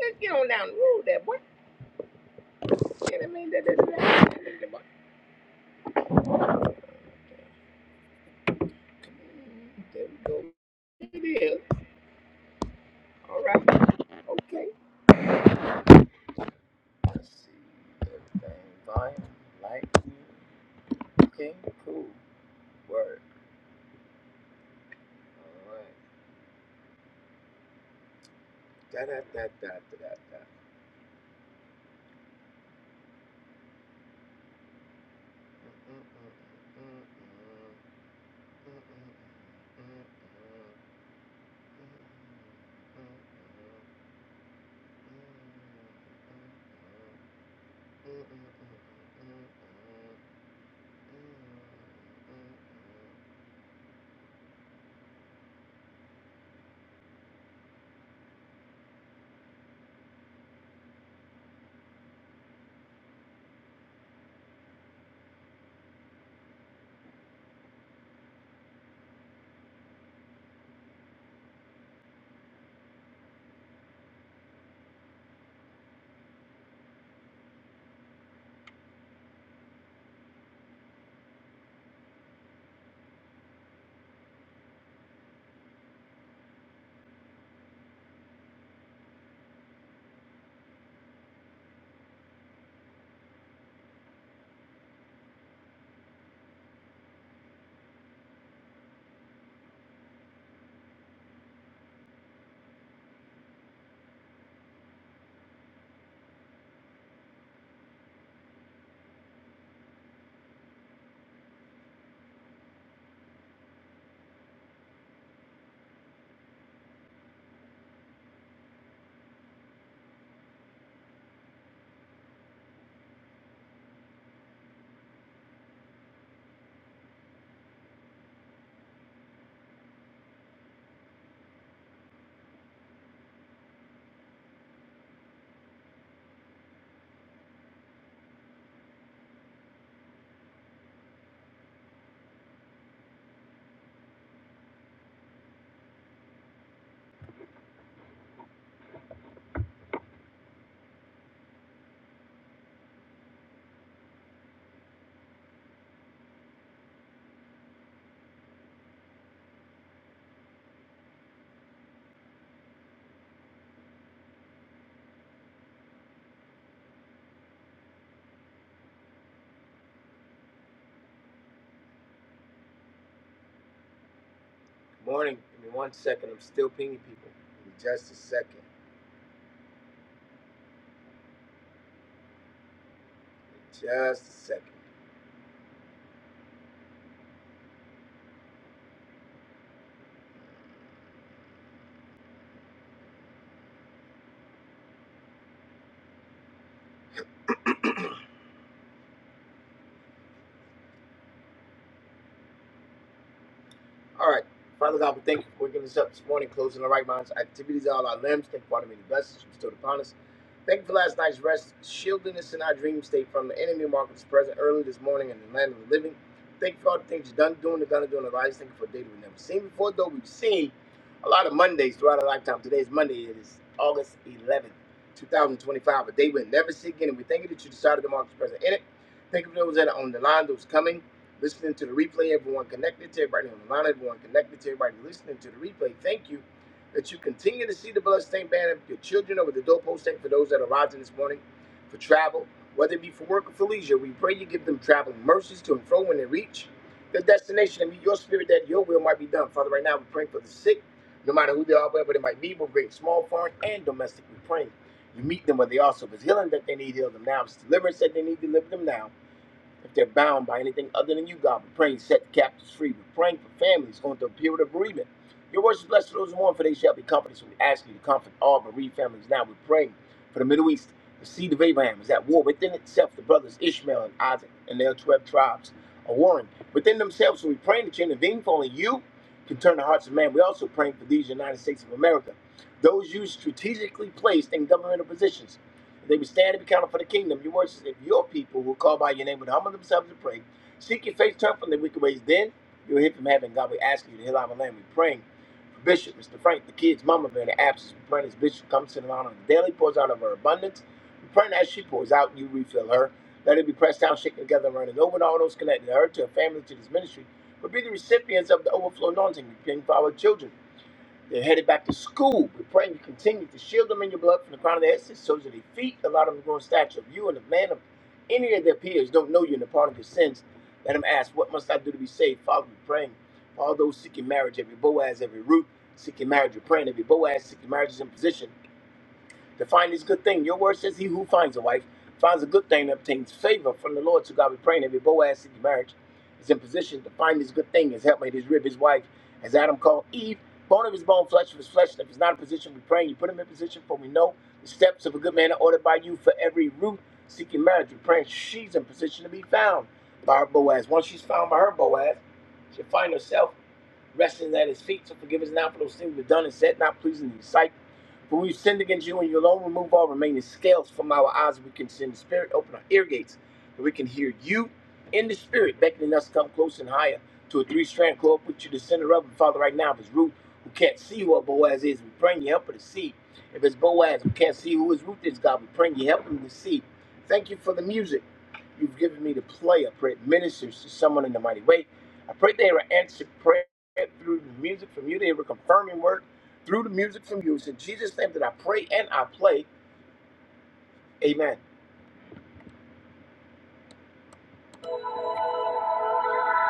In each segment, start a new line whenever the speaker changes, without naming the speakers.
Let's get on down the road there, boy. You know what I mean? That, that, that, that it is. All right. Okay.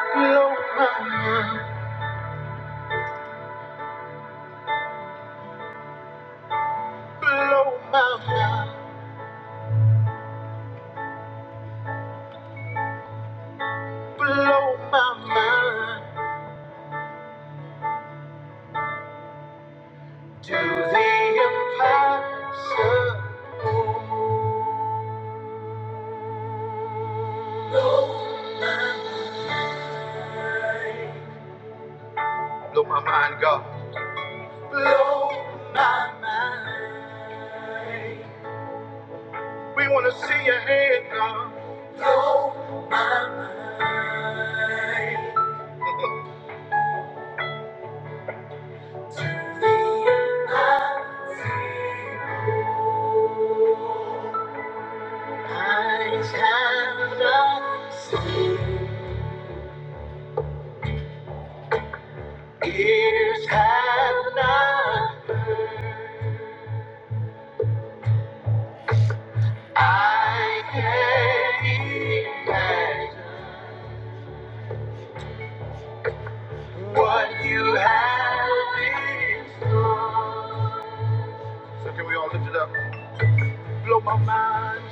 Blow my mind, blow my mind, blow my mind to the impossible. Blow my mind, blow my mind blow my mind. to the impossible. Eyes have not seen, ears have not heard. I can't imagine what you have in store. So can we all lift it up? Blow my mind.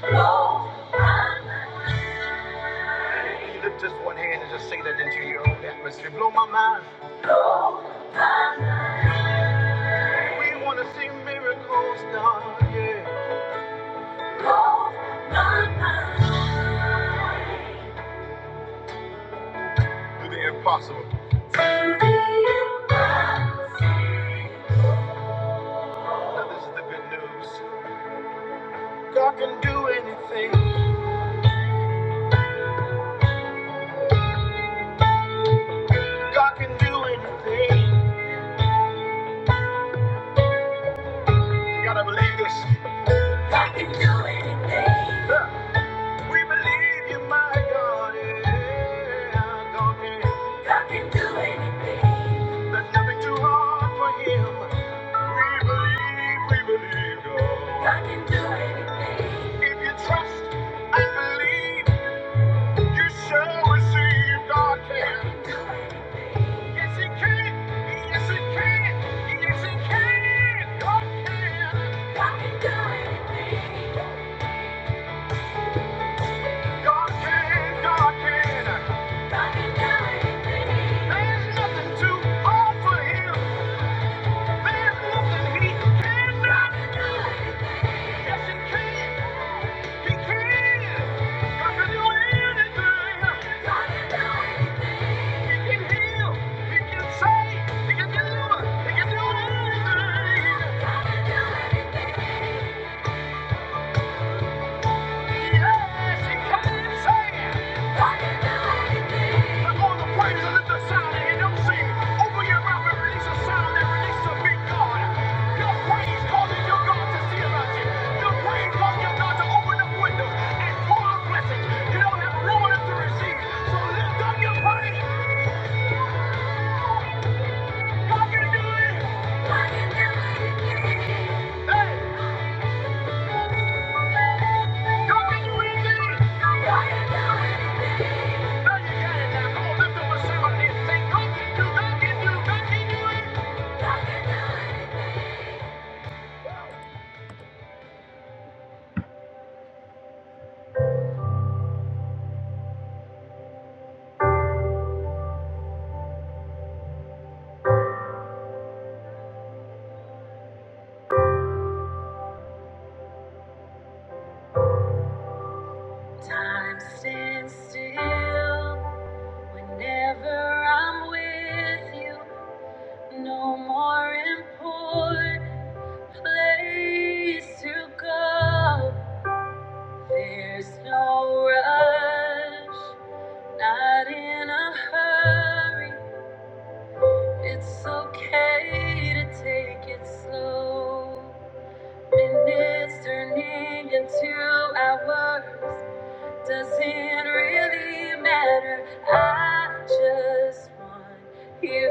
You lift just one hand and just sing that into your own atmosphere. Blow my mind. We want to see miracles done, yeah. Do the impossible. Do the impossible. Now this is the good news. God can do anything. God can do anything. You gotta believe this. God can do anything. Yeah. We believe you, my God. Yeah, God can. God can do anything. There's nothing too hard for Him. We believe, we believe God. God can do anything. If you trust and believe. You shall receive, God can. Yes, He can. Yes, He can. Yes, He can. God can. God can do anything. God can. God can. God can do anything. There's nothing too hard for Him. There's nothing He cannot do. Yes, he can. He can. God can do anything. He can heal. He can save. He can deliver. He can do anything. Hey! God you. can do anything! God can do anything! Time stands still whenever I'm with you. No more important place to go. There's no rush, not in a hurry. It's okay to take it slow. Minutes turning into hours doesn't really matter. I just want you.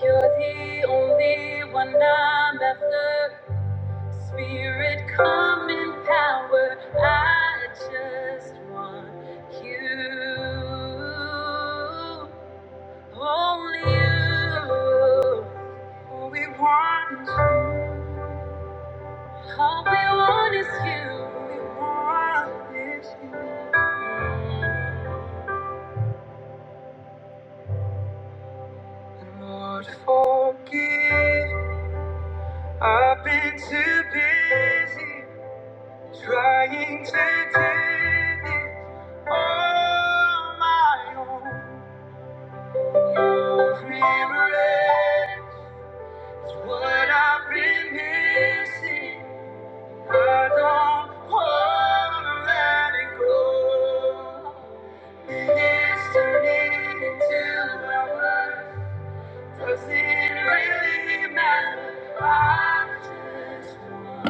You're the only one I'm after. Spirit, come in power. I just want you. Only you. We want you. All we want is you. We want is you. Lord, forgive. I've been too busy trying to do this on my own. Your remembrance is what I've been missing. I don't wanna let it go. Really miss.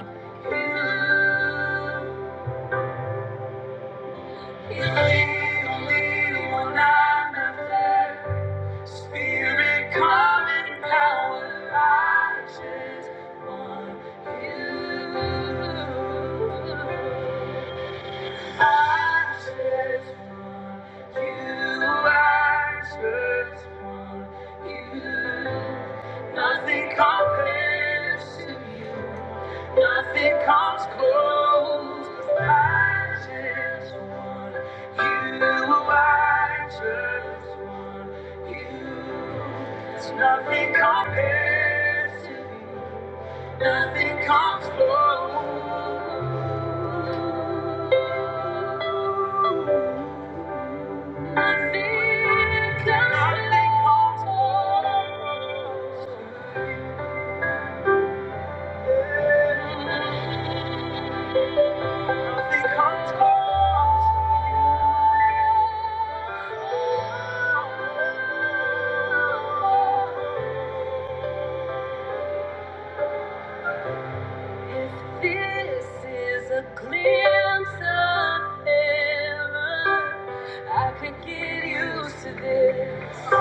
Spirit, come and power lies on you. If this is a glimpse of heaven, I could get used to this.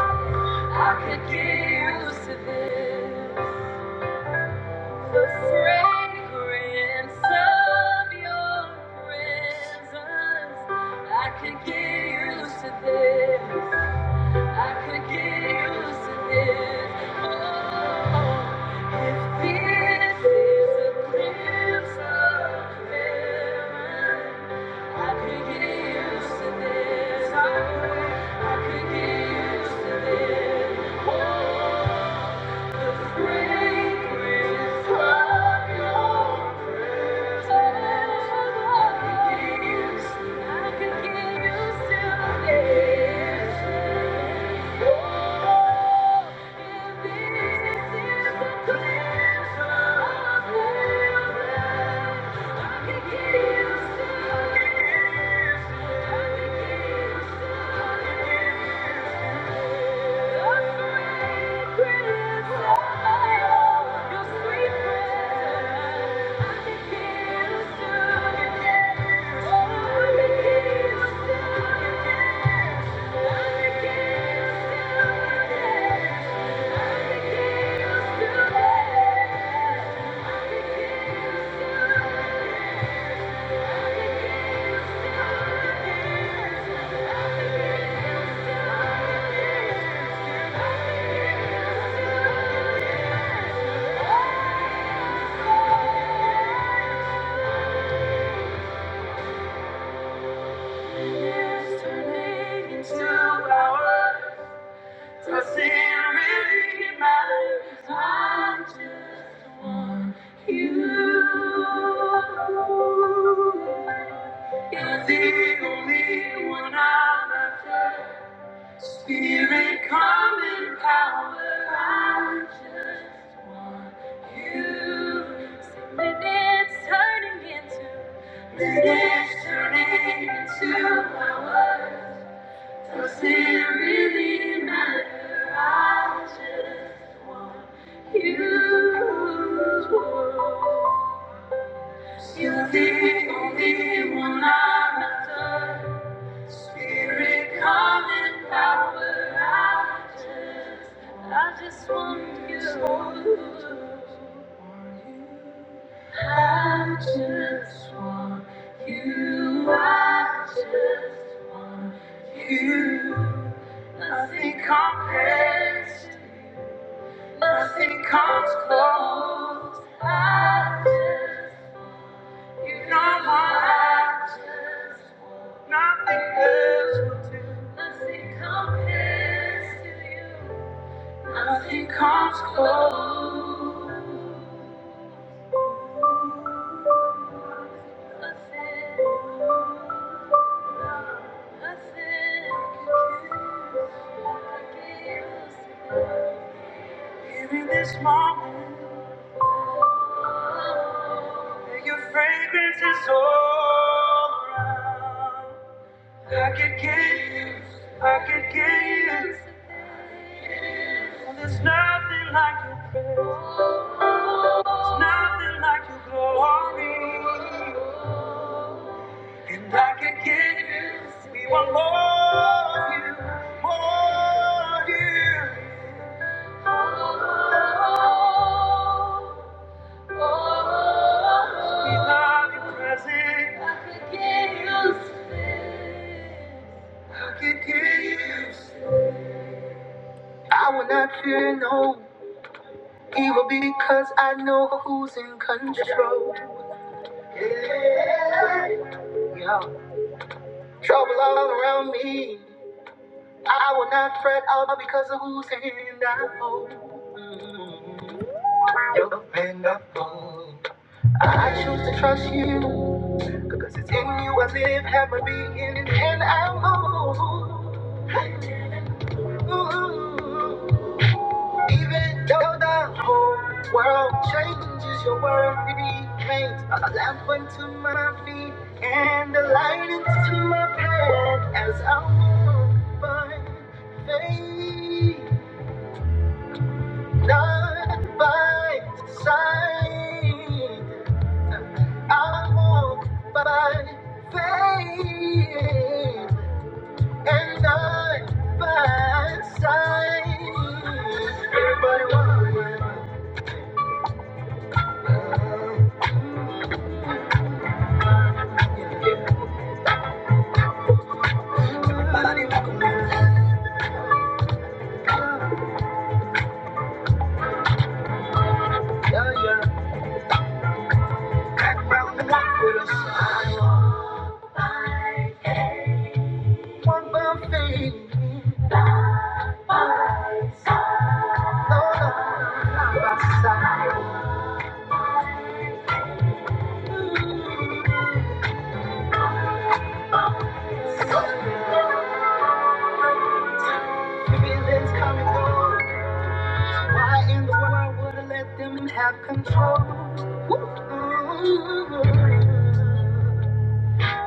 I could get used to this. The fragrance of your presence. I could get used to this. I could get used to this. Oh. Thank you. Turning into power. Does it really matter? 'Cause I just want you. You're the only one I'm after. Spirit, come in power. I just want you. See, minutes turning into minutes turning into hours. Does it really matter? I just want you to want. You're the only one I'm after. Spirit, come in power. I just, I just want you. I just want you. I just want you. Nothing compares, nothing comes close. I just, you know my I just, want nothing else will do. Nothing compares to you. Nothing comes close. Nothing, nothing compares. I could get you, I could get you. And there's nothing like your praise, there's nothing like your glory. And I could get you, we want more of you, more of you. We love your presence. I could get you, I could get you. I will not fear no evil because I know who's in control. Yeah. Trouble all around me. I will not fret all because of whose hand I hold. Mm. Your hand I hold. I choose to trust you. Because it's in you I live, have my being, and I hold. Ooh. Even though the whole world changes, your word remains a lamp unto my feet and a light into my path as I walk by faith, not by sight. I walk by faith and not by sight. Everybody, walk, everybody. walk. Feelings come and go. Why in the world would I let them have control? Ooh.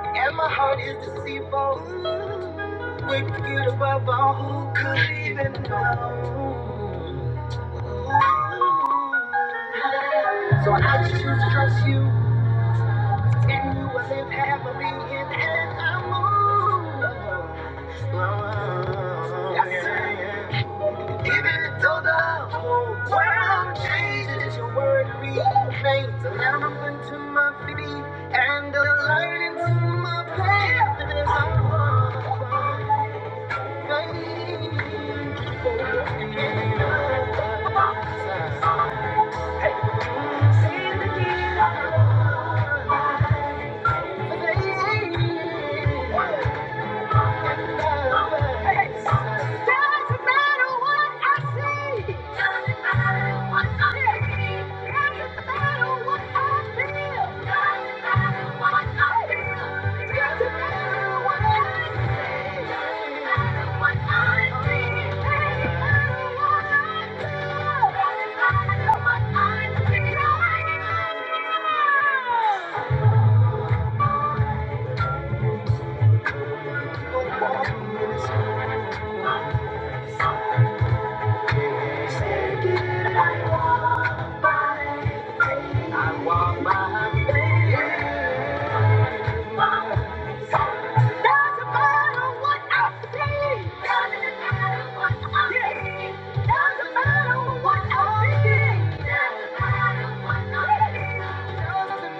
And my heart is deceitful. Ooh. Wicked above all, who could even know? Ooh. So I choose to trust you. And you will live happily in and I move. Oh, yes, sir. Even though the whole world changes, your word remains. A lamp unto my feet and a light into my path. It is all I want.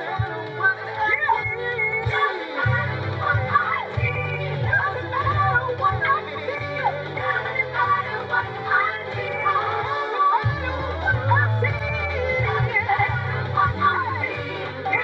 What I see, what I Yeah. Keep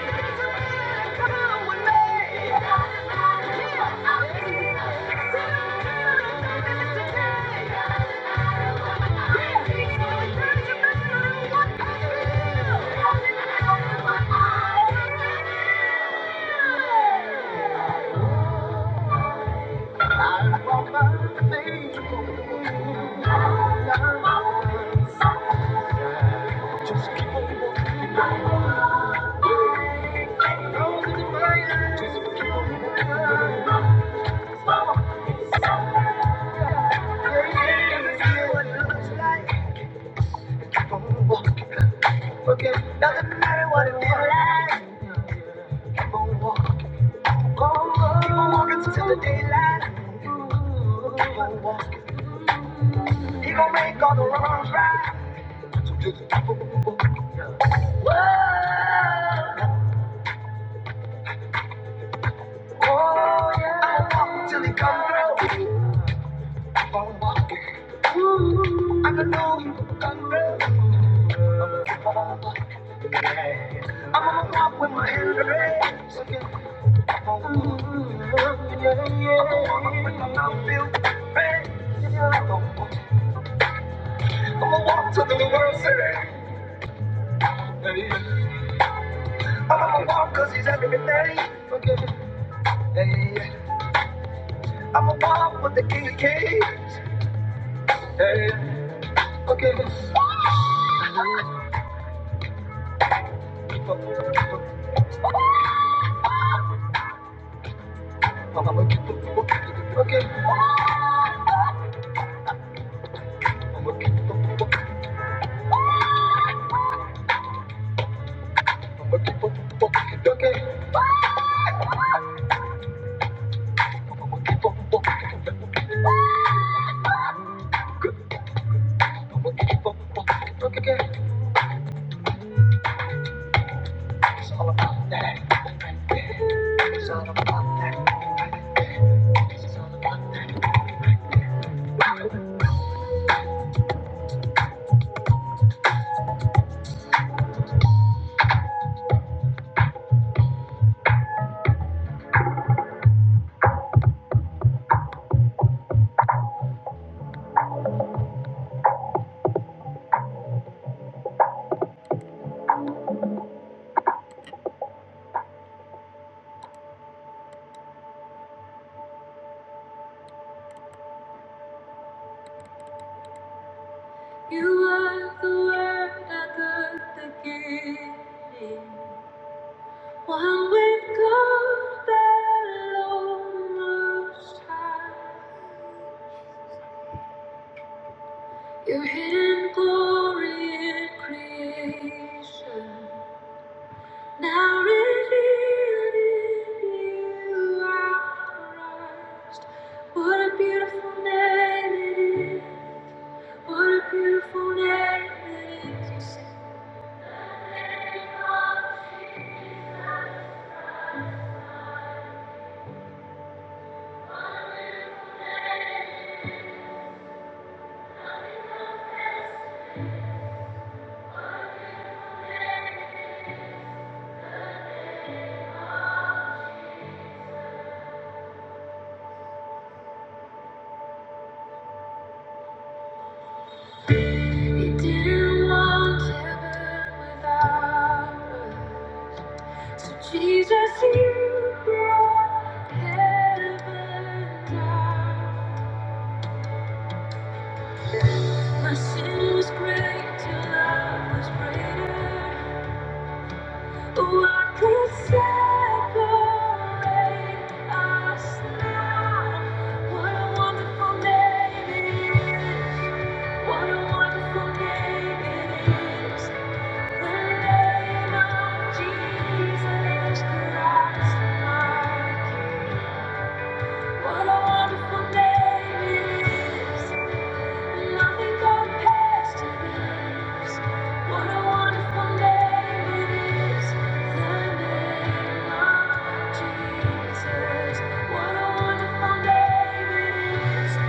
on walking, forget doesn't matter what it feels like. Keep on walking, keep on walking till the daylight. Keep on walking, he gon' make all the wrongs right. Oh yeah, walk till he come through. I am know he will come through. I'ma keep I'm gonna walk with my hands raised. So Yeah, yeah. I'm gonna walk with my mouth filled Yeah, I'm gonna walk. I'm gonna walk till the world says. I'm gonna walk cause he's everything. Okay. Hey, I'm gonna walk with the king of kings. Hey, okay. Okay. It's all about that right there. It's all about that right there. It's all about that. You are the word I got to give. One with God, the Lord Most High. Your hidden glory in creation, now revealed in you our Christ. What a beautiful name it is! What a beautiful name it is! He didn't want heaven without us. So Jesus, you brought heaven down. My sin was great, your love was greater. What could separate us now? What a wonderful name it is. What a wonderful name it is. The name of Jesus Christ, my King. What a wonderful name it is. Nothing to this. What a wonderful name it is, the name of Jesus. What a wonderful name it is, the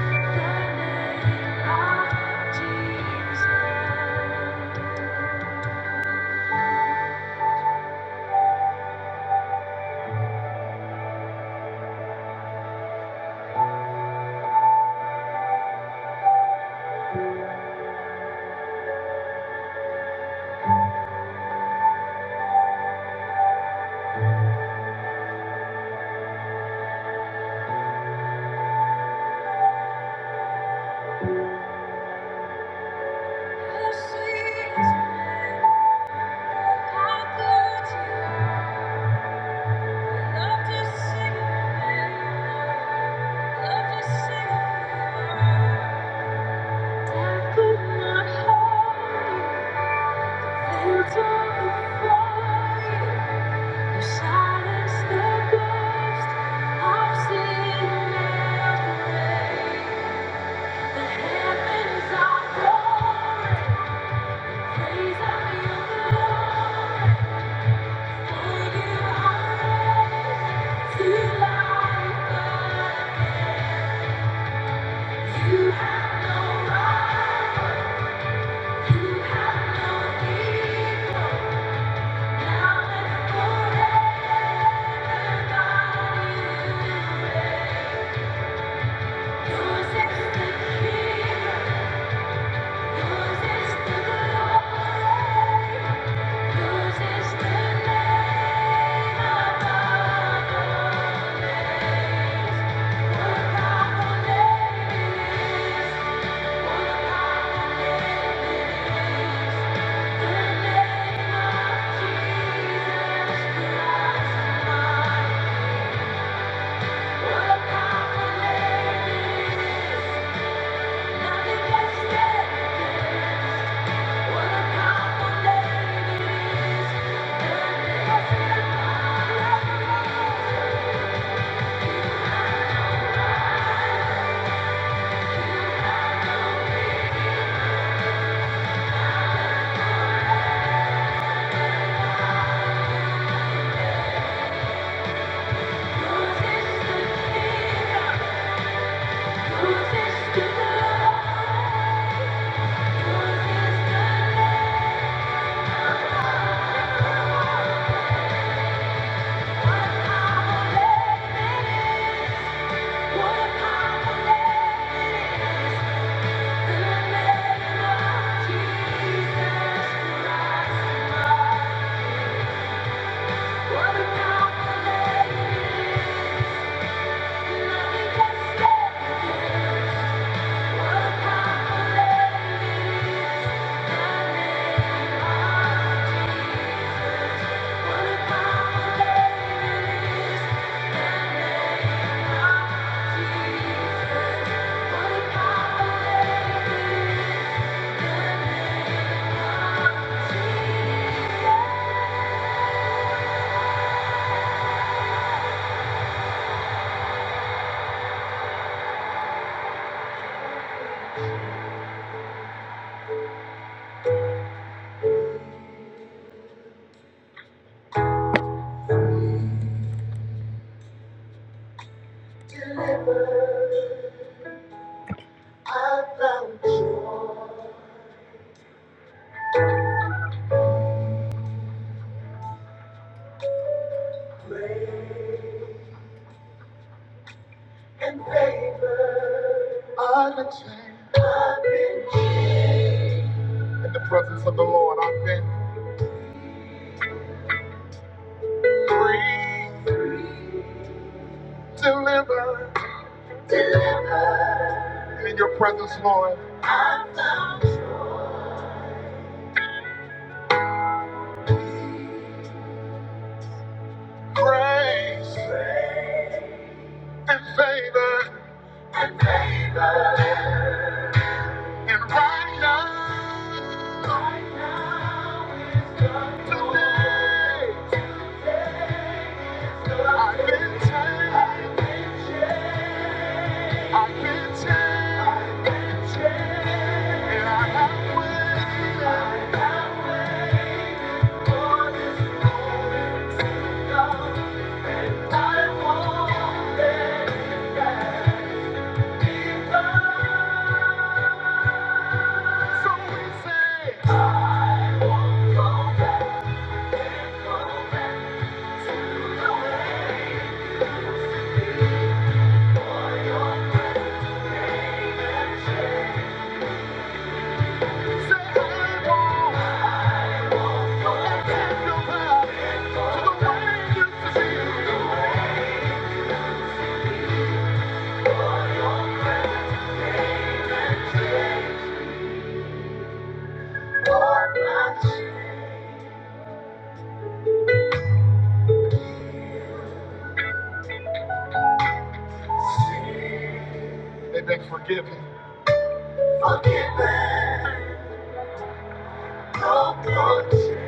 name of Jesus. You have no equal now and forever. Thank you. Jesus Christ, what a powerful name it is. Grace and favor and right now. I've been changed. I can tell, I can tell, and I have waited, I have waited for this moment to come. I won't let it pass me by. So we say, to the way, say I won't, and take your love to the way it used to be. Forgiveness, your conscience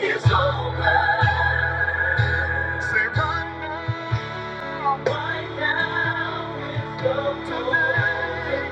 is always so today.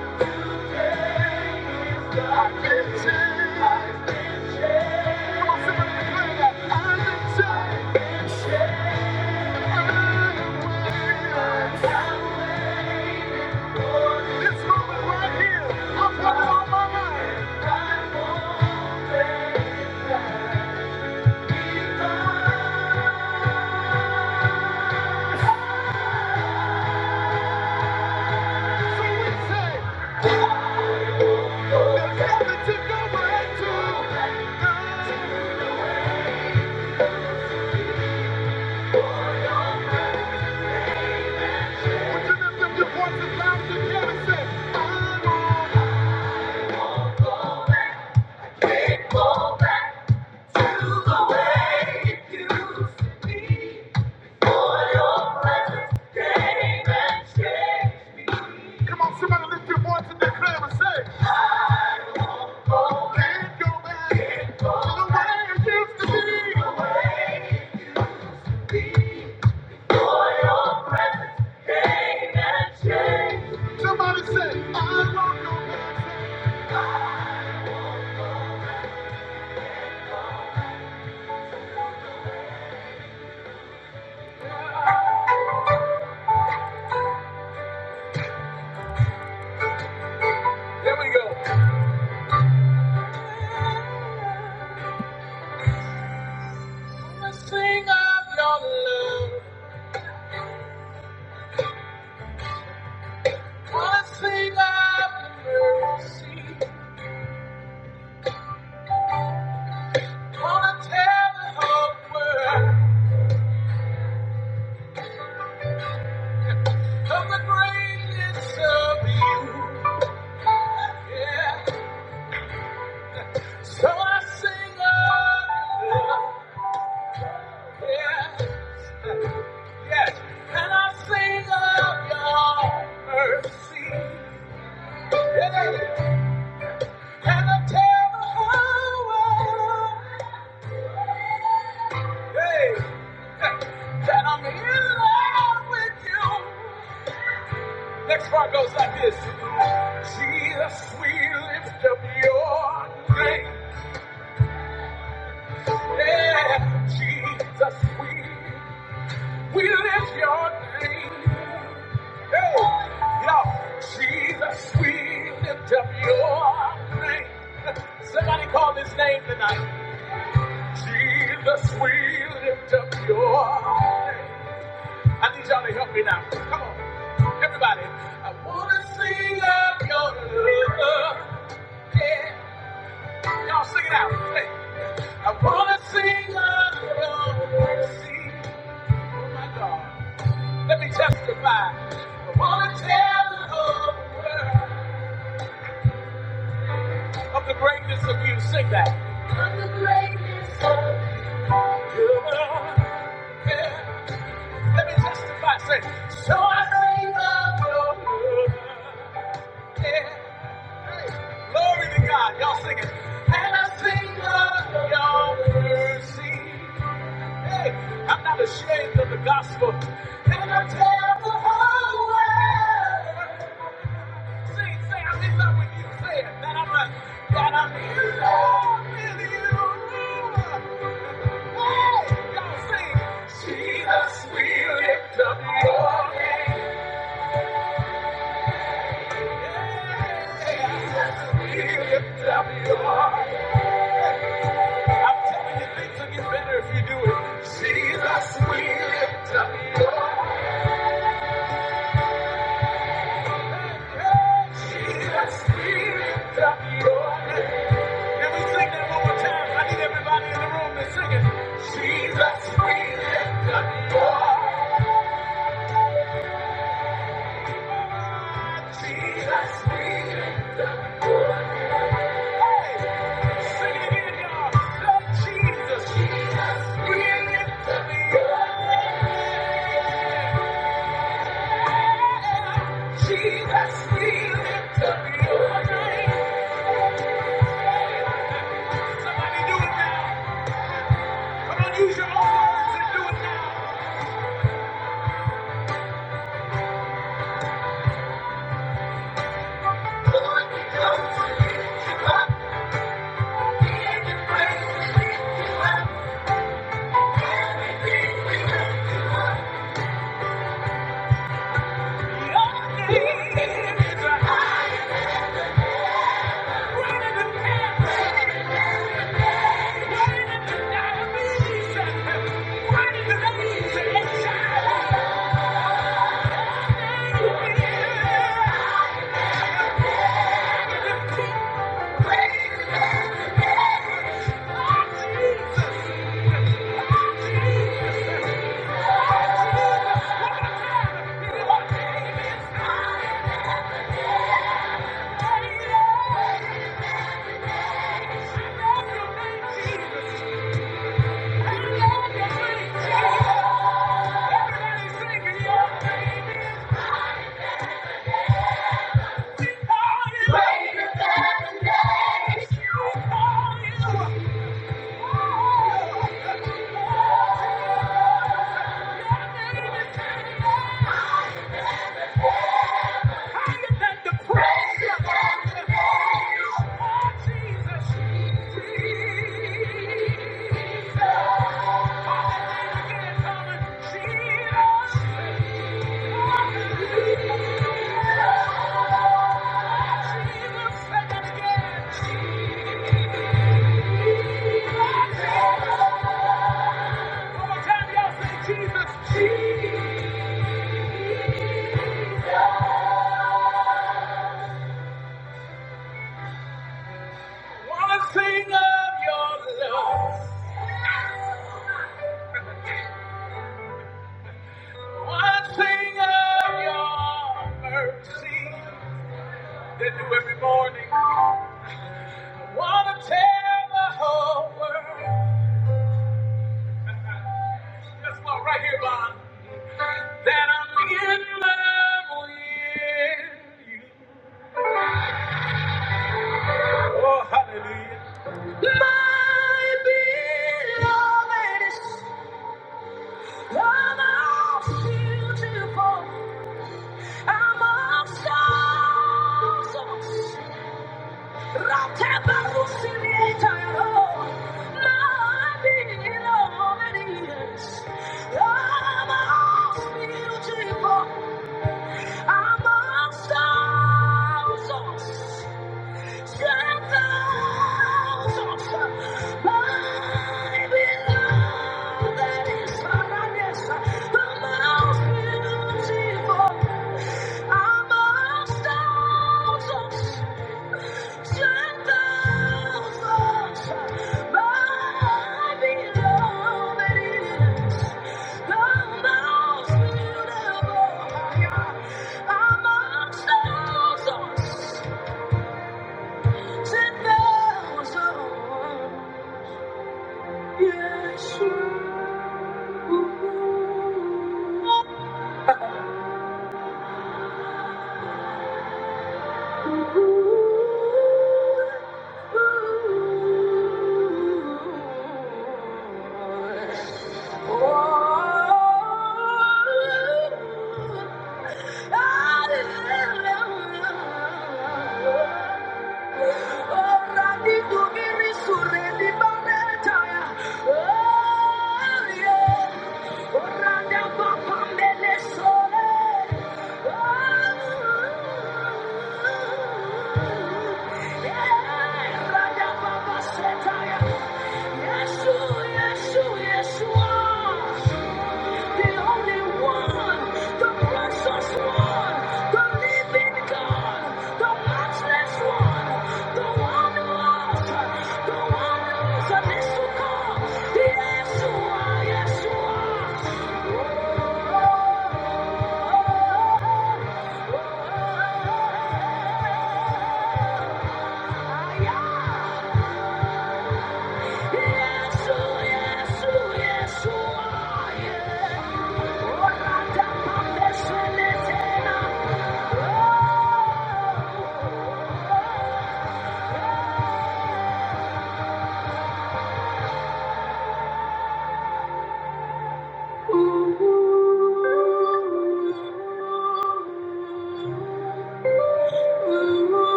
Sing up your love, wanna sing up your mercy, wanna tell the whole world. of the greatness of you. Yeah. So I sing of your love. Yeah. Yes. And I sing of your mercy. Yeah. And I tell the whole world, hey, that I'm in love with you. Next part goes like this. Jesus, we lift up your name. Yeah, Jesus, we, we lift your name. Hey, yeah, Jesus, we lift up your name. Somebody call his name tonight. Jesus, we lift up your name. I need y'all to help me now. Come on, everybody. I wanna sing of your love. Yeah. Y'all sing it out. Hey. I wanna sing of your mercy, oh my God. Let me testify. I wanna tell the whole world of the greatness of you. Sing that. So good. Yeah. Let me testify. Say, so I sing of your word. Yeah. Hey. Glory to God. Y'all sing it. And I sing of your mercy. Hey, I'm not ashamed of the gospel. Can I tell the whole world? Sing, say, I'm in love with you. Say it. That I'm, a, that I'm in love with you. Hey, y'all sing. Jesus, we lift up your name. Jesus, we lift up your name. I'm telling you, things will get better if you do it. Jesus, we lift up your name. Can we sing that one more time? I need everybody in the room to sing it. Jesus, we love you. Greater than cancer, greater than diabetes, greater than AIDS and HIV. Love your name, Jesus. I love your name, Jesus. Everybody sing it, yeah. We call you. Greater than AIDS. We call you. Oh, oh, oh. Your name is Jesus. Higher than the praise of Jesus. Jesus. One thing of your love, one thing of your mercy that do every morning. Wanna tell the whole world. That's my right here, Bond. that I'm in love with you. Oh, hallelujah. You're the most beautiful among songs. Rakebarusirieta, oh, nobody nobody else. You're the most beautiful among songs. Amongst thousands, ten thousands. Ooh. ooh, ooh,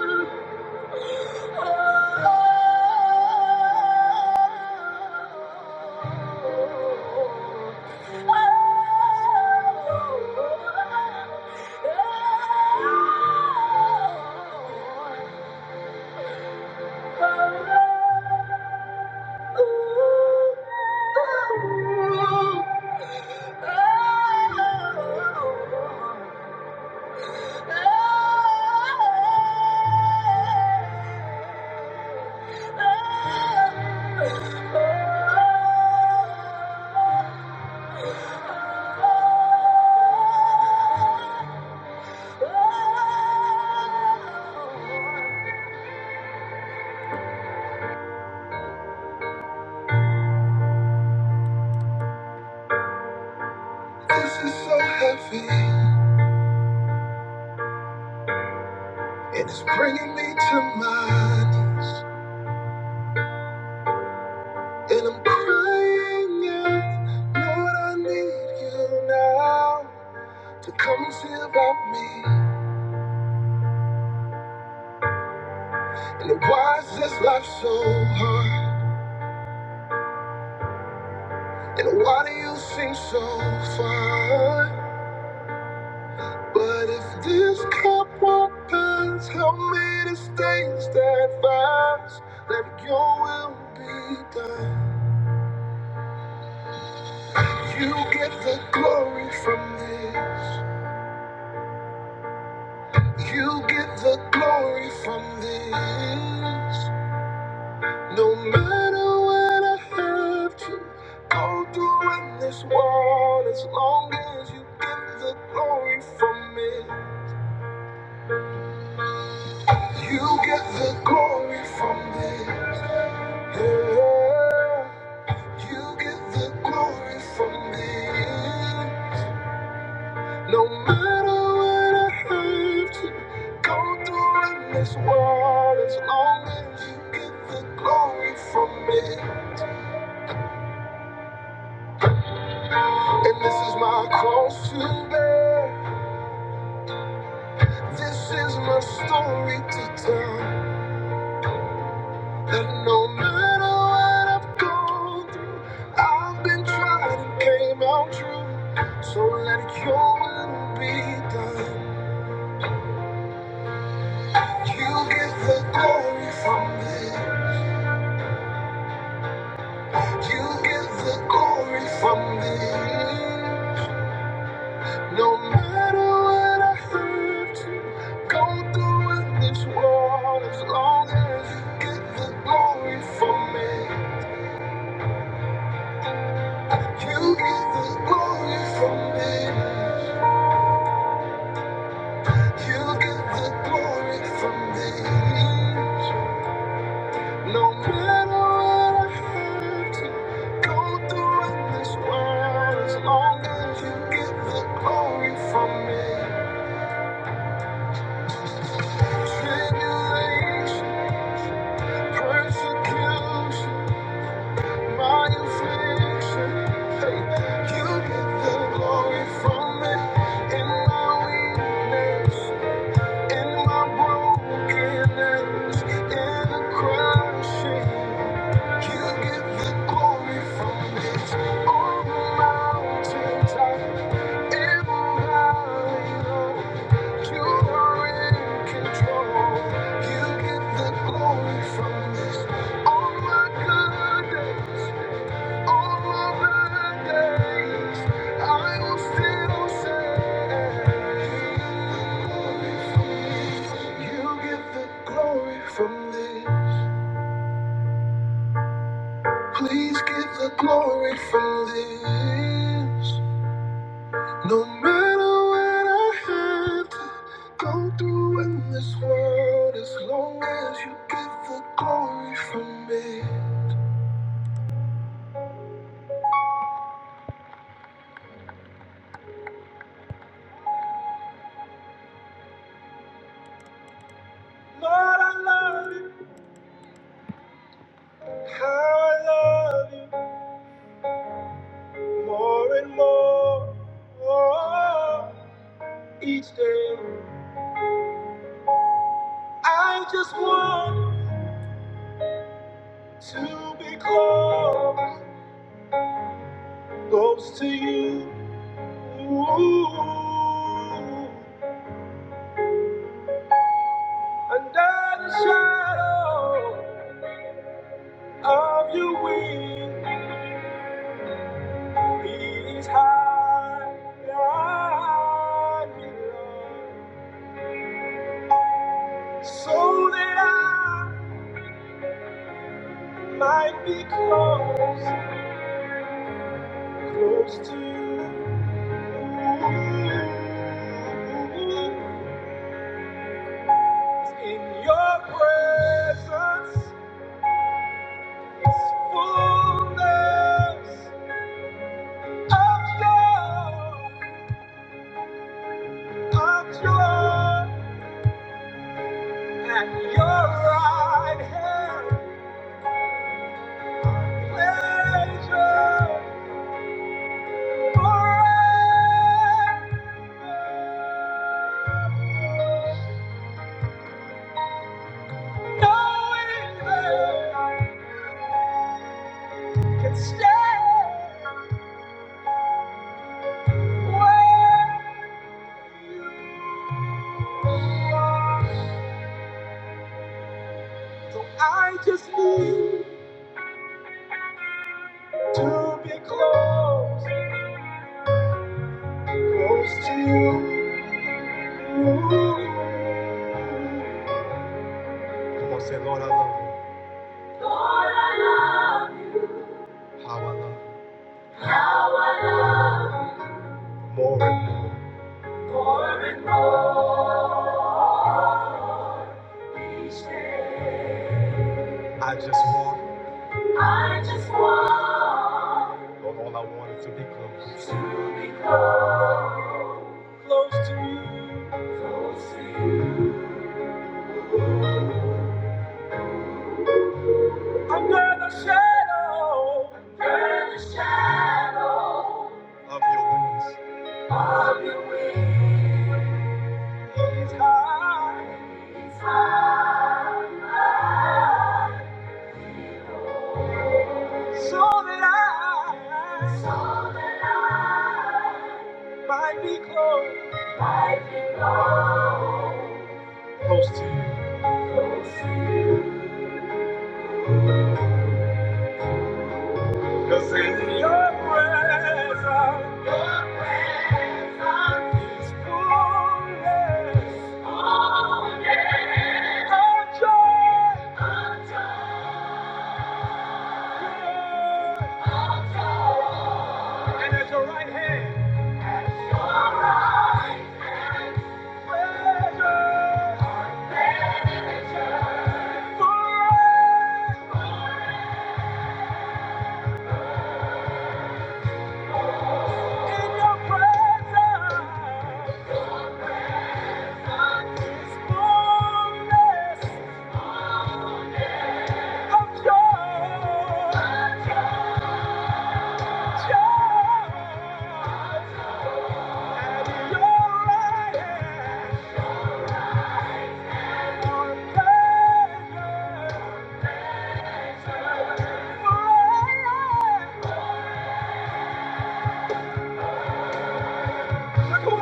ooh. And it's bringing me to my knees. And I'm crying out, Lord, I need you now to come and see about me. And why is this life so hard? And why do you seem so far? But if this cup won't pass, help me to stay steadfast. Let your will be done. You get the glory from this. You get the glory from this. No matter what I have to go through in this world, as long as you get the glory from it, you get the glory from it. Yeah, you get the glory from it. No matter what I have to go through in this world, as long as you get the glory from it. And this is my cross to bear. This is my story to tell. That no matter what I've gone through, I've been tried and came out true. So let your will be done. You get the glory from me. You get the glory from me. No matter what I have to go through in this world, as long as you get the glory from me. You get the glory from me. You get the glory from me. No matter what I have to go through in this world, as long as you get the glory from me. Tribulation, persecution, my affliction. Hey, you get the glory from me in my weakness. In my brokenness, in the crashing, you get the glory from this. All the mountaintop, in valley low, you are in control. You get the glory from this. On my good days from this. Please get the glory from this. No matter what I have to go through in this world, as long as you get the glory from me. Lord, I love you. How I love you. More and more oh, each day. I just want to be close, close to you. Ooh. Under the shadow of your wings, please hide me, Lord, so that I might be close, close to you. In your presence is fullness of joy, of joy, and your right hand pleasure forever. Yeah. So I just need to be close. Come on, say, Lord, I love you. How I love you. More and more. I just want, I just want, so that I might be close, close to you. Cause in your presence, and at your right hand, is fullness of joy. Joy. At your right hand, are pleasures Come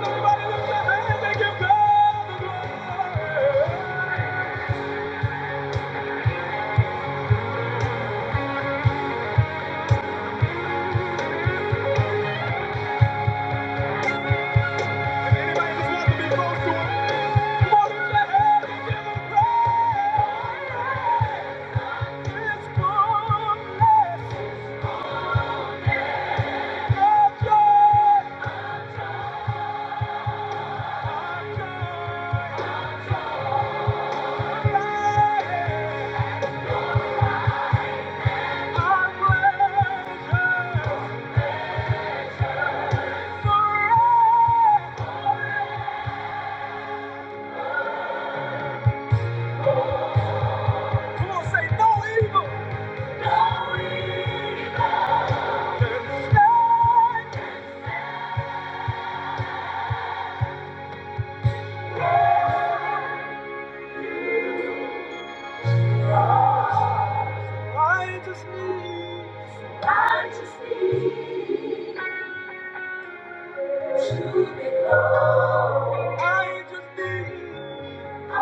I just need,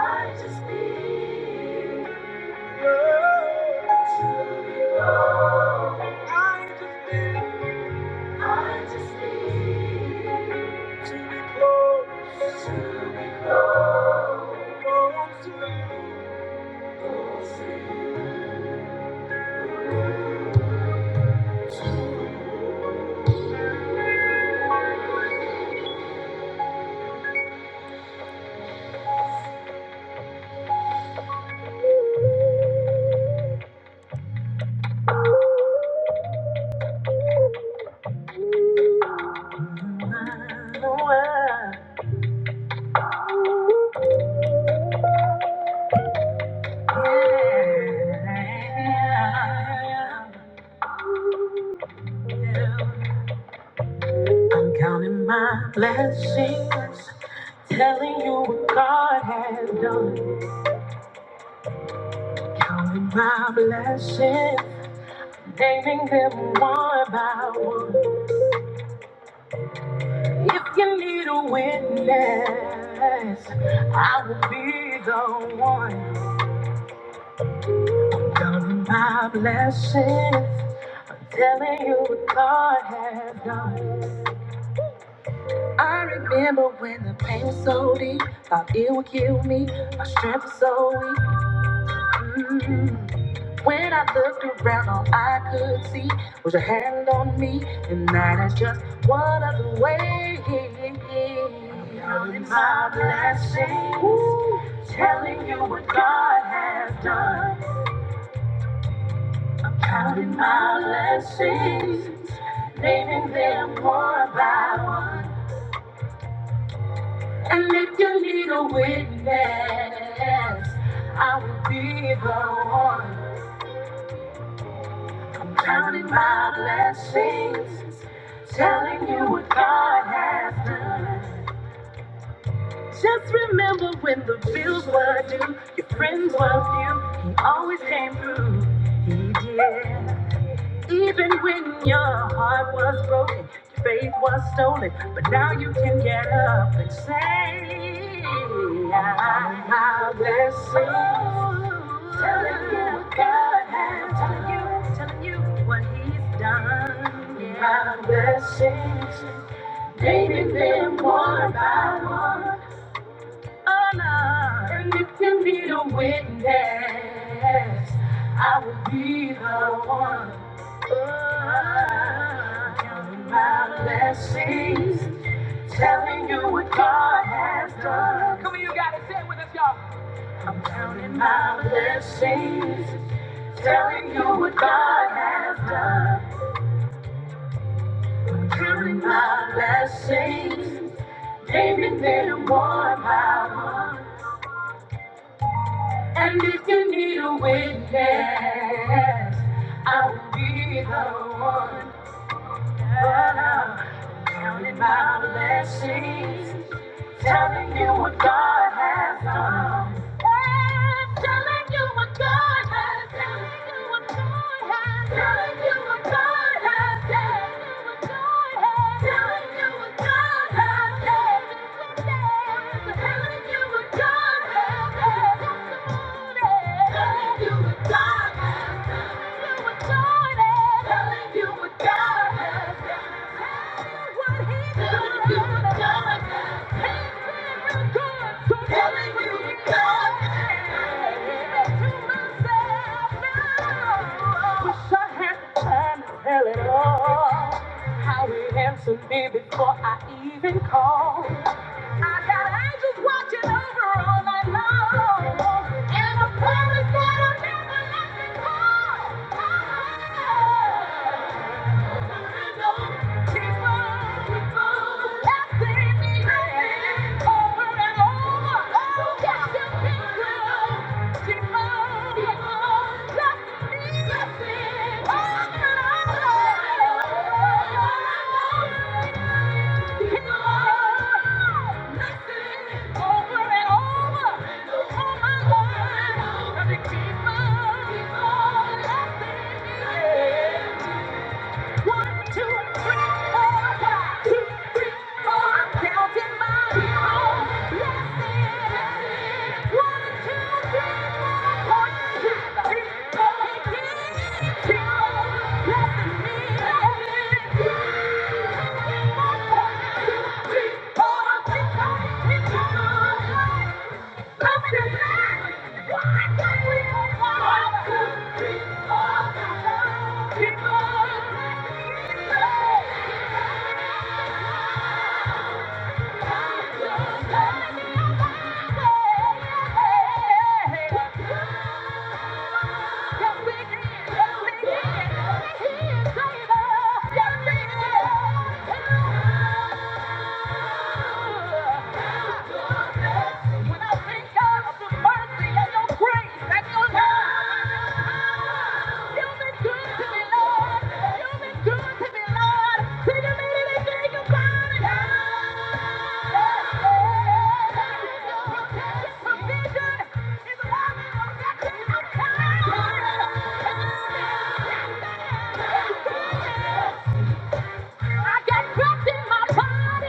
I just need, I just need to be close, to be close to you. Close I'm counting my blessings, telling you what God has done. Counting my blessings, naming them one by one. If you need a witness, I will be the one. Counting my blessings, I'm telling you what God has. I remember when the pain was so deep, thought it would kill me. My strength was so weak. When I looked around, all I could see was your hand on me, and that is just one of the ways. My blessings, Woo. telling you what God has done. Counting my blessings, naming them one by one. And if you need a witness, I will be the one. Counting my blessings, telling you what God has done. Just remember when the bills were due, your friends were few. He always came through. He did. Even when your heart was broken, your faith was stolen, but now you can get up and say, I, I bless you. Telling you what God has done. Telling you, telling you what He's done. Yeah. My blessings, naming them one by one. Oh, no. My blessings, telling you what God has done. Telling you what God has done. Everything you want, And if you need a witness, I will be the one. Oh. Counting my blessings, telling you what God has done. Yeah, telling you what God has done. Telling you what God has done. Telling you what God has done. Telling you what God has done. Telling you what God has done. I got angels watching over all night long, and I promise that I'll never let you go. Keep on, keep on, keep on, keep on. One, two, three, four, five. Two, three, four. I'm counting my own blessings. One, two, three, four. One, two, three, four. He keeps on blessing me. One, two, three, four. I'm counting my blessings. Why don't we go on? One, two, three, four. Keep on blessing me. Yeah. I got breath in my body.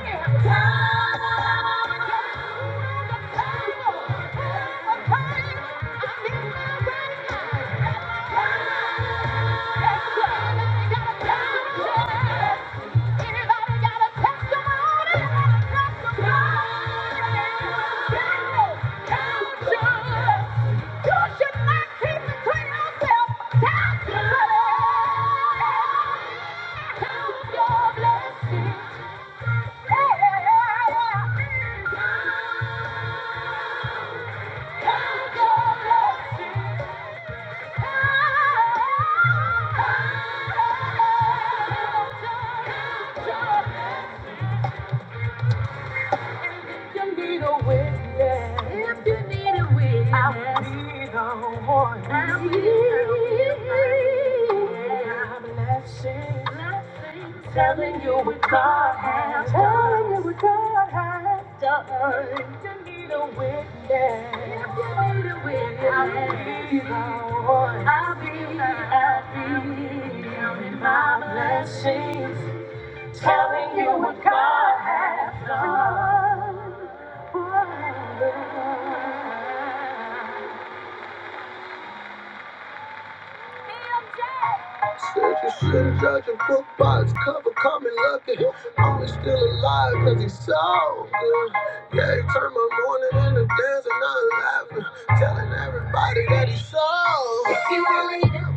Anybody got a testimony? You should not keep it to yourself. Testimony. Count your blessings. Yeah. your blessings. If you need a witness, I'll be the one. I'll be the one. Telling you what God has done. Telling you what God has done. If you need a witness, if you need a witness, I'll be you what God has done. Surgeon, sin, judge, and book box cover coming lucky. Only still alive cause he sold good. Yeah, he turned my morning into dancing, not laughing. Telling everybody that he sold. If you only knew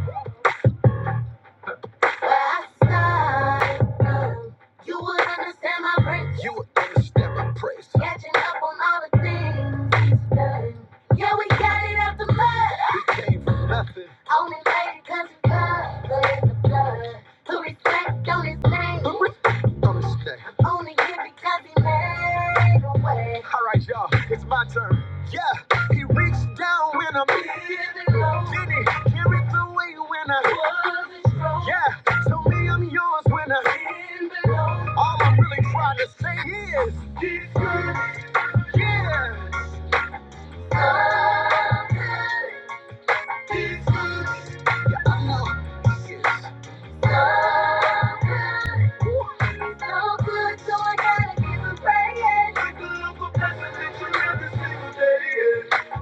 where I started from, you would understand my praise. You would understand my praise. Catching up on all the things he's done. Yeah, we got it out the mud. Only baby cause it's love, but it's the blood. Put respect on his name. Put respect on his name. Only here because he made a way. Alright, y'all, it's my turn. Yeah, he reached down when I'm Did he carry the weight when I wasn't strong? Yeah, tell me I'm yours when I Didn't All I'm really trying to say is, yeah.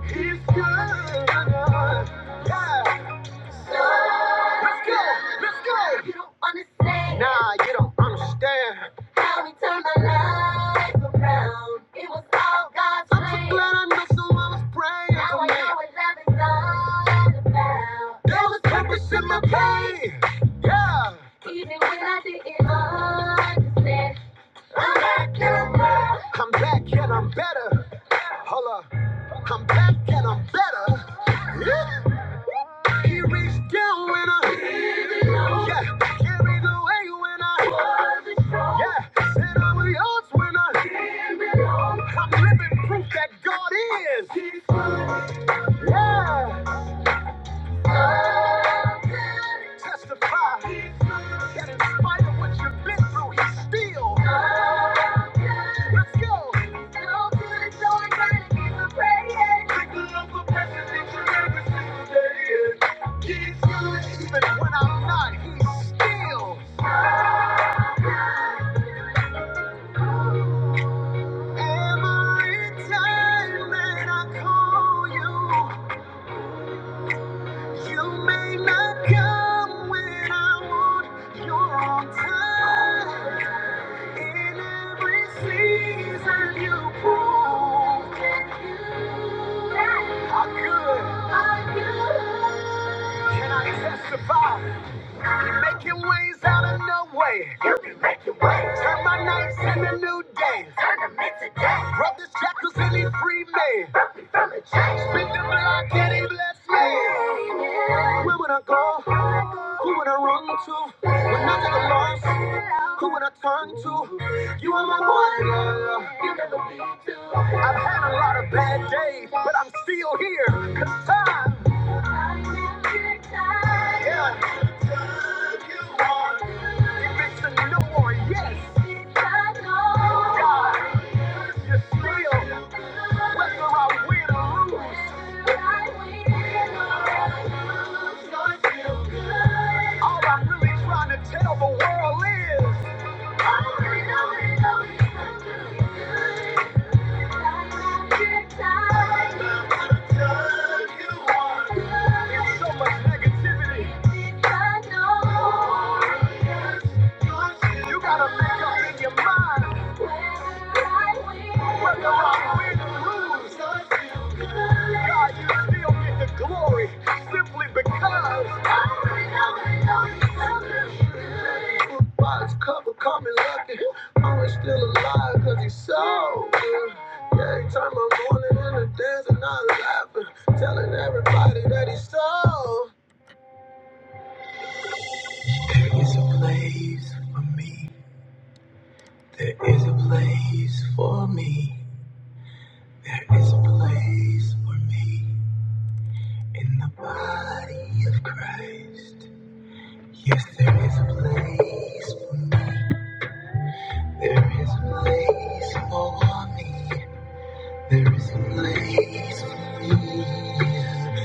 He's good. Yeah. Let's go, let's go. You don't understand. Nah, you don't understand. How we turned my life around. It was all God's plan. I'm so glad I know someone was praying now for me. Now I know what love is all about. There was purpose in my pain. Yeah. Even when I didn't understand. I'm back and I'm better. I'm back and I'm better. Holla, I'm back and I'm better. Yeah. He reached down when I, yeah, carried away when I, yeah, said I'm yours when I, I'm living proof that God is. Yeah, testify that in spite of what you've been through, He's still. Let's go. And all through the joy, God, and give the praise. Take a the for president, you're every single day. He's good even when I'm not. He's still. Every time that I call you, you may not come when I want. You're In every season, you prove how good can I testify? Making ways out of no way. Turn my nights into new days. Brothers, shackles, and he free man. Been through a lot, he blessed me. Where would I go? Who would I run to? When I take a loss, who would I turn to? You are my one love. You never be too. I've had a lot of bad days, but I'm still here Cause time. Yeah. If it's a no or yes. no. God, you're still. Whether I win or lose, all I'm really trying to tell the world is. So much negativity. You gotta make up in your mind. Whether I win or lose, God, you still get the glory simply because. Wise cover coming lucky. Always still alive because he's so good. Yeah, he turned my morning into dancing, not laughing. Telling everybody that he's so. There's a place for me. There is a place for me. There is a place for me in the body of Christ. Yes, there is a place for me. There is a place for me. There is a place for me.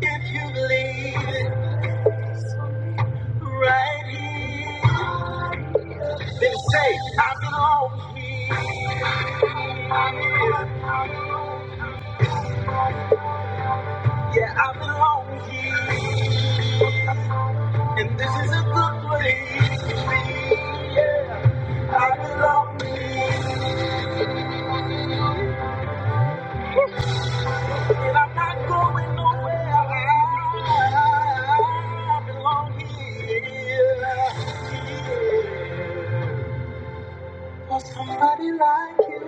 If you believe right here, then say, I belong here. Yeah, I belong here. And this is a good place. for me.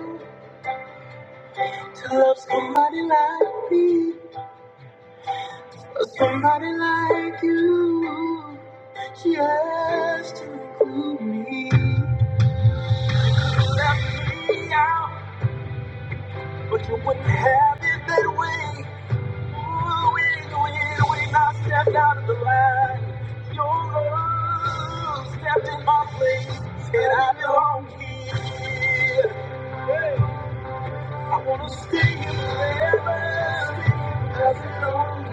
Loves me, she had me out, but you wouldn't have it that way. Ooh, when, when, when I stepped out of the line, your love stepped in my place, and I belong here. I wanna stay here forever. I belong here forever.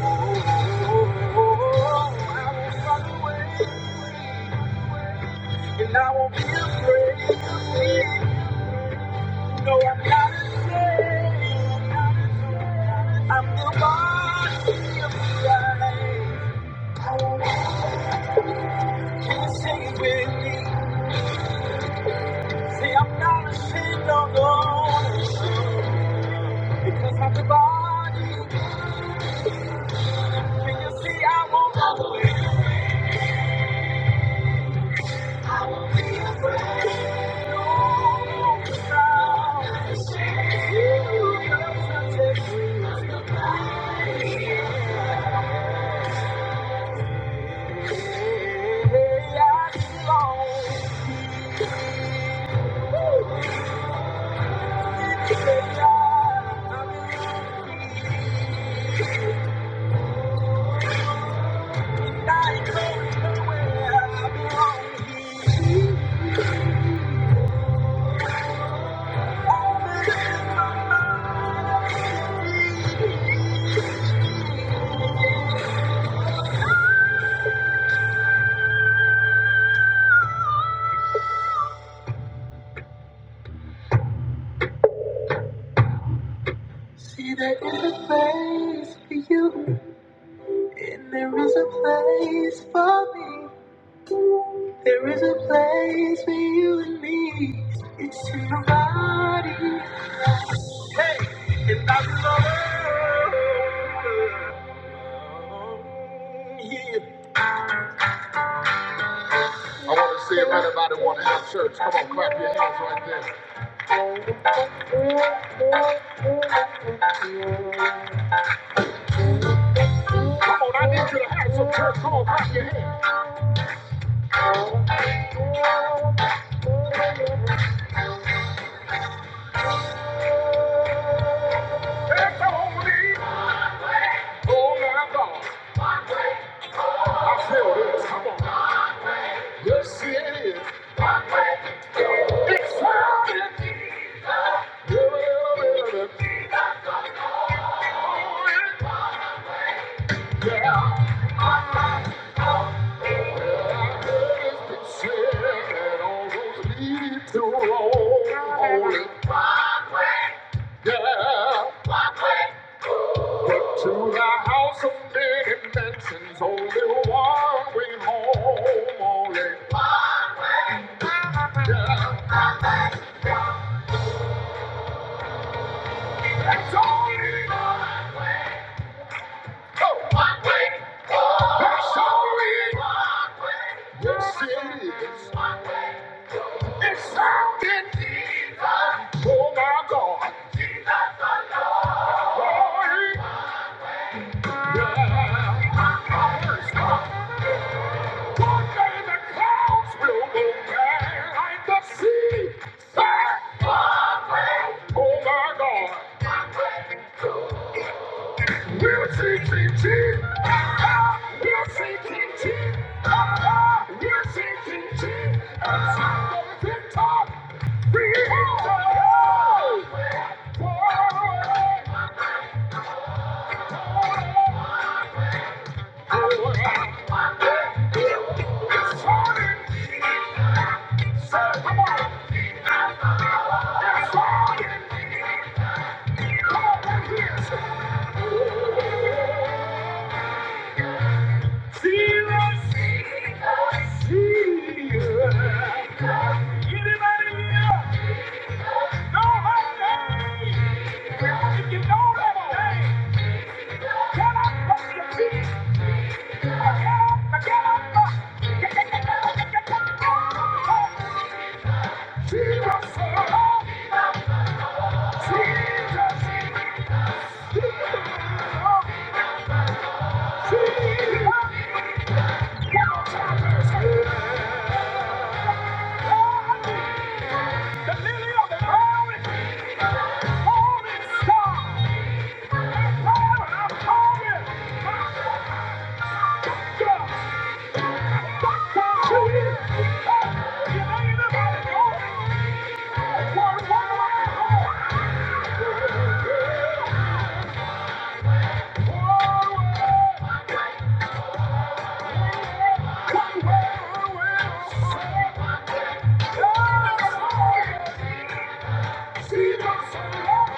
Oh, oh, oh, I won't run away, and I won't be afraid. No, I gotta stay. I gotta stay. I'm the one. Say it with me. Say I'm not ashamed of God. Because I'm the body. See, there is a place for you. And there is a place for me. There is a place for you and me. It's in the body. It's a church. Oh my God. I feel this. Come on. Yes, it is. It's found in me. Yeah, yeah, yeah, yeah. And are to the house of Thank you.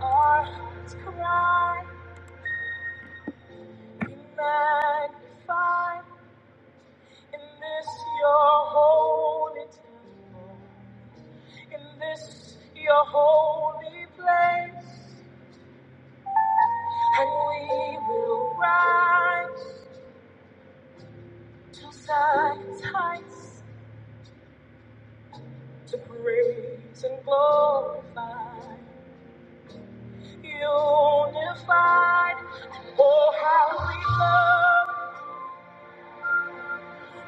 Our hearts cry, be magnified in this your holy town.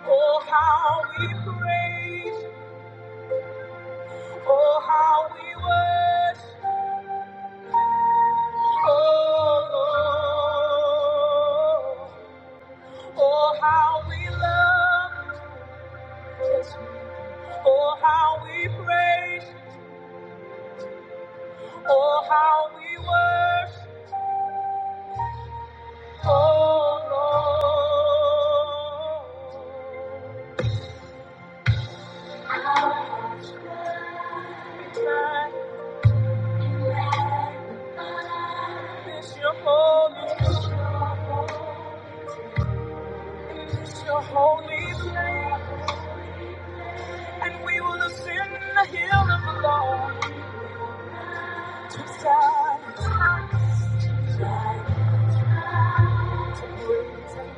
Oh, how we praise, oh, how we worship, oh, Lord. oh, how we love, yes, oh, how we praise, oh, how we worship, oh,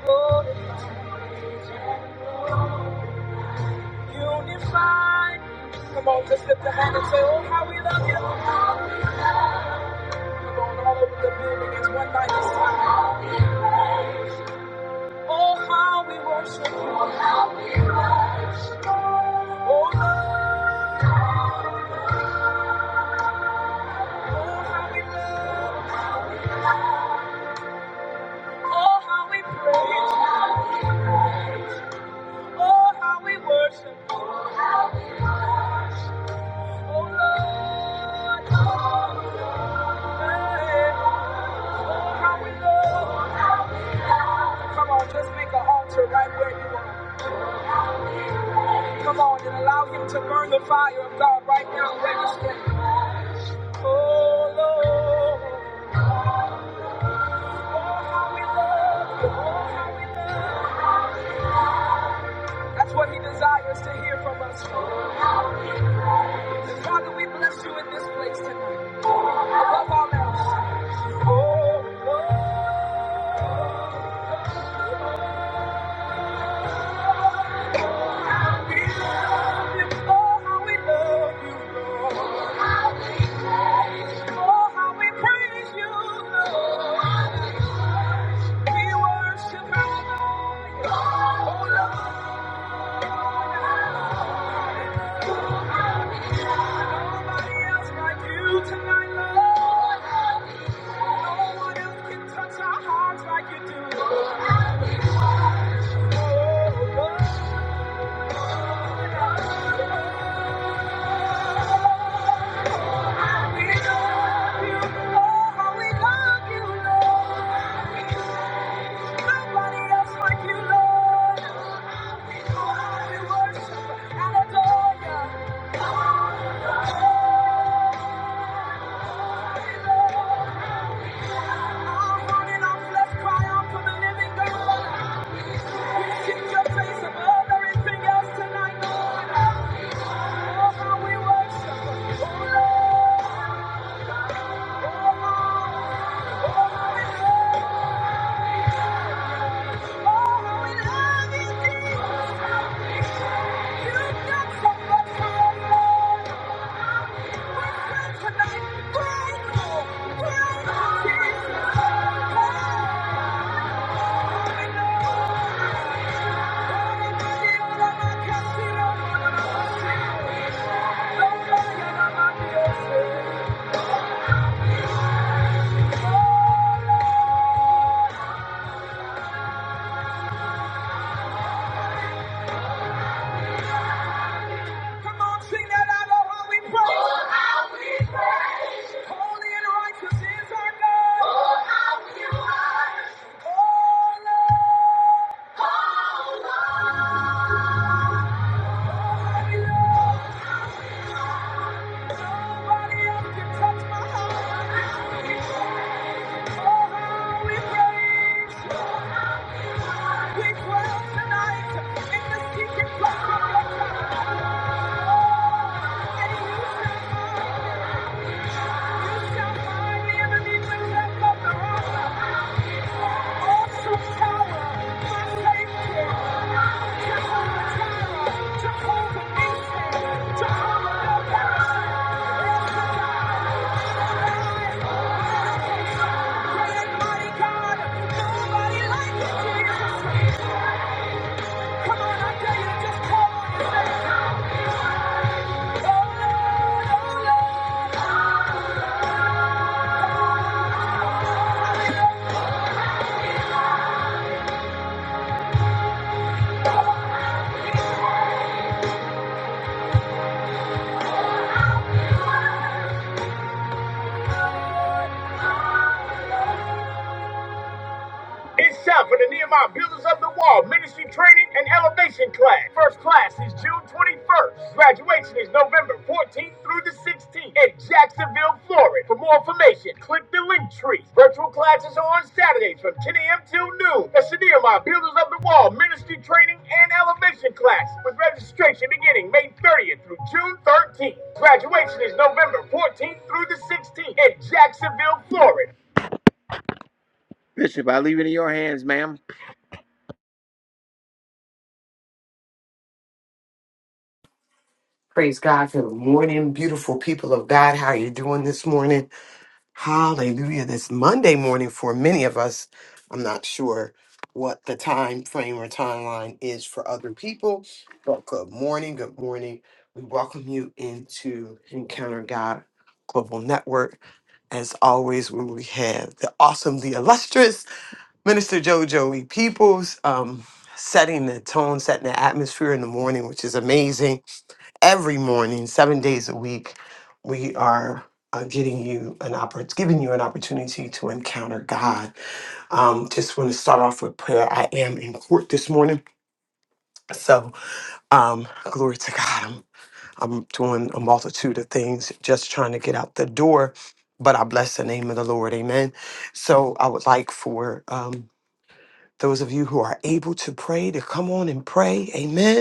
Lord. unified. Come on, just lift a hand and say, oh, how we love you, Lord. Oh, how we worship you. Oh, Lord, oh, how we love. Oh, how we praise Oh, how we worship you. Oh, Lord, oh, hey. Oh, how we love. Come on, just make an altar right where you are. Come on and allow him to burn the fire of God right now where you stand. Oh, Lord. Oh, how we love you. Oh, how we love you. That's what he desires to hear from us. Father, we bless you in this place tonight. Above all else. Oh, Lord, we love you. Oh, how we love you, Lord. Oh, how we praise you, Lord. We worship and adore you. Lord. Oh, Lord, nobody else like you tonight, Lord. No one else can touch our hearts like you do. Thank you. Come on, sing that out of how we pray. Oh, how we pray. Holy and righteous is our God. Holy and you touch my heart. Oh, how we pray. We dwell tonight in the secret place of your God. You shall find the enemy will left of the rock. Also tower, my safety. Jehovah Jireh, Jehovah Nissi, mighty God. Nobody like you, Jesus. Lord, I tell you, just
Praise God. Good morning, beautiful people of God. How are you doing this morning? Hallelujah. This Monday morning for many of us. I'm not sure what the time frame or timeline is for other people, but good morning. Good morning. We welcome you into Encounter God Global Network. As always, when we have the awesome, the illustrious Minister JoJo E. Peoples um, setting the tone, setting the atmosphere in the morning, which is amazing every morning, seven days a week, we are uh, getting you an oppor- giving you an opportunity to encounter God. Um, just want to start off with prayer. I am in court this morning, so um, glory to God. I'm I'm doing a multitude of things, just trying to get out the door. But I bless the name of the Lord, Amen. So I would like for um, those of you who are able to pray to come on and pray, Amen.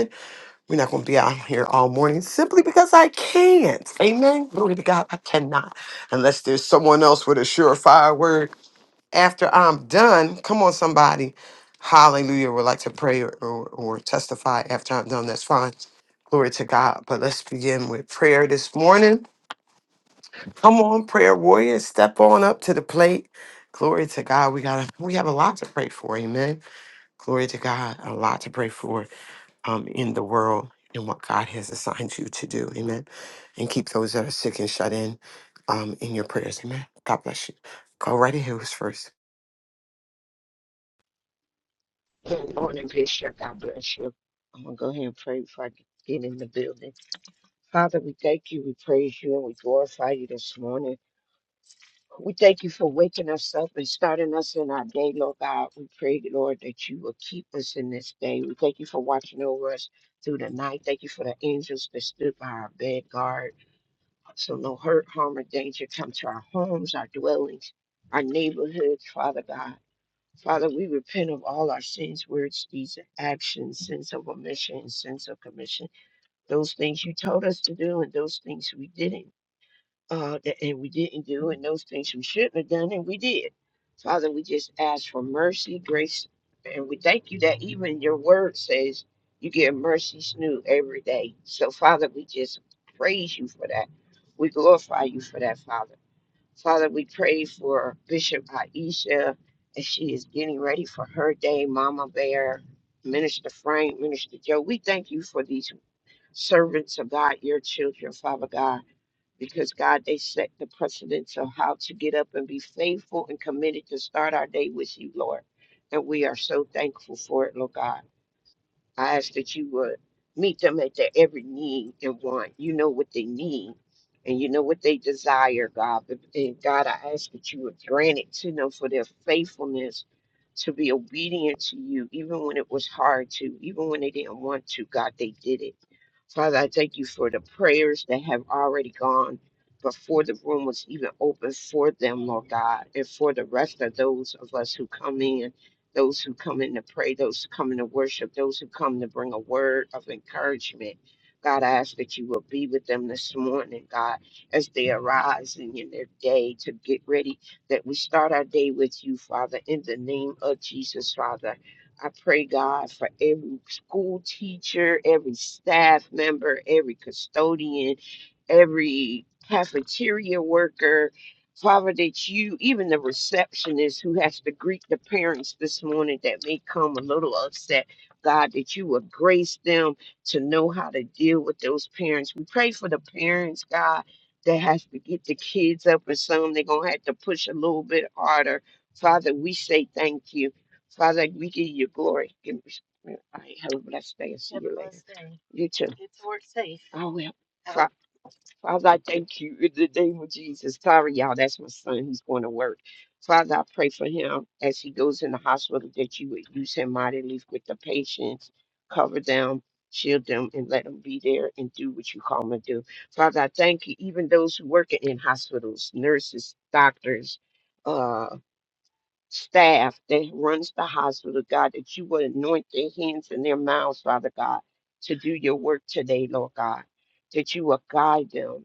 We're not going to be out here all morning simply because I can't. Amen. Glory to God. I cannot. Unless there's someone else with a surefire word after I'm done. Come on, somebody. Hallelujah. Would like to pray or, or, or testify after I'm done. That's fine. Glory to God. But let's begin with prayer this morning. Come on, prayer warriors. Step on up to the plate. Glory to God. We got to we have a lot to pray for. Amen. Glory to God. A lot to pray for um, in the world and what God has assigned you to do. Amen. And keep those that are sick and shut in um, in your prayers. Amen. God bless you. Go right ahead. Who's first?
Good morning, Bishop. God bless you. I'm going to go ahead and pray before I get in the building. Father, we thank you, we praise you, and we glorify you this morning. We thank you for waking us up and starting us in our day, Lord God. We pray, Lord, that you will keep us in this day. We thank you for watching over us through the night. Thank you for the angels that stood by our bed guard. So no hurt, harm, or danger come to our homes, our dwellings, our neighborhoods, Father God. Father, we repent of all our sins, words, deeds, and actions, sins of omission, and sins of commission. Those things you told us to do, and those things we didn't, uh, that, and we didn't do, and those things we shouldn't have done, and we did. Father, we just ask for mercy, grace, and we thank you that even your word says you give mercies new every day. So, Father, we just praise you for that. We glorify you for that, Father. Father, we pray for Bishop Aisha as she is getting ready for her day, Mama Bear, Minister Frank, Minister Joe. We thank you for these servants of God, your children, Father God, because God, they set the precedence of how to get up and be faithful and committed to start our day with you, Lord. And we are so thankful for it, Lord God. I ask that you would meet them at their every need and want. You know what they need and you know what they desire, God. But- And God, I ask that you would grant it to them for their faithfulness to be obedient to you, even when it was hard to, even when they didn't want to. God, they did it. Father, I thank you for the prayers that have already gone before the room was even open for them, Lord God, and for the rest of those of us who come in, those who come in to pray, those who come in to worship, those who come to bring a word of encouragement. God, I ask that you will be with them this morning, God, as they arise and in their day to get ready, that we start our day with you, Father, in the name of Jesus, Father. I pray, God, for every school teacher, every staff member, every custodian, every cafeteria worker. Father, that you, even the receptionist who has to greet the parents this morning that may come a little upset, God, that you would grace them to know how to deal with those parents. We pray for the parents, God, that has to get the kids up and some they're going to have to push a little bit harder. Father, we say thank you. So I was like, we give you glory. Give me, all right, have a blessed day and see you later. You too. I will. Fa- Father, I thank you in the name of Jesus. Sorry, y'all, that's my son. He's going to work. Father, I pray for him as he goes in the hospital that you would use him mightily with the patients, cover them, shield them, and let them be there and do what you call them to do. Father, I thank you, even those who work in hospitals, nurses, doctors. uh, staff that runs the hospital, God, that you would anoint their hands and their mouths, Father God, to do your work today, Lord God, that you will guide them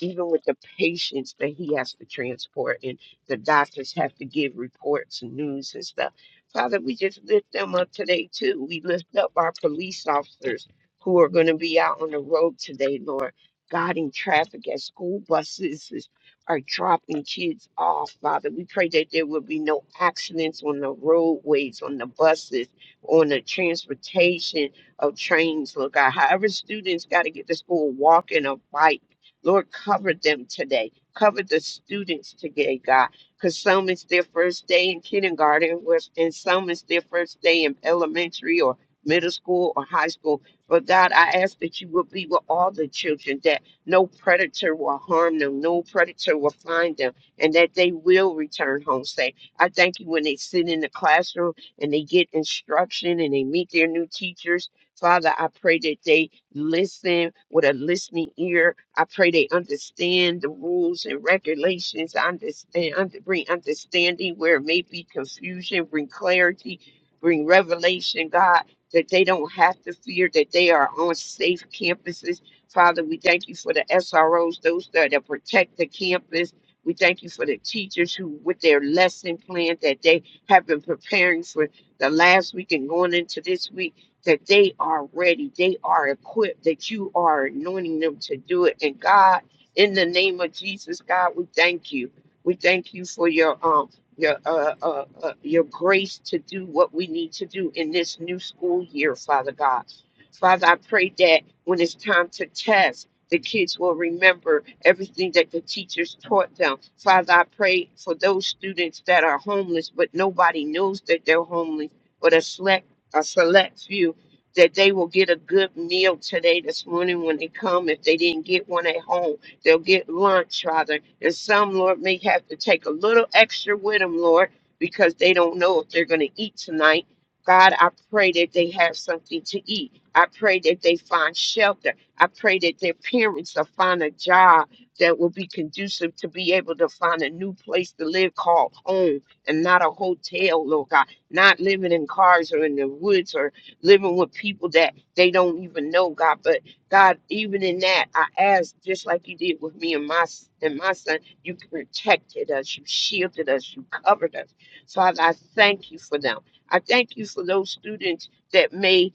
even with the patients that he has to transport and the doctors have to give reports and news and stuff. Father, we just lift them up today too. We lift up our police officers who are going to be out on the road today, Lord, guiding traffic as school buses is- are dropping kids off, Father. We pray that there will be no accidents on the roadways, on the buses, on the transportation of trains, Lord God. However, students got to get to school walking or bike. Lord, cover them today. Cover the students today, God, because some is their first day in kindergarten, with- and some is their first day in elementary or middle school or high school. But God, I ask that you will be with all the children, that no predator will harm them, no predator will find them, and that they will return home safe. I thank you when they sit in the classroom and they get instruction and they meet their new teachers. Father, I pray that they listen with a listening ear. I pray they understand the rules and regulations. I understand, under, bring understanding where it may be confusion, bring clarity, bring revelation, God, that they don't have to fear that they are on safe campuses. Father, we thank you for the SROs, those that, that protect the campus. We thank you for the teachers who, with their lesson plan that they have been preparing for the last week and going into this week that they are ready, they are equipped, that you are anointing them to do it. And God, in the name of Jesus, God, we thank you. We thank you for your um your uh, uh, uh your grace to do what we need to do in this new school year, Father God. Father, I pray that when it's time to test. The kids will remember everything that the teachers taught them. Father, I pray for those students that are homeless, but nobody knows that they're homeless, but a select, a select few that they will get a good meal today this morning when they come. If they didn't get one at home, they'll get lunch rather. And some, Lord, may have to take a little extra with them, Lord, because they don't know if they're going to eat tonight. God, I pray that they have something to eat. I pray that they find shelter. I pray that their parents will find a job that will be conducive to be able to find a new place to live called home and not a hotel, Lord God. Not living in cars or in the woods or living with people that they don't even know God. But God, even in that, I ask, just like you did with me and my s- and my son, you protected us, you shielded us, you covered us. So I, I thank you for them. I thank you for those students that may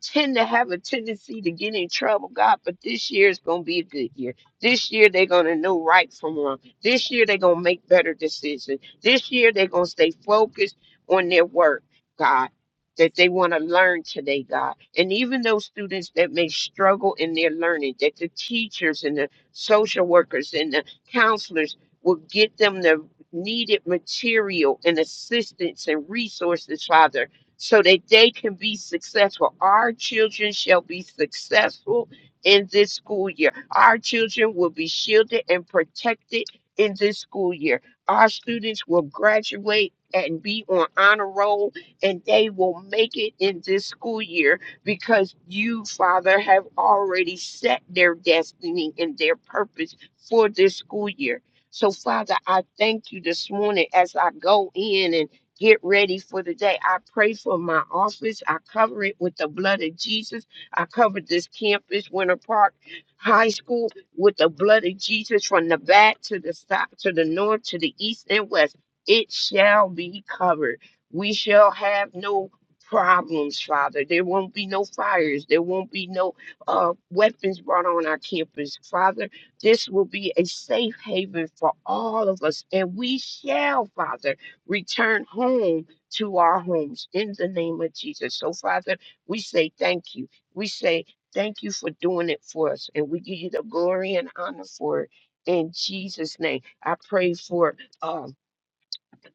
tend to have a tendency to get in trouble, God, but this year is going to be a good year. This year they're going to know right from wrong. This year they're going to make better decisions. This year they're going to stay focused on their work, God, that they want to learn today, God. And even those students that may struggle in their learning, that the teachers and the social workers and the counselors will get them the needed material and assistance and resources, Father so that they can be successful. Our children shall be successful in this school year. Our children will be shielded and protected in this school year. Our students will graduate and be on honor roll, and they will make it in this school year because you, Father, have already set their destiny and their purpose for this school year. So, Father, I thank you this morning as I go in and get ready for the day. I pray for my office. I cover it with the blood of Jesus. I covered this campus, Winter Park High School, with the blood of Jesus from the back to the south, to the north, to the east and west. It shall be covered. We shall have no problems, Father. There won't be no fires. There won't be no uh, weapons brought on our campus, Father. This will be a safe haven for all of us, and we shall, Father return home to our homes in the name of Jesus. So, Father, we say thank you. We say thank you for doing it for us, and we give you the glory and honor for it. In Jesus' name, I pray for. um,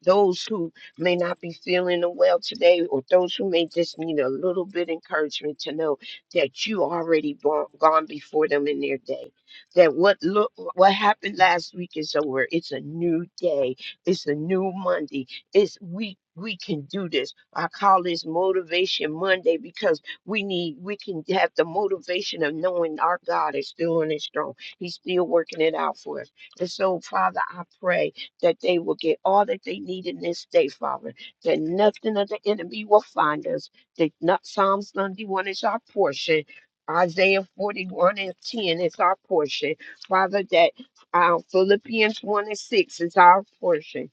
those who may not be feeling well today, or those who may just need a little bit encouragement to know that you already gone, gone before them in their day. That what look what happened last week is over. It's a new day. It's a new Monday. It's we we can do this. I call this motivation Monday because we need we can have the motivation of knowing our God is still on his throne. He's still working it out for us. And so, Father, I pray that they will get all that they need in this day, Father, that nothing of the enemy will find us, that not Psalms 91 is our portion. Isaiah 41 and 10 is our portion. Father, that uh, Philippians 1 and 6 is our portion.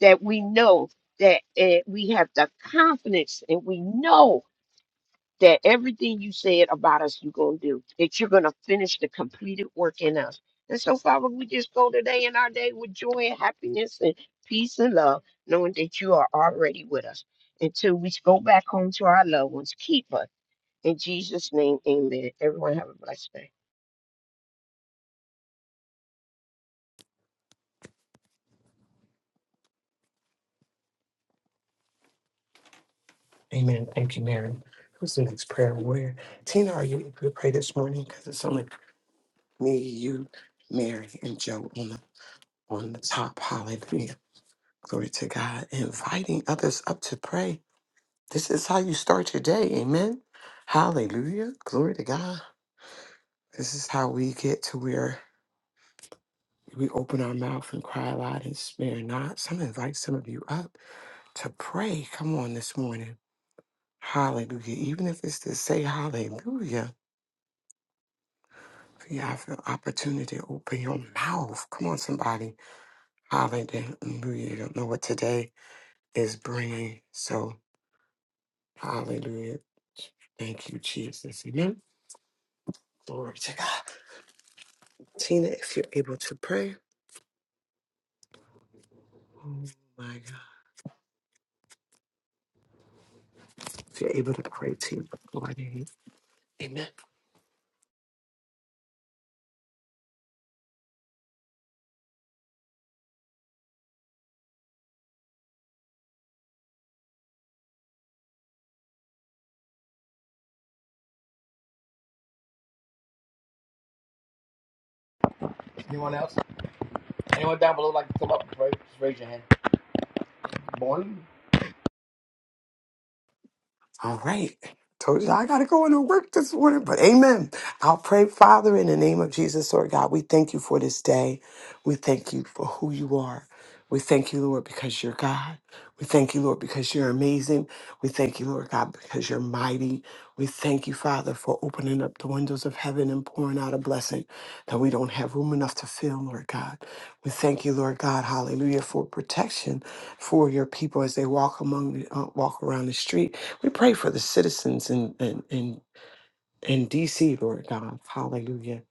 That we know that uh, we have the confidence and we know that everything you said about us, you're going to do, that you're going to finish the completed work in us. And so, Father, we just go today in our day with joy and happiness and peace and love, knowing that you are already with us. Until we go back home to our loved ones, keep us. In Jesus' name, amen. Everyone have a blessed day.
Amen. Thank you, Mary. Who's the next prayer warrior? Tina, are you able to pray this morning? Because it's only me, you, Mary, and Joe on the, on the top. Hallelujah. Glory to God. Inviting others up to pray. This is how you start your day. Amen. Hallelujah. Glory to God. This is how we get to where we open our mouth and cry aloud and spare not. So I'm gonna invite some of you up to pray. Come on this morning. Hallelujah. Even if it's to say hallelujah, if you have the opportunity to open your mouth. Come on, somebody. Hallelujah. You don't know what today is bringing. So, hallelujah. Thank you, Jesus. Amen. Glory to God. Tina, if you're able to pray. Oh, my God. If you're able to pray, Tina, go right ahead. Amen. All right. Told you I got to go into work this morning, but amen. I'll pray, Father, in the name of Jesus, Lord God. We thank you for this day. We thank you for who you are. We thank you, Lord, because you're God. We thank you, Lord, because you're amazing. We thank you, Lord God, because you're mighty. We thank you, Father, for opening up the windows of heaven and pouring out a blessing that we don't have room enough to fill, Lord God. We thank you, Lord God, hallelujah, for protection for your people as they walk among the, uh, walk around the street. We pray for the citizens in, in, in, in DC, Lord God. Hallelujah.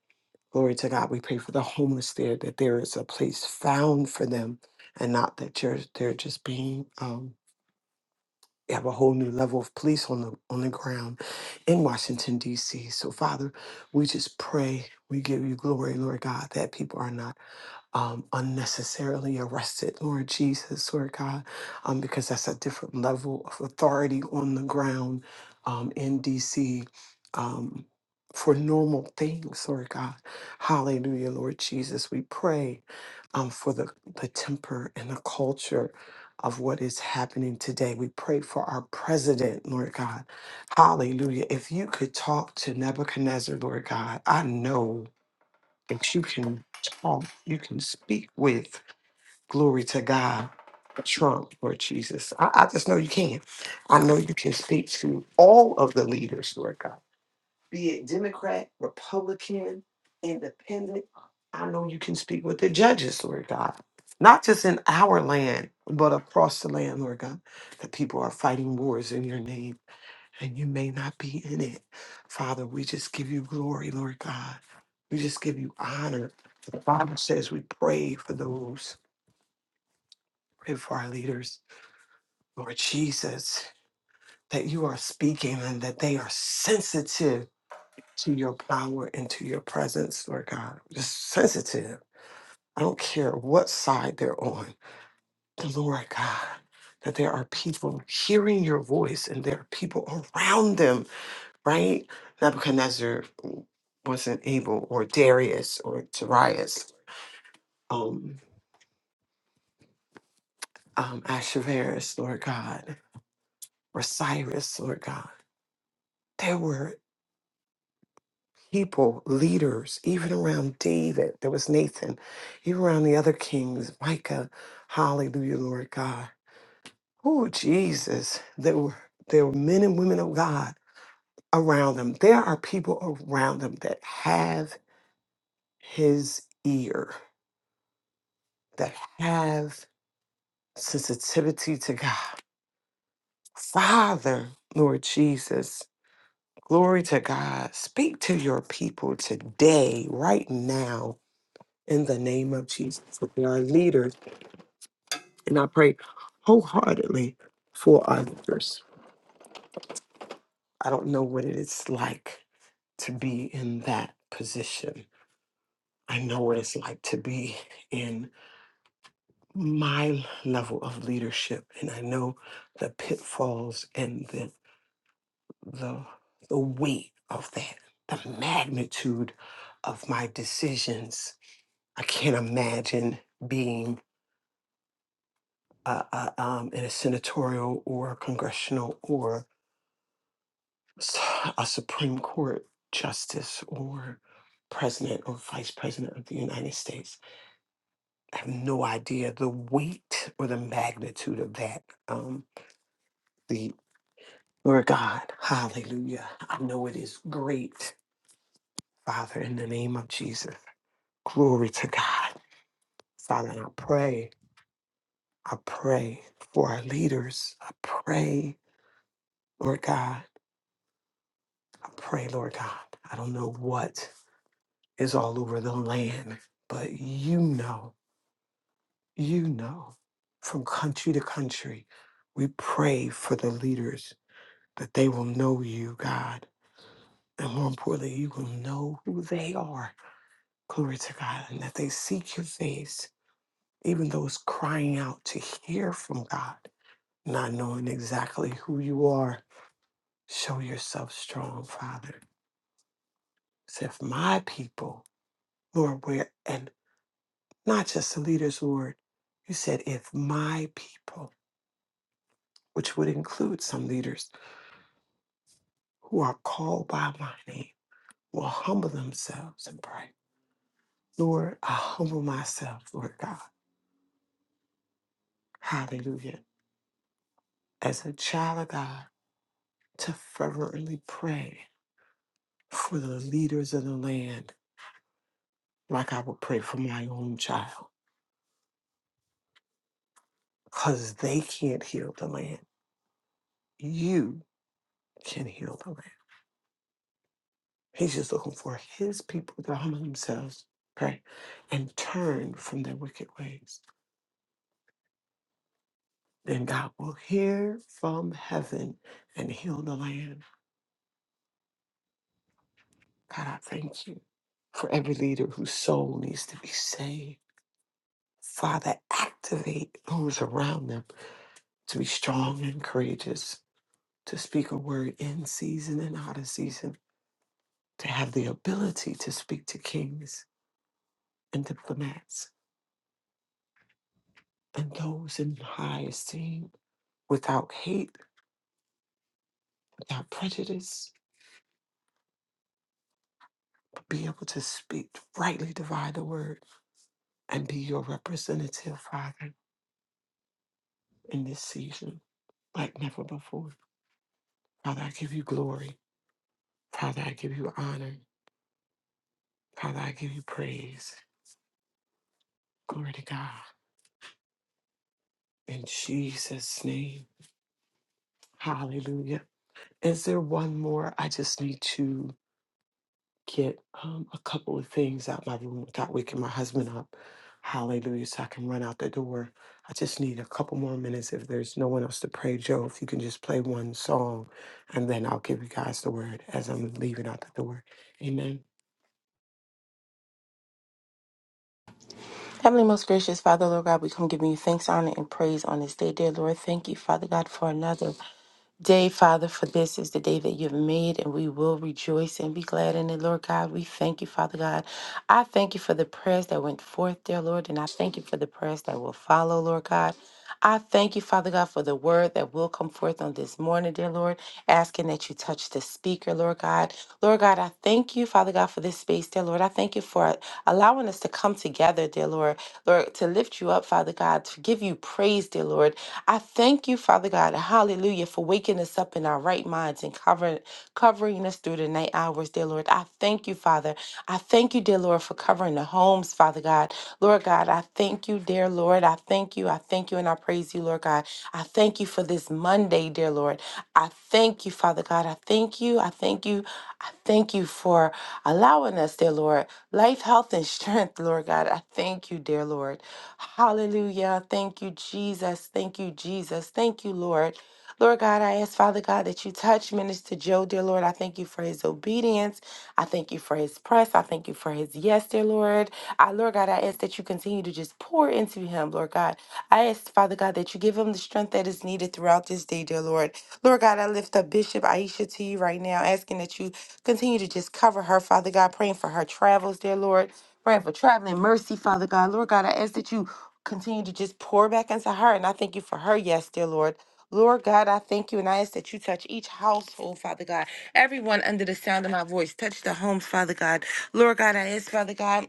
Glory to God. We pray for the homeless there, that there is a place found for them and not that you're, they're just being, um, you have a whole new level of police on the, on the ground in Washington, D.C. So, Father, we just pray, we give you glory, Lord God, that people are not um, unnecessarily arrested, Lord Jesus, Lord God, um, because that's a different level of authority on the ground um, in DC um, for normal things, Lord God. Hallelujah, Lord Jesus. We pray um, for the, the temper and the culture of what is happening today. We pray for our president, Lord God. Hallelujah. If you could talk to Nebuchadnezzar, Lord God, I know that you can talk, you can speak with. Glory to God. Trump or Jesus. I, I just know you can. I know you can speak to all of the leaders, Lord God, be it Democrat, Republican, Independent. I know you can speak with the judges, Lord God, not just in our land, but across the land, Lord God. The people are fighting wars in your name and you may not be in it. Father, we just give you glory, Lord God. We just give you honor. The Bible says we pray for those, pray for our leaders, Lord Jesus, that you are speaking and that they are sensitive to your power and to your presence, Lord God. Just sensitive. I don't care what side they're on. Lord God, that there are people hearing your voice and there are people around them right? Nebuchadnezzar wasn't able, or Darius, or Darius, um, um, Ahasuerus, Lord God, or Cyrus, Lord God. There were people, leaders, even around David. There was Nathan, even around the other kings, Micah. Hallelujah, Lord God. Oh, Jesus. There were, there were men and women of God around them. There are people around them that have his ear, that have sensitivity to God. Father, Lord Jesus, glory to God. Speak to your people today, right now, in the name of Jesus, for our leaders. And I pray wholeheartedly for our leaders. I don't know what it is like to be in that position. I know what it's like to be in my level of leadership, and I know the pitfalls and the the the weight of that, the magnitude of my decisions. I can't imagine being uh, uh, um, in a senatorial or congressional or s- a Supreme Court justice or president or vice president of the United States. I have no idea the weight or the magnitude of that. Um, the Lord God, hallelujah. I know it is great, Father, in the name of Jesus. Glory to God. Father, and I pray, I pray for our leaders. I pray, Lord God, I pray, Lord God. I don't know what is all over the land, but you know, you know, from country to country, we pray for the leaders that they will know you, God. And more importantly, you will know who they are. Glory to God. And that they seek your face, even those crying out to hear from God not knowing exactly who you are. Show yourself strong, Father. So if my people, Lord, where, and not just the leaders, Lord, you said, if my people, which would include some leaders who are called by my name, will humble themselves and pray. Lord, I humble myself, Lord God. Hallelujah. As a child of God, to fervently pray for the leaders of the land, like I would pray for my own child. because they can't heal the land. You can heal the land. He's just looking for his people to humble themselves, pray, and turn from their wicked ways. Then God will hear from heaven and heal the land. God, I thank you for every leader whose soul needs to be saved. Father, activate those around them to be strong and courageous, to speak a word in season and out of season, to have the ability to speak to kings and diplomats and those in high esteem without hate, without prejudice, but be able to speak, rightly divide the word, and be your representative, Father, in this season like never before. Father, I give you glory. Father, I give you honor. Father, I give you praise. Glory to God. In Jesus' name. Hallelujah. Is there one more? I just need to. get um, a couple of things out my room without waking my husband up. Hallelujah. So I can run out the door. I just need a couple more minutes if there's no one else to pray. Joe, if you can just play one song and then I'll give you guys the word as I'm leaving out the door. Amen.
Heavenly, most gracious Father, Lord God, we come giving you thanks, honor, and praise on this day, dear Lord. Thank you, Father God, for another day, Father, for this is the day that you've made, and we will rejoice and be glad in it, Lord God. We thank you, Father God. I thank you for the prayers that went forth, dear Lord, and I thank you for the prayers that will follow, Lord God. I thank you, Father God, for the word that will come forth on this morning, dear Lord, asking that you touch the speaker, Lord God. Lord God, I thank you, Father God, for this space, dear Lord. I thank you for allowing us to come together, dear Lord. Lord Lord, to lift you up, Father God, to give you praise, dear Lord. I thank you, Father God, hallelujah, for waking us up in our right minds and covering covering us through the night hours, dear Lord. I thank you, Father. I thank you, dear Lord, for covering the homes, Father God. Lord God, I thank you, dear Lord. I thank you. I thank you and I praise you, Lord God. I thank you for this Monday, dear Lord. I thank you, Father God. I thank you. I thank you. I Thank you for allowing us, dear Lord, life, health, and strength, Lord God. I thank you, dear Lord. Hallelujah. Thank you, Jesus. Thank you, Jesus. Thank you, Lord. Lord God, I ask, Father God, that you touch Minister Joe, dear Lord. I thank you for his obedience. I thank you for his press. I thank you for his yes, dear Lord. I, Lord God, I ask that you continue to just pour into him, Lord God. I ask, Father God, that you give him the strength strength that is needed throughout this day, dear Lord. Lord God, I lift up Bishop Aisha to you right now, asking that you continue to just cover her, Father God, praying for her travels, dear Lord, praying for traveling mercy, Father God. Lord God, I ask that you continue to just pour back into her, and I thank you for her, yes, dear Lord. Lord God, I thank you and I ask that you touch each household, Father God. Everyone under the sound of my voice, touch the homes, Father God. Lord God, I ask, Father God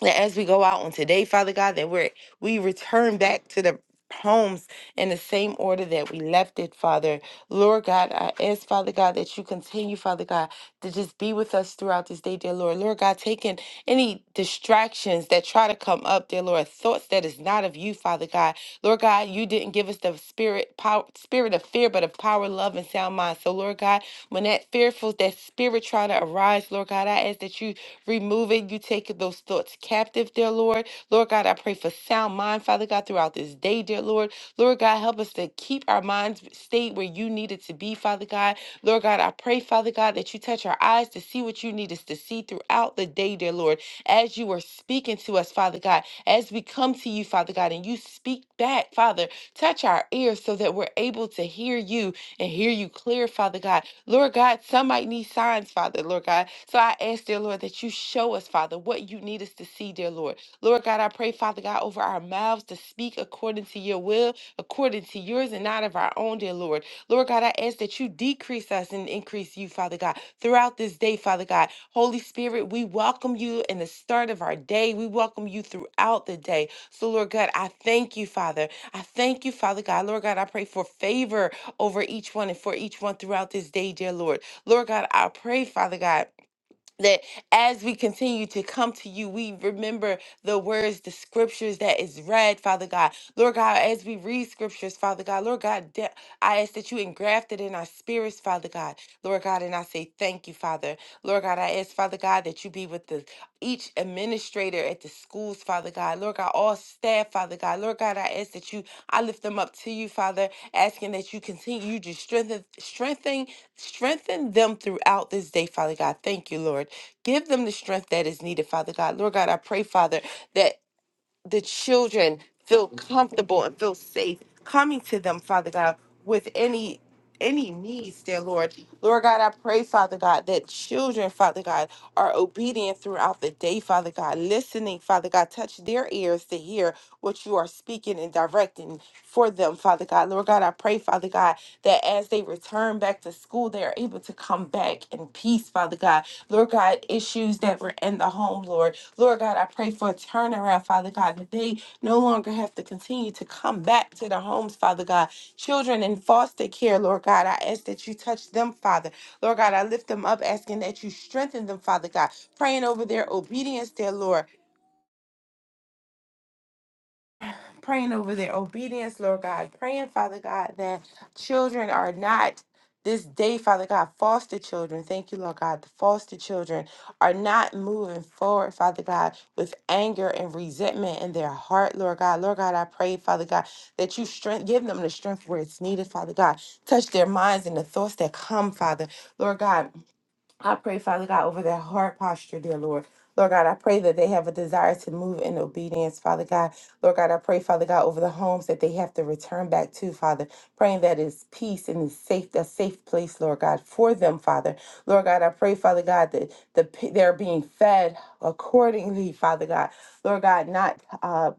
that as we go out on today, Father God, that we're, we return back to the homes in the same order that we left it, Father. Lord God, I ask, Father God, that you continue, Father God, to just be with us throughout this day, dear Lord. Lord God, taking any distractions that try to come up, dear Lord, thoughts that is not of you, Father God. Lord God, you didn't give us the spirit power spirit of fear, but of power, love, and sound mind. So Lord God, when that fearful, that spirit tries trying to arise, Lord God. I ask that you remove it. You take those thoughts captive, dear Lord. Lord God, I pray for sound mind, Father God, throughout this day, dear Lord. Lord God, help us to keep our minds stayed where you need it to be, Father God. Lord God, I pray, Father God, that you touch our eyes to see what you need us to see throughout the day, dear Lord. As you are speaking to us, Father God, as we come to you, Father God, and you speak back, Father, touch our ears so that we're able to hear you and hear you clear, Father God. Lord God, some might need signs, Father, Lord God. So I ask, dear Lord, that you show us, Father, what you need us to see, dear Lord. Lord God, I pray, Father God, over our mouths to speak according to your will, according to yours and not of our own, dear Lord. Lord God, I ask that you decrease us and increase you, Father God, throughout this day, Father God. Holy Spirit, we welcome you in the start of our day. We welcome you throughout the day. So, Lord God, I thank you, Father. I thank you, Father God. Lord God, I pray for favor over each one and for each one throughout this day, dear Lord. Lord God, I pray, Father God, that as we continue to come to you, we remember the words, the scriptures that is read, Father God. Lord God, as we read scriptures, Father God, Lord God, da- I ask that you engraft it in our spirits, Father God. Lord God, and I say thank you, Father. Lord God, I ask, Father God, that you be with us each administrator at the schools, Father God, Lord God, all staff, Father God, Lord God, I ask that you, I lift them up to you, Father, asking that you continue you to strengthen, strengthen, strengthen them throughout this day, Father God. Thank you, Lord. Give them the strength that is needed, Father God. Lord God, I pray, Father, that the children feel comfortable and feel safe coming to them, Father God, with any any needs, dear Lord. Lord God, I pray, Father God, that children, Father God, are obedient throughout the day, Father God, listening, Father God, touch their ears to hear what you are speaking and directing for them, Father God. God. Lord God, I pray, Father God, that as they return back to school, they are able to come back in peace, Father God. Lord God, issues that were in the home, Lord. Lord God, I pray for a turnaround, Father God, that they no longer have to continue to come back to their homes, Father God. Children in foster care, Lord God, I ask that you touch them, Father. Lord God, I lift them up, asking that you strengthen them, Father God. Praying over their obedience, dear Lord. praying over their obedience, Lord God, praying, Father God, that children are not this day, Father God, foster children, thank you, Lord God, the foster children are not moving forward, Father God, with anger and resentment in their heart, Lord God. Lord God, I pray, Father God, that you strength give them the strength where it's needed, Father God. Touch their minds and the thoughts that come, Father. Lord God. I pray, Father God, over their heart posture, dear Lord. Lord God, I pray that they have a desire to move in obedience, Father God. Lord God, I pray, Father God, over the homes that they have to return back to, Father. Praying that it's peace and it's safe, a safe place, Lord God, for them, Father. Lord God, I pray, Father God, that the p- they're being fed accordingly, Father God. Lord God, not uh,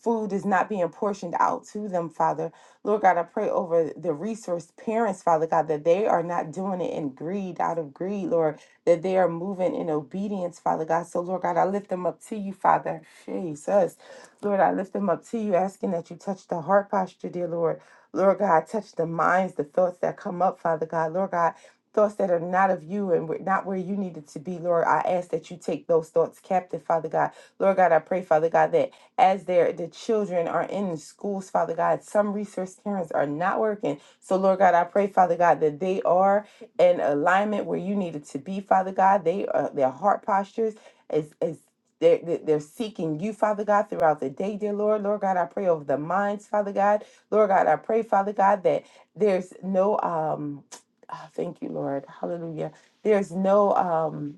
food is not being portioned out to them, Father. Lord God, I pray over the resource parents, Father God, that they are not doing it in greed, out of greed, Lord, that they are moving in obedience, Father God. So, Lord God, I lift them up to you, Father. Jesus. Lord, I lift them up to you, asking that you touch the heart posture, dear Lord. Lord God, touch the minds, the thoughts that come up, Father God. Lord God, thoughts that are not of you and we're not where you needed to be, Lord. I ask that you take those thoughts captive, Father God. Lord God, I pray, Father God, that as their the children are in the schools, Father God. Some resource parents are not working. So Lord God, I pray, Father God, that they are in alignment where you needed to be, Father God. They are their heart postures is is they're, they're they're seeking you, Father God, throughout the day, dear Lord. Lord God, I pray over the minds, Father God. Lord God, I pray, Father God, that there's no um ah, thank you, Lord. Hallelujah. There's no um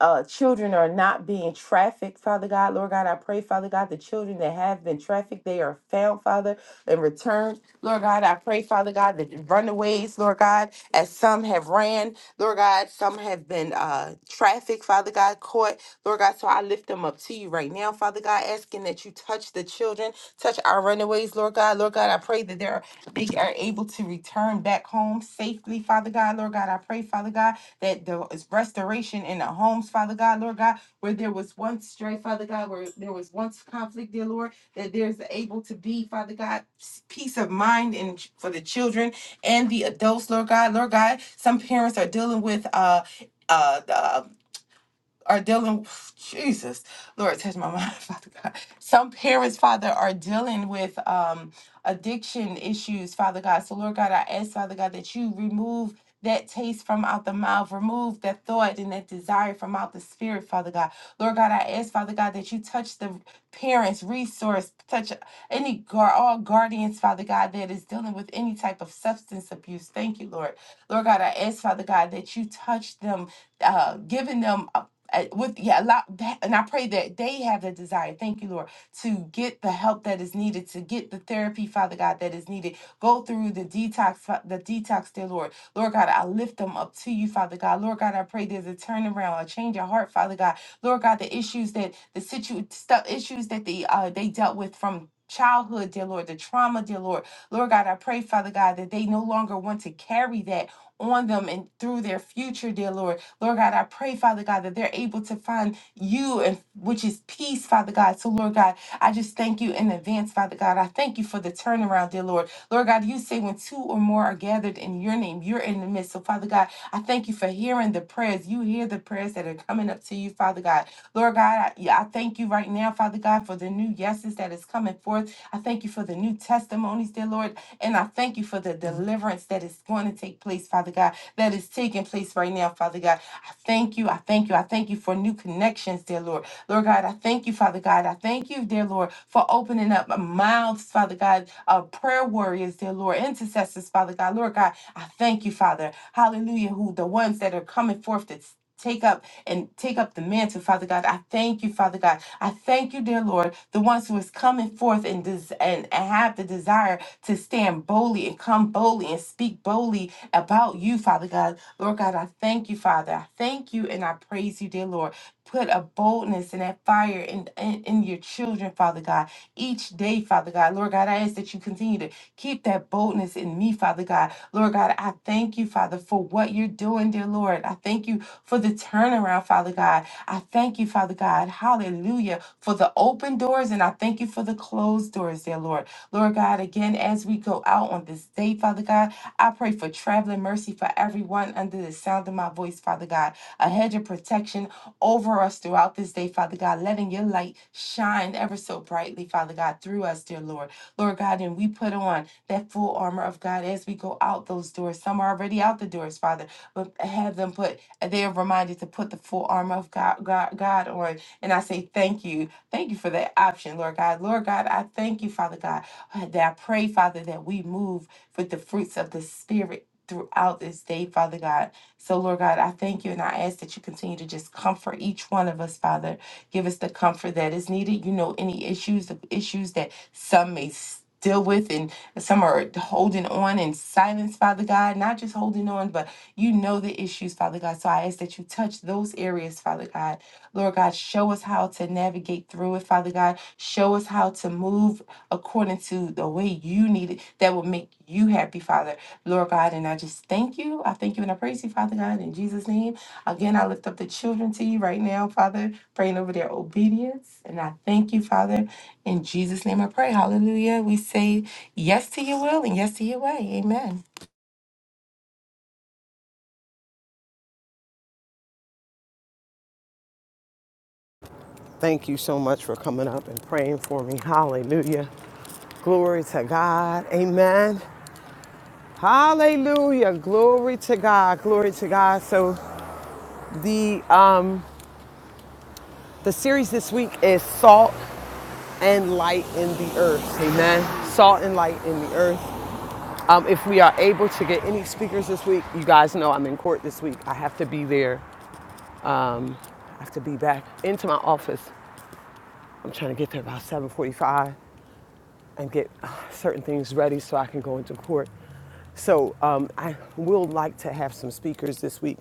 uh, children are not being trafficked, Father God. Lord God, I pray, Father God, the children that have been trafficked, they are found, Father, and returned. Lord God, I pray, Father God, that the runaways, Lord God, as some have ran, Lord God, some have been uh, trafficked, Father God, caught. Lord God, so I lift them up to you right now, Father God, asking that you touch the children, touch our runaways, Lord God. Lord God, I pray that they're, they are able to return back home safely, Father God. Lord God, I pray, Father God, that there is restoration in the homes, Father God, Lord God, where there was once strife, Father God, where there was once conflict, dear Lord, that there's able to be, Father God, s- peace of mind and ch- for the children and the adults, Lord God, Lord God. Some parents are dealing with uh uh, the are dealing Jesus, Lord, touch my mind, Father God. Some parents, Father, are dealing with um addiction issues, Father God. So Lord God, I ask, Father God, that you remove that taste from out the mouth, remove that thought and that desire from out the spirit, Father God. Lord God, I ask, Father God, that you touch the parents' resource, touch any guard, all guardians, Father God, that is dealing with any type of substance abuse. Thank you, Lord. Lord God, I ask, Father God, that you touch them uh, giving them uh, with yeah a lot and i pray that they have the desire thank you lord to get the help that is needed to get the therapy father god that is needed go through the detox Fa- the detox dear lord lord god i lift them up to you father god lord god i pray there's a turnaround a change of heart father god lord god the issues that the situ stuff issues that they uh they dealt with from childhood dear lord the trauma dear lord lord god i pray father god that they no longer want to carry that on them and through their future dear lord Lord God, I pray, Father God, that they're able to find you and which is peace, Father God. So, Lord God, I just thank you in advance, Father God. I thank you for the turnaround, dear Lord. Lord God, you say when two or more are gathered in your name, you're in the midst. So, Father God, I thank you for hearing the prayers. You hear the prayers that are coming up to you, Father God. Lord God, I, yeah, I thank you right now, Father God, for the new yeses that is coming forth. I thank you for the new testimonies, dear Lord. And I thank you for the deliverance that is going to take place, Father God, that is taking place right now, Father God. I thank you. I thank you. I thank you for new connections, dear Lord. Lord God, I thank you, Father God. I thank you, dear Lord, for opening up mouths, Father God, of prayer warriors, dear Lord, intercessors, Father God. Lord God, I thank you, Father. Hallelujah. Who the ones that are coming forth to take up and take up the mantle, Father God. I thank you, Father God. I thank you, dear Lord, the ones who is coming forth and des- and and have the desire to stand boldly and come boldly and speak boldly about you, Father God. Lord God, I thank you, Father. I thank you and I praise you, dear Lord. Put a boldness and that fire in, in, in your children, Father God, each day, Father God. Lord God, I ask that you continue to keep that boldness in me, Father God. Lord God, I thank you, Father, for what you're doing, dear Lord. I thank you for the turnaround, Father God. I thank you, Father God. Hallelujah. For the open doors and I thank you for the closed doors, dear Lord. Lord God, again, as we go out on this day, Father God. I pray for traveling mercy for everyone under the sound of my voice, Father God. A hedge of protection over us throughout this day, Father God, letting your light shine ever so brightly, Father God, through us, dear Lord. Lord God, and we put on that full armor of God as we go out those doors. Some are already out the doors, Father, but have them put, they are reminded to put the full armor of God, God, God on. And I say thank you. Thank you for that option, Lord God. Lord God, I thank you, Father God, that I pray, Father, that we move with the fruits of the Spirit throughout this day, Father God. So, Lord God, I thank you and I ask that you continue to just comfort each one of us, Father. Give us the comfort that is needed. You know, any issues, the issues that some may s- deal with and some are holding on in silence, Father God, not just holding on, but you know the issues, Father God. So I ask that you touch those areas, Father God. Lord God, show us how to navigate through it, Father God. Show us how to move according to the way you need it that will make you happy, Father. Lord God, and I just thank you. I thank you and I praise you, Father God, in Jesus' name. Again, I lift up the children to you right now, Father, praying over their obedience. And I thank you, Father. In Jesus' name I pray. Hallelujah. We say yes to your will and yes to your way. Amen.
Thank you so much for coming up and praying for me. Hallelujah. Glory to God. Amen. Hallelujah. Glory to God. Glory to God. So the um the series this week is salt. and light in the earth. Amen. Salt and light in the earth. Um, if we are able to get any speakers this week, you guys know I'm in court this week. I have to be there. Um, I have to be back into my office. I'm trying to get there about 7:45 and get uh, certain things ready so I can go into court. So um, I will like to have some speakers this week.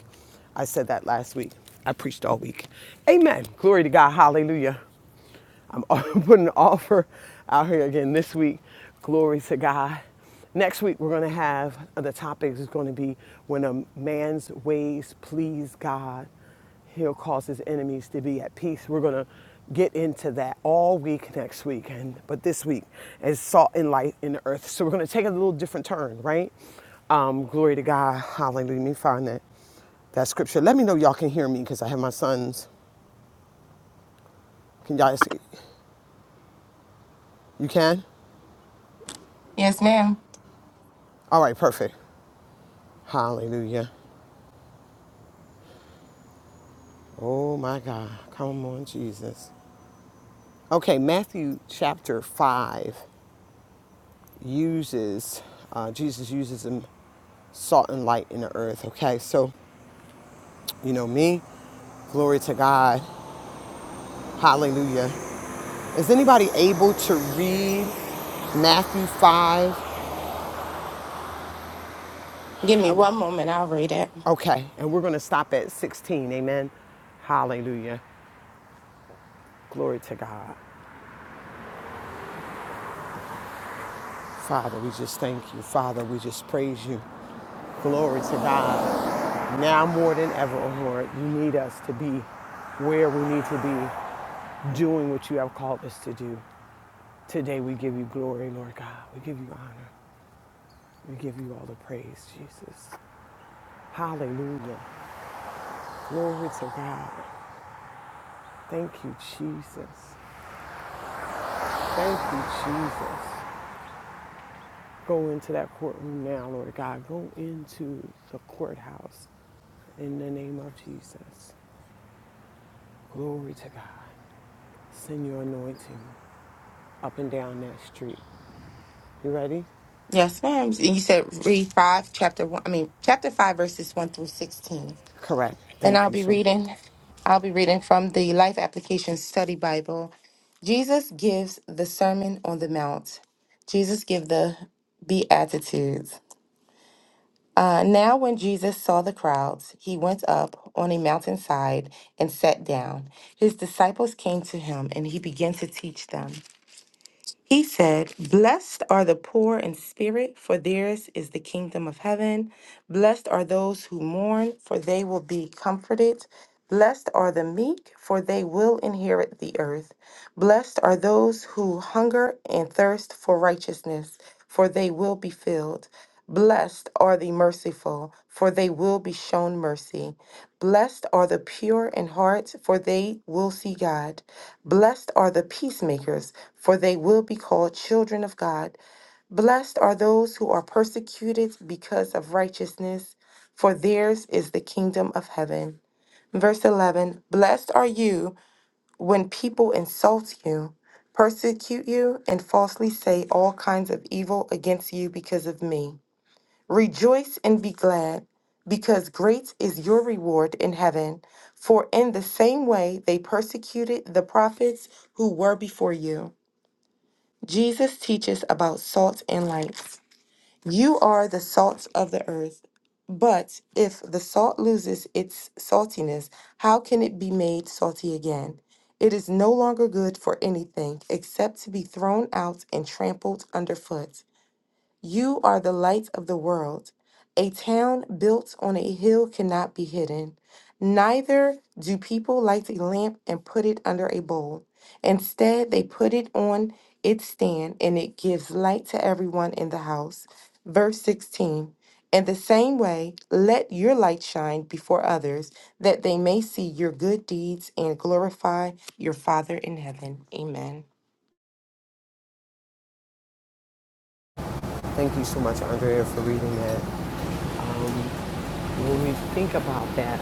I said that last week. I preached all week. Amen. Glory to God. Hallelujah. I'm putting an offer out here again this week. Glory to God. Next week, we're going to have uh, the topic is going to be when a man's ways please God, he'll cause his enemies to be at peace. We're going to get into that all week next week. and But this week is salt and light in the earth. So we're going to take a little different turn, right? Um, glory to God. Hallelujah. Let me find that, that scripture. Let me know y'all can hear me because I have my sons. Can y'all, see? you can?
Yes, ma'am.
All right, perfect. Hallelujah. Oh my God. Come on, Jesus. Okay, Matthew chapter 5 uses, uh, Jesus uses him salt and light in the earth. Okay, so, you know me, glory to God. Hallelujah. Is anybody able to read Matthew 5?
Give me one moment. I'll read it.
Okay, and we're going to stop at 16. Amen. Hallelujah. Glory to God. Father, we just thank you. Father, we just praise you. Glory to God. Now more than ever, oh Lord, you need us to be where we need to be, doing what you have called us to do. Today we give you glory, Lord God. We give you honor. We give you all the praise, Jesus. Hallelujah. Glory to God. Thank you, Jesus. Thank you, Jesus. Go into that courtroom now, Lord God. Go into the courthouse in the name of Jesus. Glory to God. Send your anointing up and down that street. You ready?
Yes, ma'am. And you said read five, chapter one. I mean, chapter five, verses one through sixteen.
Correct.
And
Thank
I'll
you
be
so much.
reading, I'll be reading from the Life Application Study Bible. Jesus gives the Sermon on the Mount. Jesus give the Beatitudes. Uh, now, when Jesus saw the crowds, he went up on a mountainside and sat down. His disciples came to him, and he began to teach them. He said, Blessed are the poor in spirit, for theirs is the kingdom of heaven. Blessed are those who mourn, for they will be comforted. Blessed are the meek, for they will inherit the earth. Blessed are those who hunger and thirst for righteousness, for they will be filled. Blessed are the merciful, for they will be shown mercy. Blessed are the pure in heart, for they will see God. Blessed are the peacemakers, for they will be called children of God. Blessed are those who are persecuted because of righteousness, for theirs is the kingdom of heaven. Verse 11 Blessed are you when people insult you, persecute you, and falsely say all kinds of evil against you because of me. Rejoice and be glad, because great is your reward in heaven. For in the same way they persecuted the prophets who were before you. Jesus teaches about salt and light. You are the salt of the earth. But if the salt loses its saltiness, how can it be made salty again? It is no longer good for anything except to be thrown out and trampled underfoot. You are the light of the world. A town built on a hill cannot be hidden. Neither do people light a lamp and put it under a bowl. Instead, they put it on its stand and it gives light to everyone in the house. Verse 16 In the same way, let your light shine before others, that they may see your good deeds and glorify your Father in heaven. Amen.
Thank you so much, Andrea, for reading that. Um, when we think about that,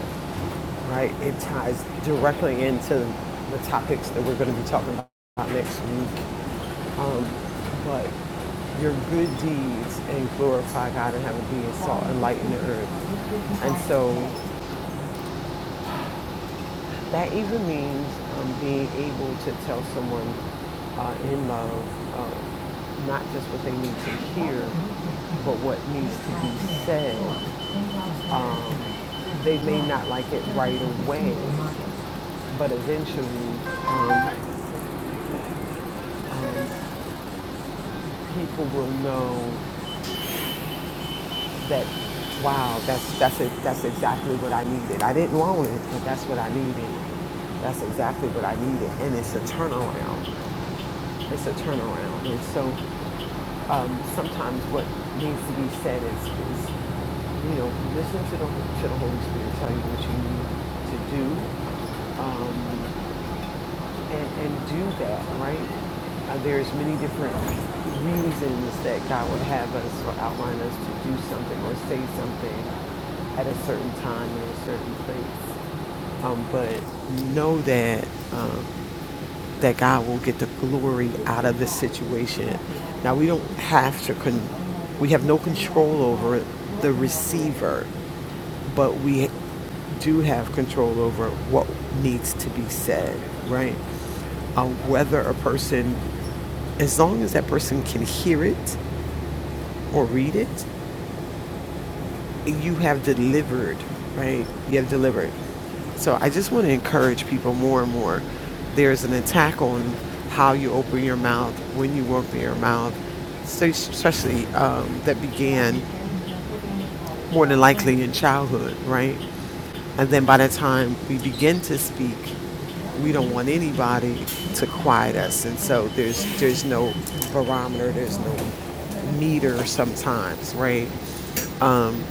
right, it ties directly into the topics that we're going to be talking about next week. Um, but your good deeds and glorify God and have it be salt and light in the earth. And so that even means um, being able to tell someone uh, in love uh, not just what they need to hear, but what needs to be said. Um, they may not like it right away, but eventually um, um, people will know that wow that's that's it that's exactly what i needed i didn't want it but that's what i needed that's exactly what i needed and it's a turnaround it's a turnaround and so um, sometimes what needs to be said is, is you know listen to the to the holy spirit tell you what you need to do Um, and, and do that, right? Uh, there's many different reasons that God would have us or outline us to do something or say something at a certain time in a certain place. Um, but know that um, that God will get the glory out of the situation. Now we don't have to con- we have no control over the receiver, but we do have control over what needs to be said, right? Um, whether a person, as long as that person can hear it or read it, you have delivered, right? You have delivered. So I just want to encourage people more and more. There's an attack on how you open your mouth, when you open your mouth, so especially um, that began more than likely in childhood, right? And then by the time we begin to speak, we don't want anybody to quiet us. And so there's there's no barometer, there's no meter sometimes, right? Um,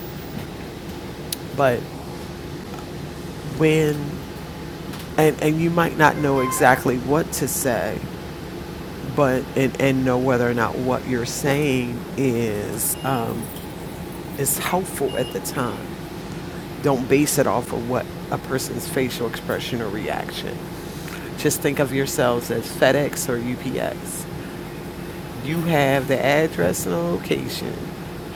but when and, and you might not know exactly what to say, but and, and know whether or not what you're saying is um, is helpful at the time. Don't base it off of what a person's facial expression or reaction. Just think of yourselves as FedEx or UPS. You have the address and the location.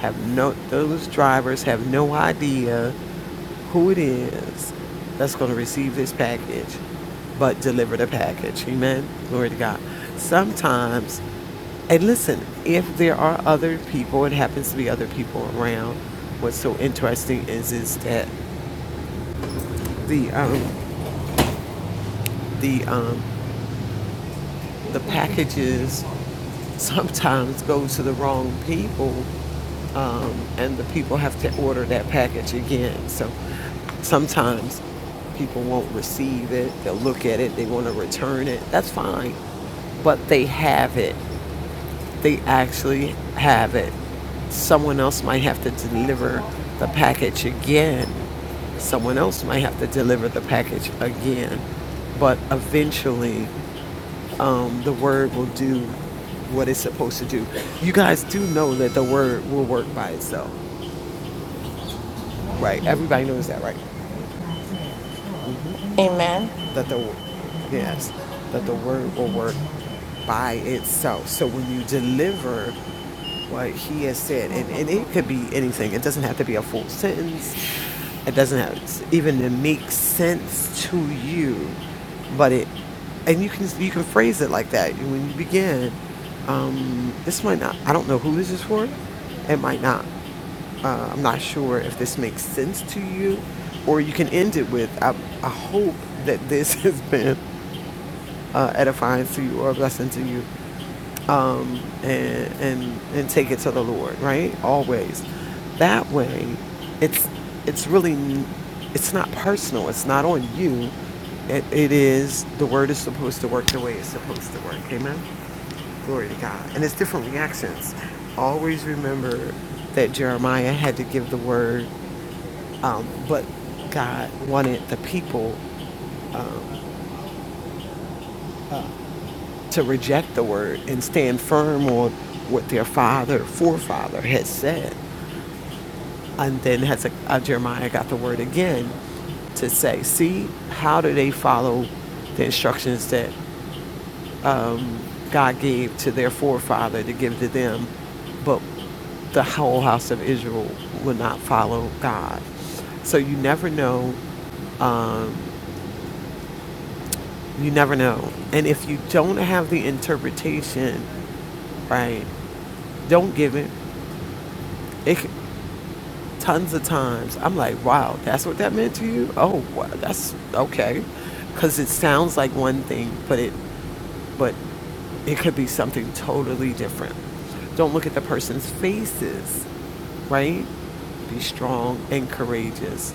Have no those drivers have no idea who it is that's going to receive this package, but deliver the package. Amen. Glory to God. Sometimes, and listen, if there are other people, it happens to be other people around. What's so interesting is is that the um, the um, the packages sometimes go to the wrong people, um, and the people have to order that package again. So sometimes people won't receive it. They'll look at it. They want to return it. That's fine, but they have it. They actually have it. Someone else might have to deliver the package again someone else might have to deliver the package again. But eventually, um, the word will do what it's supposed to do. You guys do know that the word will work by itself, right? Everybody knows that, right?
Amen.
That the yes, that the word will work by itself. So when you deliver what he has said, and, and it could be anything. It doesn't have to be a full sentence. It doesn't have even to make sense to you, but it, and you can you can phrase it like that when you begin. Um, this might not. I don't know who this is for. It might not. Uh, I'm not sure if this makes sense to you, or you can end it with I, I hope that this has been uh, edifying to you or a blessing to you um, and, and and take it to the Lord, right? Always. That way, it's it's really it's not personal. It's not on you. It, it is the word is supposed to work the way it's supposed to work. Amen. Glory to God. And it's different reactions. Always remember that Jeremiah had to give the word, um, but God wanted the people um, to reject the word and stand firm on what their father, forefather, had said. And then Hezek- uh, Jeremiah got the word again to say, see, how do they follow the instructions that God gave to their forefather to give to them, but the whole house of Israel will not follow God. So you never know. Um, you never know. And if you don't have the interpretation, right, don't give it. It c- tons of times. I'm like, wow, that's what that meant to you? Oh, wow, that's okay. Because it sounds like one thing, but it, but it could be something totally different. Don't look at the person's faces, right? Be strong and courageous.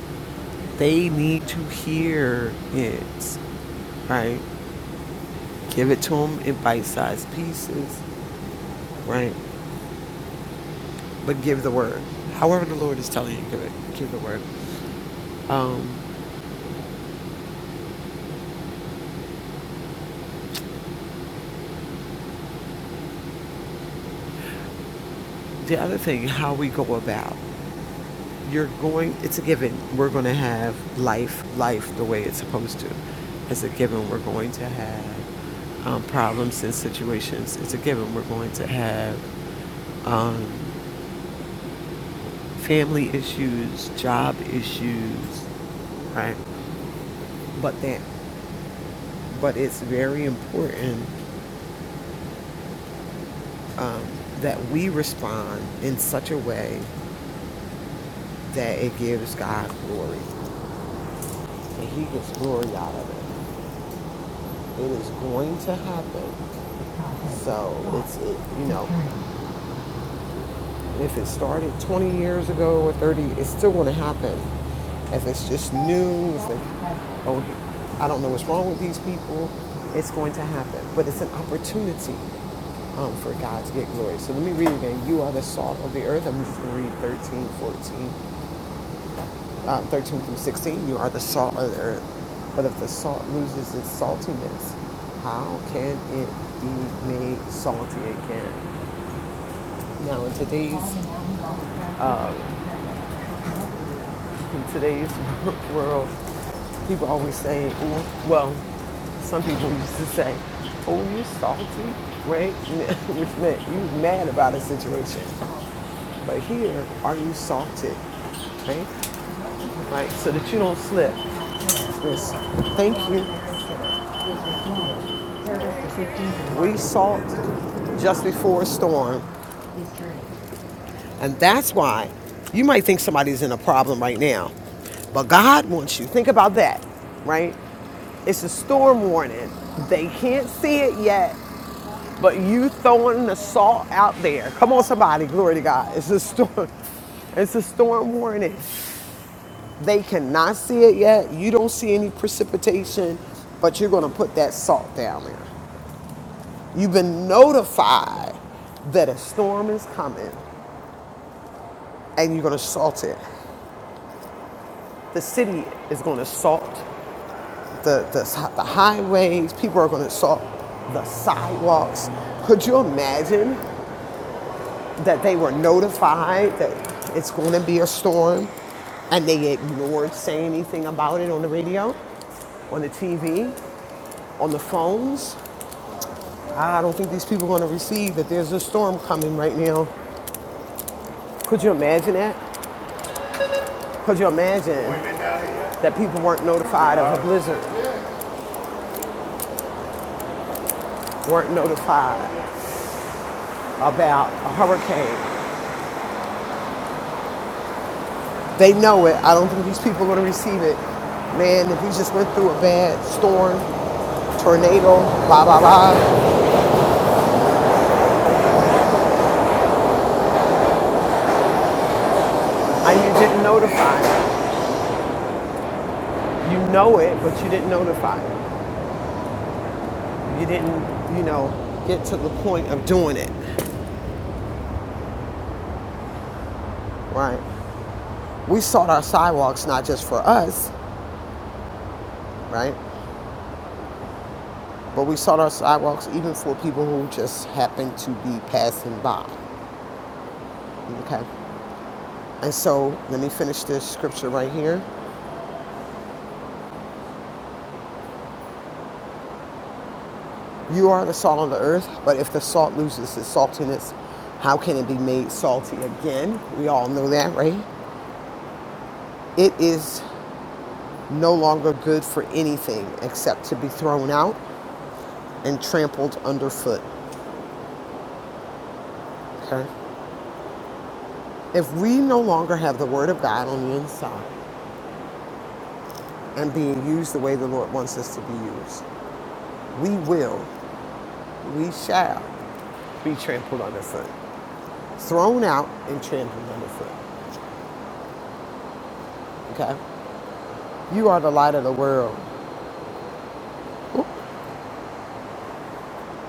They need to hear it, right? Give it to them in bite-sized pieces, right? But give the word. However the Lord is telling you give it, give the word. Um, The other thing, how we go about, you're going, it's a given. We're going to have life, life the way it's supposed to. It's a given. We're going to have um, problems and situations. It's a given. We're going to have um, family issues, job issues, right? But that, but it's very important um, that we respond in such a way that it gives God glory, and He gets glory out of it. It is going to happen. So it's it, you know, if it started 20 years ago or 30, it's still going to happen. If it's just new, it's like, oh, I don't know what's wrong with these people. It's going to happen, but it's an opportunity um, for God to get glory. So let me read again. You are the salt of the earth. I'm just going to read 13, 14 um, 13 through 16, you are the salt of the earth. But if the salt loses its saltiness, how can it be made salty again? Now, in today's um, in today's world, people always say, "Ooh," well, some people used to say, "Oh, you salty," right? Which meant you mad about a situation. But here, are you salted? right? Right, so that you don't slip. Just thank you. We salt just before a storm. And that's why you might think somebody's in a problem right now. But God wants you. Think about that, right? It's a storm warning. They can't see it yet, but you throwing the salt out there. Come on, somebody. Glory to God. It's a storm. It's a storm warning. They cannot see it yet. You don't see any precipitation, but you're going to put that salt down there. You've been notified that a storm is coming and you're going to salt it. The city is going to salt the, the, the highways, people are going to salt the sidewalks. Could you imagine that they were notified that it's going to be a storm and they ignored saying anything about it on the radio, on the TV, on the phones? I don't think these people are going to receive that there's a storm coming right now. Could you imagine that? Could you imagine? that people weren't notified of a blizzard, weren't notified about a hurricane. They know it. I don't think these people are going to receive it. Man, if we just went through a bad storm, tornado, blah, blah, blah, and you didn't notify. it. You know it, but you didn't notify. it. You didn't, you know, get to the point of doing it, right? We sought our sidewalks not just for us, right? But we sought our sidewalks even for people who just happened to be passing by, okay? And so let me finish this scripture right here. You are the salt of the earth, but if the salt loses its saltiness, how can it be made salty again? We all know that, right? It is no longer good for anything except to be thrown out and trampled underfoot. Okay? If we no longer have the word of God on the inside and being used the way the Lord wants us to be used, we will, we shall be trampled underfoot, thrown out and trampled underfoot. Okay. You are the light of the world. Ooh,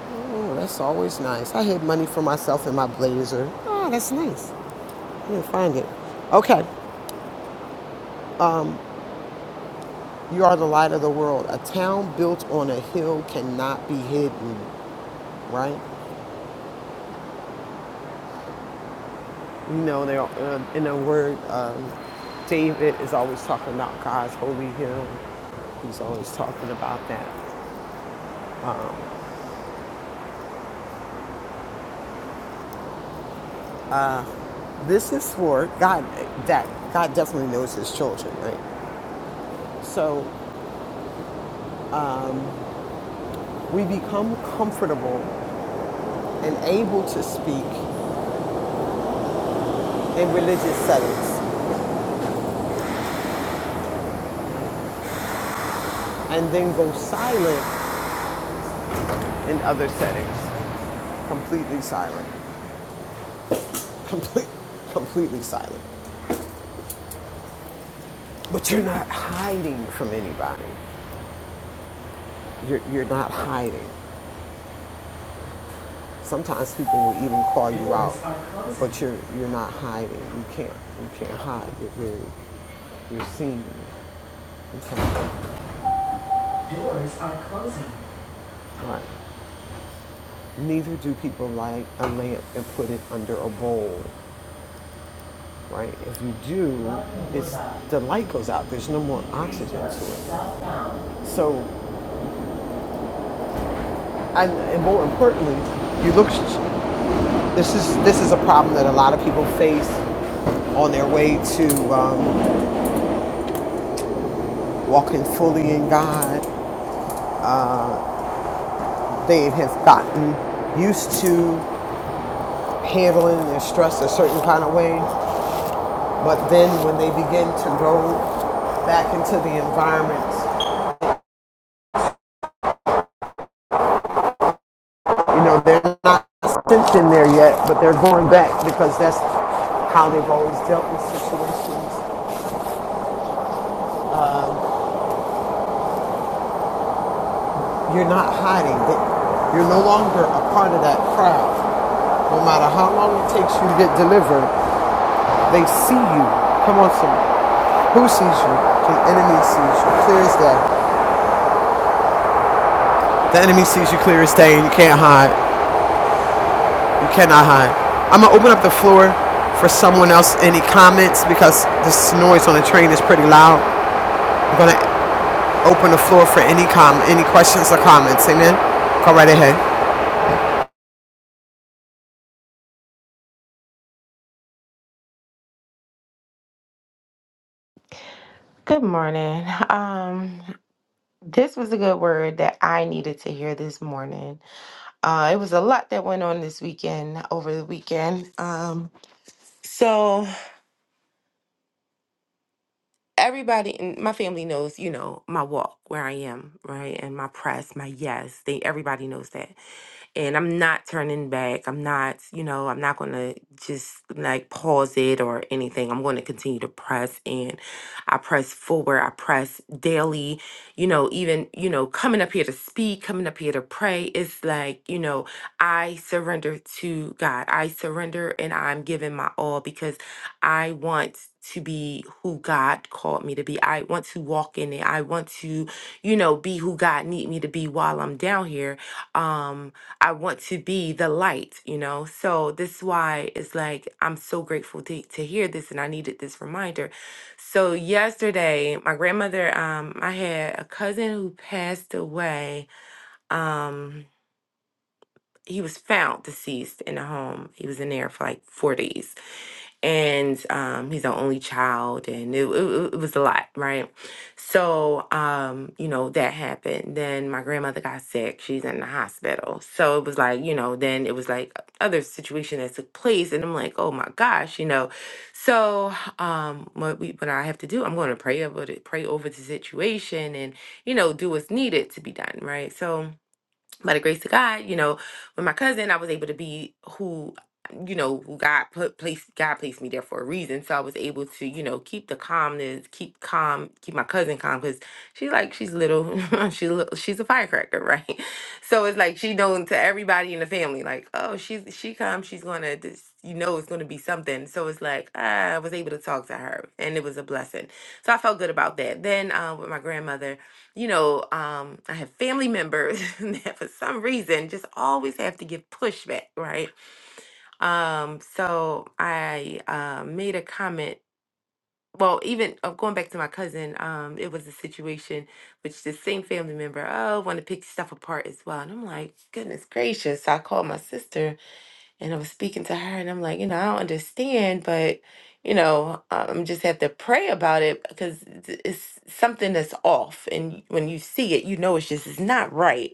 ooh, that's always nice. I had money for myself in my blazer. Oh, that's nice. I didn't find it. Okay. You are the light of the world. A town built on a hill cannot be hidden, right? You know, they're, uh, in a word, um, David is always talking about God's holy hill. He's always talking about that. This is for God. That God definitely knows His children, right? So we become comfortable and able to speak in religious settings and then go silent in other settings. Completely silent. Complete, completely silent. But you're not hiding from anybody. You're, you're not hiding. Sometimes people will even call you out, but you're, you're not hiding. You can't, you can't hide. You're very, you're seen. Doors are closing. Right. Neither do people light a lamp and put it under a bowl right? If you do, it's the light goes out. There's no more oxygen to it. So, and, and more importantly, you look. This is this is a problem that a lot of people face on their way to um, walking fully in God. They have gotten used to handling their stress a certain kind of way, but then when they begin to go back into the environment You know, they're not sent in there yet, but they're going back because that's how they've always dealt with situations. You're not hiding. You're no longer a part of that crowd. No matter how long it takes you to get delivered, they see you. Come on, some. Who sees you? The enemy sees you. Clear as day. The enemy sees you clear as day, and you can't hide. You cannot hide. I'm gonna open up the floor for someone else. Any comments? Because this noise on the train is pretty loud. I'm gonna open the floor for any com any questions or comments. Amen. Go right ahead.
Good morning. Um, This was a good word that I needed to hear this morning. Uh, it was a lot that went on this weekend, over the weekend. Um, so, everybody in my family knows, you know, my walk, where I am, right? And my press, my yes. They, everybody knows that. and I'm not turning back. I'm not, you know, I'm not going to just like pause it or anything. I'm going to continue to press and I press forward. I press daily, you know, even, you know, coming up here to speak, coming up here to pray. It's like, you know, I surrender to God. I surrender and I'm giving my all because I want to be who God called me to be. I want to walk in it. I want to, you know, be who God need me to be while I'm down here. Um I want to be the light, you know? So this is why it's like I'm so grateful to, to hear this and I needed this reminder. So yesterday, my grandmother, um, I had a cousin who passed away. Um, he was found deceased in a home. He was in there for like four days and um, he's our only child, and it, it, it was a lot, right? So, um, you know, that happened. Then my grandmother got sick; she's in the hospital. So it was like, you know, then it was like other situation that took place, and I'm like, oh my gosh, you know. So, um, what we what I have to do, I'm going to pray over it, pray over the situation, and you know, do what's needed to be done, right? So by the grace of God, you know, with my cousin, I was able to be who, you know, who God put placed God placed me there for a reason. So I was able to, you know, keep the calmness, keep calm, keep my cousin calm because she like she's little, she lit- she's a firecracker, right? So it's like she known to everybody in the family, like oh she's she come, she's gonna this, you know, it's gonna be something. So it's like I was able to talk to her, and it was a blessing. So I felt good about that. Then uh, with my grandmother you know, um, I have family members that for some reason just always have to give pushback, right? Um, so I uh, made a comment. Well, even uh, going back to my cousin, um, it was a situation which the same family member, oh, want to pick stuff apart as well. And I'm like, goodness gracious. So I called my sister and I was speaking to her, and I'm like, you know, I don't understand, but you know, I'm just have to pray about it because it's it's something that's off, and when you see it, you know it's just it's not right.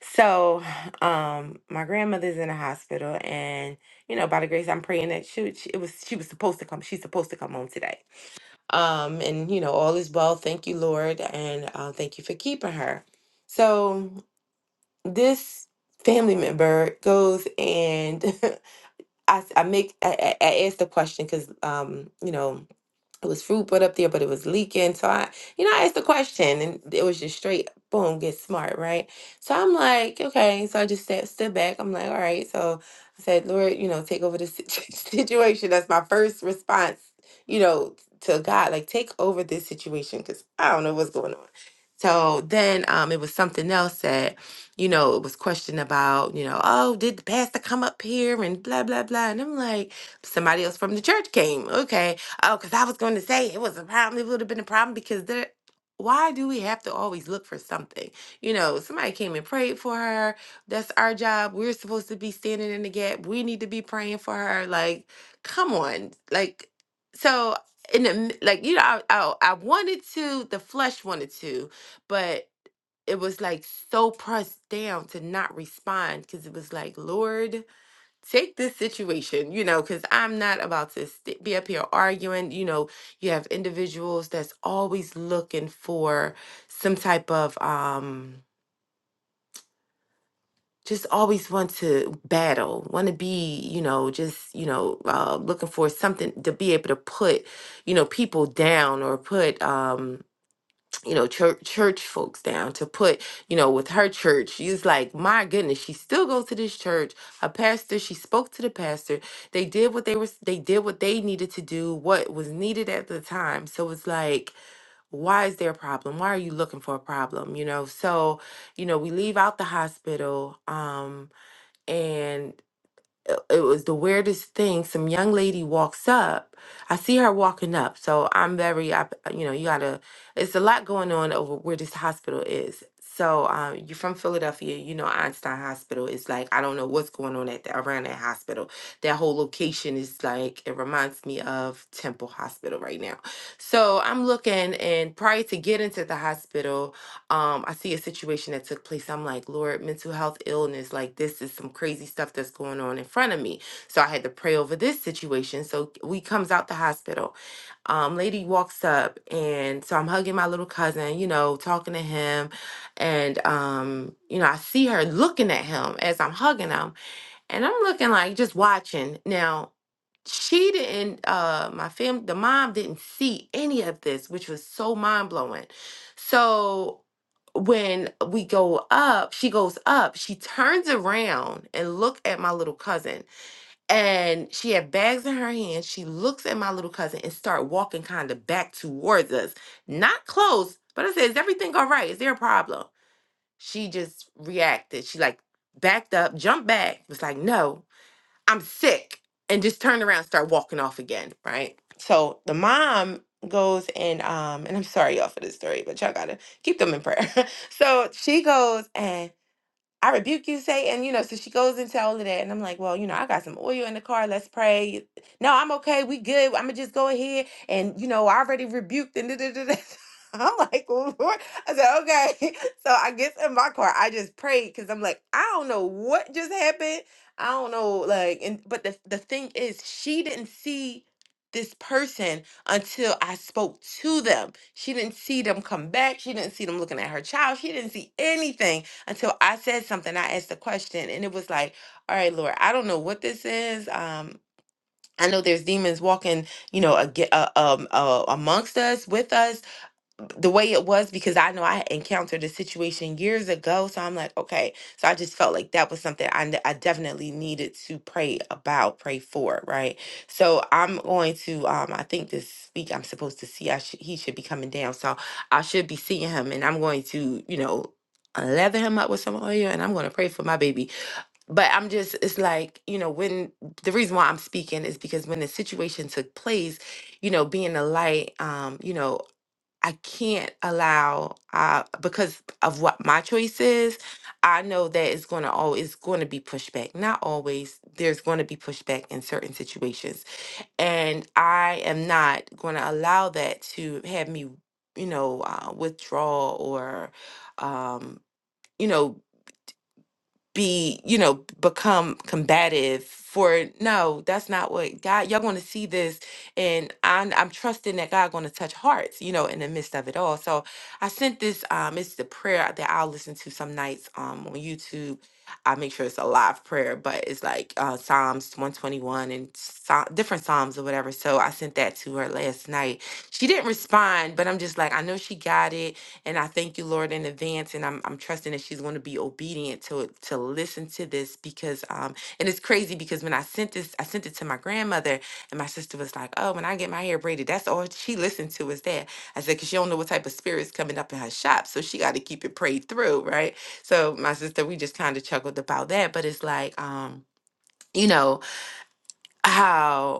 So, um, my grandmother's in the hospital, and you know, by the grace, I'm praying that she, would- she it was she was supposed to come. She's supposed to come home today. Um, and you know, all is well. Thank you, Lord, and uh, thank you for keeping her. So this family member goes and I I make I, I I asked the question because um you know it was fruit put up there, but it was leaking. So I, you know, I asked the question and it was just straight, boom, get smart, right? So I'm like, okay. So I just sat, stood back. I'm like, all right. So I said, Lord, you know, take over this situ- situation. That's my first response, you know, to God, like take over this situation because I don't know what's going on. So then um, it was something else that, you know, it was questioned about, you know, oh, did the pastor come up here and blah, blah, blah. And I'm like, somebody else from the church came. Okay. Oh, because I was going to say it was a problem. It would have been a problem because there. Why do we have to always look for something? You know, somebody came and prayed for her. That's our job. We're supposed to be standing in the gap. We need to be praying for her. Like, come on. Like, so in the m- like, you know, I I, I wanted to. The flesh wanted to, but it was like so pressed down to not respond because it was like, Lord take this situation, you know, because I'm not about to st- be up here arguing. You know, you have individuals that's always looking for some type of, um, just always want to battle, want to be, you know, just, you know, uh, looking for something to be able to put, you know, people down or put, um, you know church church folks down to put you know with her church she's like my goodness she still goes to this church a pastor she spoke to the pastor they did what they were they did what they needed to do what was needed at the time so it's like why is there a problem why are you looking for a problem you know so you know we leave out the hospital um and it it was the weirdest thing. Some young lady walks up. I see her walking up. So I'm very, up- you know, you gotta, it's a lot going on over where this hospital is. So um, you're from Philadelphia, you know, Einstein Hospital is like, I don't know what's going on at the, around that hospital. That whole location is like, it reminds me of Temple Hospital right now. So I'm looking, and prior to getting to the hospital, um i see a situation that took place i'm like lord mental health illness like this is some crazy stuff that's going on in front of me so i had to pray over this situation so we comes out the hospital um lady walks up and so i'm hugging my little cousin you know talking to him and um you know i see her looking at him as i'm hugging him and i'm looking like just watching now she didn't uh my fam the mom didn't see any of this which was so mind-blowing so when we go up she goes up she turns around and look at my little cousin and she had bags in her hand she looks at my little cousin and start walking kind of back towards us not close but i said is everything all right is there a problem she just reacted she like backed up jumped back was like no I'm sick, and just turn around, and start walking off again, right? So the mom goes and um, and I'm sorry y'all for this story, but y'all gotta keep them in prayer. so she goes and I rebuke you, Satan. You know, so she goes into all of that. And I'm like, well, you know, I got some oil in the car. Let's pray. No, I'm okay. We good. I'm going to just go ahead. And, you know, I already rebuked. And da, da, da, da. I'm like, Lord. I said, okay. So I guess in my car, I just prayed because I'm like, I don't know what just happened. I don't know. Like, and but the, the thing is, she didn't see this person until I spoke to them. She didn't see them come back. She didn't see them looking at her child. She didn't see anything until I said something. I asked a question, and it was like, "All right, Lord, I don't know what this is. Um, I know there's demons walking, you know, ag- uh, um, uh, amongst us, with us the way it was because I know I had encountered a situation years ago. So I'm like, okay. So I just felt like that was something I, ne- I definitely needed to pray about, pray for, right? So I'm going to, um, I think this week I'm supposed to see, I should he should be coming down. So I should be seeing him and I'm going to, you know, leather him up with some oil and I'm going to pray for my baby. But I'm just, it's like, you know, when the reason why I'm speaking is because when the situation took place, you know, being a light, um, you know, I can't allow uh, because of what my choice is. I know that it's going to always going to be pushback. Not always. There's going to be pushback in certain situations, and I am not going to allow that to have me, you know, uh, withdraw or, um, you know be, you know, become combative for no, that's not what God y'all gonna see this and I'm I'm trusting that God gonna touch hearts, you know, in the midst of it all. So I sent this um it's the prayer that I'll listen to some nights um on YouTube. I make sure it's a live prayer, but it's like uh Psalms 121 and Psa- different Psalms or whatever. So I sent that to her last night. She didn't respond, but I'm just like, I know she got it and I thank you, Lord, in advance. And I'm, I'm trusting that she's going to be obedient to it, to listen to this because um and it's crazy because when I sent this, I sent it to my grandmother, and my sister was like, "Oh, when I get my hair braided, that's all she listened to is that." I said, "Cause she don't know what type of spirits coming up in her shop, so she got to keep it prayed through, right?" So my sister, we just kind of chuckled about that, but it's like um. You know how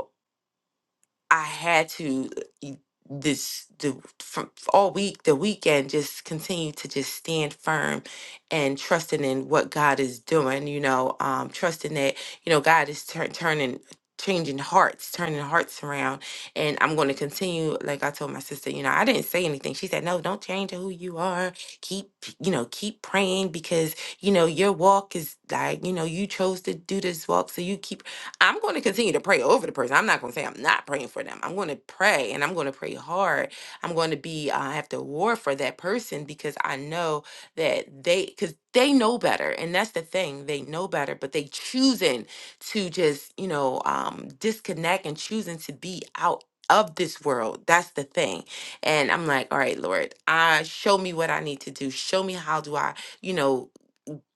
I had to uh, e- this the from all week the weekend just continue to just stand firm and trusting in what God is doing you know um trusting that you know God is tur- turning changing hearts turning hearts around and I'm going to continue like I told my sister you know I didn't say anything she said no don't change who you are keep you know keep praying because you know your walk is like you know you chose to do this walk so you keep I'm going to continue to pray over the person. I'm not going to say I'm not praying for them. I'm going to pray and I'm going to pray hard. I'm going to be, uh, I have to war for that person because I know that they, because they know better. And that's the thing. They know better, but they choosing to just, you know, um, disconnect and choosing to be out of this world. That's the thing. And I'm like, all right, Lord, uh, show me what I need to do. Show me how do I, you know,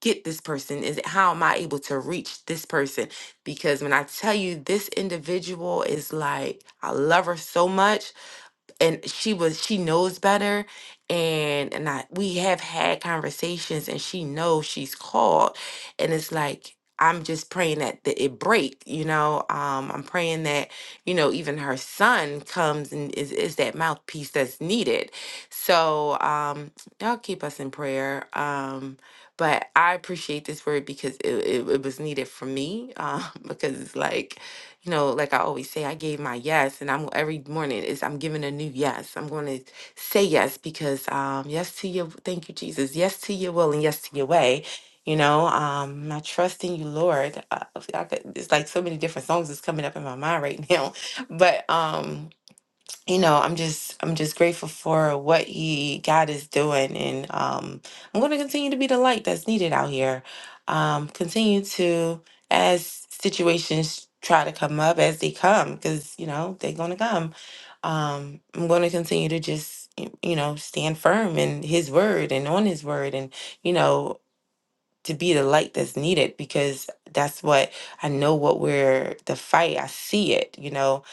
get this person? Is it how am I able to reach this person? Because when I tell you this individual is like, I love her so much and she was she knows better and and I we have had conversations and she knows she's called and it's like I'm just praying that, that it break, you know. Um, I'm praying that, you know, even her son comes and is, is that mouthpiece that's needed. So um, y'all keep us in prayer. Um, but I appreciate this word because it, it, it was needed for me um, because it's like you know, like I always say, I gave my yes, and I'm every morning is I'm giving a new yes. I'm going to say yes because um, yes to your thank you, Jesus, yes to your will and yes to your way. You know, um, I trust in you, Lord. Uh, I could, it's like so many different songs is coming up in my mind right now, but um, you know, I'm just I'm just grateful for what he God is doing, and um, I'm going to continue to be the light that's needed out here. Um, continue to as situations try to come up as they come, because you know they're going to come. Um, I'm going to continue to just y- you know stand firm in His word and on His word, and you know to be the light that's needed because that's what I know what we're the fight. I see it, you know.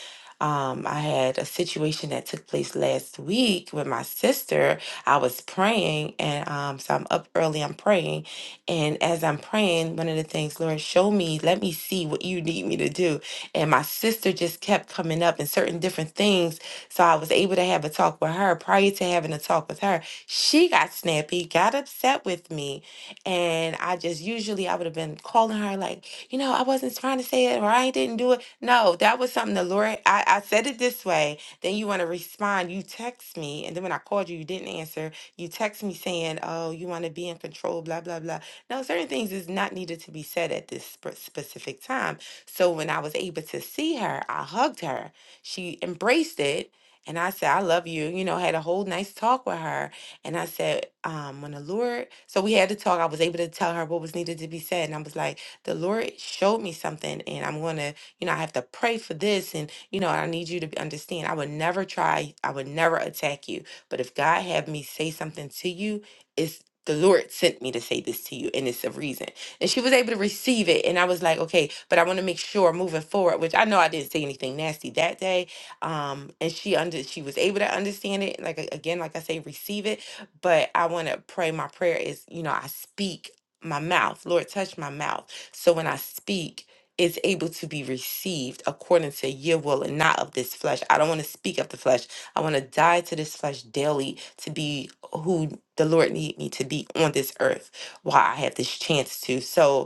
Um, I had a situation that took place last week with my sister. I was praying, and um, so I'm up early, I'm praying. And as I'm praying, one of the things, Lord, show me, let me see what you need me to do. And my sister just kept coming up and certain different things. So I was able to have a talk with her prior to having a talk with her. She got snappy, got upset with me and I just usually I would have been calling her like, you know, I wasn't trying to say it or I didn't do it. No, that was something the Lord I, I said it this way. Then you want to respond. You text me. And then when I called you, you didn't answer. You text me saying, Oh, you want to be in control, blah, blah, blah. No, certain things is not needed to be said at this spe- specific time. So when I was able to see her, I hugged her. She embraced it. And I said, I love you. You know, had a whole nice talk with her and I said, um, when the Lord, so we had to talk. I was able to tell her what was needed to be said. And I was like, the Lord showed me something, and I'm going to, you know, I have to pray for this. And, you know, I need you to understand. I would never try, I would never attack you. But if God had me say something to you, it's the Lord sent me to say this to you, and it's a reason. And she was able to receive it. And I was like, okay, but I want to make sure moving forward, which I know I didn't say anything nasty that day. Um, and she under she was able to understand it. Like a- again, like I say, receive it but I want to pray. My prayer is, you know, I speak my mouth. Lord, touch my mouth. So when I speak, it's able to be received according to your will and not of this flesh. I don't want to speak of the flesh. I want to die to this flesh daily to be who the Lord need me to be on this earth while I have this chance to. So,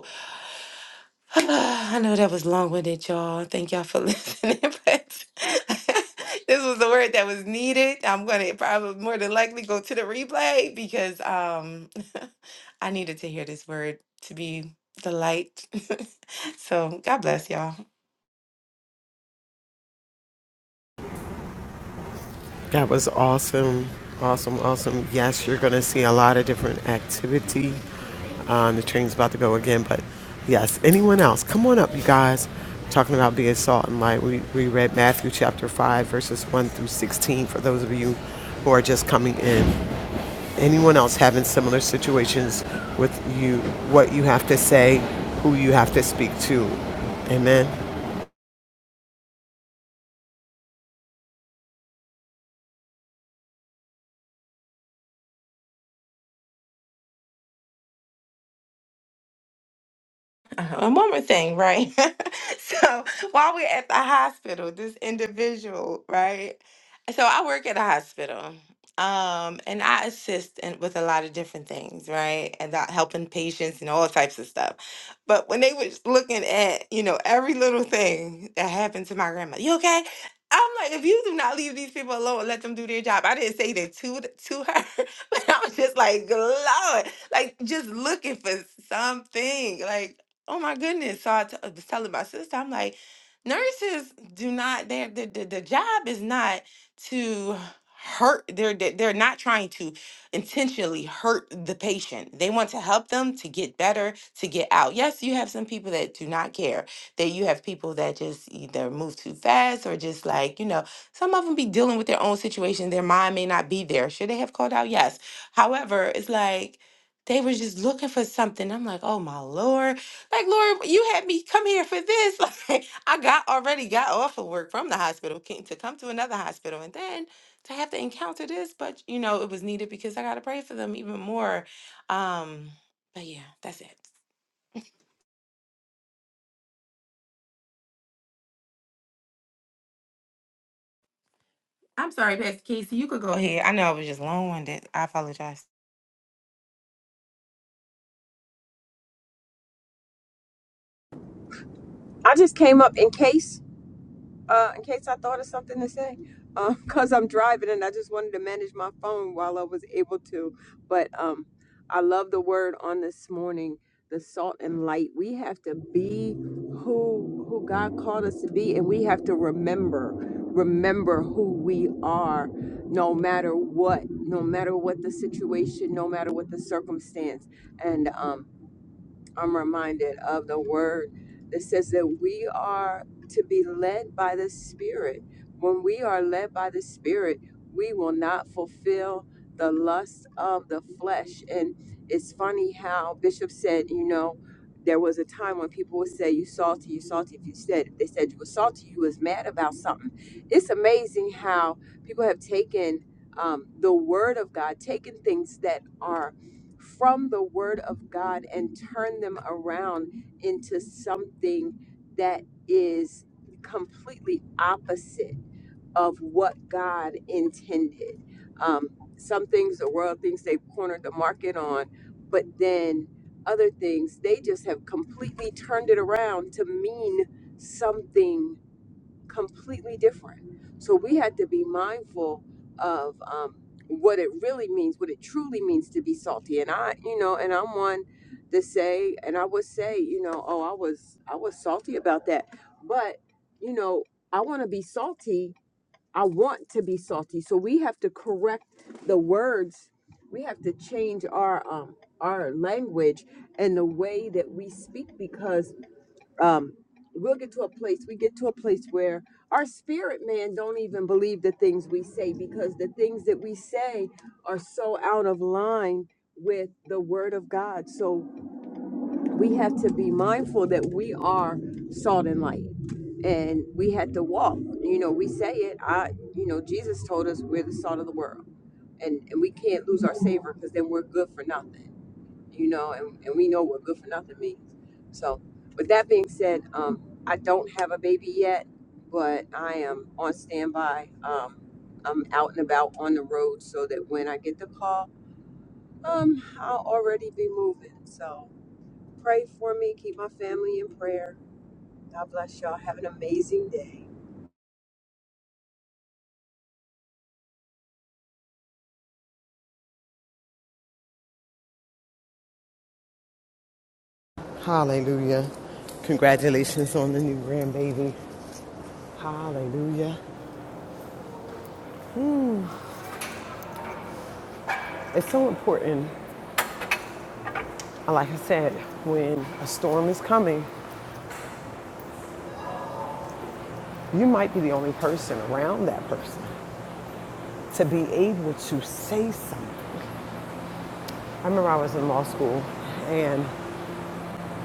I know that was long winded, y'all. Thank y'all for listening. But this was the word that was needed. I'm gonna probably more than likely go to the replay because um I needed to hear this word to be the light. so God bless y'all.
That was awesome, awesome, awesome. Yes, you're gonna see a lot of different activity. Um, the train's about to go again, but yes. Anyone else? Come on up, you guys. talking about being salt and light. We we read Matthew chapter five, verses one through sixteen. For those of you who are just coming in, anyone else having similar situations with you, what you have to say, who you have to speak to. Amen.
uh one more thing, right? so while we're at the hospital, this individual, right? So I work at a hospital, um, and I assist in, with a lot of different things, right? And that helping patients and all types of stuff. But when they was looking at, you know, every little thing that happened to my grandma, you okay? I'm like, if you do not leave these people alone and let them do their job, I didn't say that to th- to her, but I was just like, Lord, like just looking for something, like Oh my goodness. So I t- I was telling my sister, I'm like, nurses do not, their the, the, the job is not to hurt, they're, they- they're not trying to intentionally hurt the patient. They want to help them to get better, to get out. Yes, you have some people that do not care, that you have people that just either move too fast or just like, you know, some of them be dealing with their own situation. Their mind may not be there. Should they have called out? Yes. However, it's like, they were just looking for something. I'm like, oh my lord like, Lord, you had me come here for this. Like, I got already got off of work from the hospital, came to come to another hospital, and then to have to encounter this. But you know, it was needed because I gotta pray for them even more. Um, but yeah, that's it. I'm sorry, Pastor Casey. You could go ahead. I know I was just long winded. I apologize.
I just came up in case, uh, in case I thought of something to say, because I'm driving and I just wanted to manage my phone while I was able to. But um, I love the word on this morning, the salt and light. We have to be who who God called us to be, and we have to remember, remember who we are, no matter what, no matter what the situation, no matter what the circumstance, and um. I'm reminded of the word that says that we are to be led by the Spirit. When we are led by the Spirit, we will not fulfill the lust of the flesh. And it's funny how Bishop said, you know, there was a time when people would say, "You salty, you salty." If you said if they said you were salty, you was mad about something. It's amazing how people have taken um, the word of God, taken things that are from the word of God and turn them around into something that is completely opposite of what God intended. Um, some things the world thinks they've cornered the market on, but then other things they just have completely turned it around to mean something completely different. So we had to be mindful of um, what it really means, what it truly means to be salty. And I, you know, and I'm one to say, and I would say, you know, oh, I was, I was salty about that. But you know, I want to be salty. I want to be salty. So we have to correct the words. We have to change our um, our language and the way that we speak because um, we'll get to a place we get to a place where our spirit man don't even believe the things we say because the things that we say are so out of line with the word of god so we have to be mindful that we are salt and light and we had to walk you know we say it i you know jesus told us we're the salt of the world and, and we can't lose our savor because then we're good for nothing you know, and, and we know what good for nothing means. So, with that being said, um, I don't have a baby yet, but I am on standby. Um, I'm out and about on the road so that when I get the call, um, I'll already be moving. So, pray for me, keep my family in prayer. God bless y'all. Have an amazing day.
Hallelujah. Congratulations on the new grandbaby. Hallelujah. It's so important, like I said, when a storm is coming, you might be the only person around that person to be able to say something. I remember I was in law school and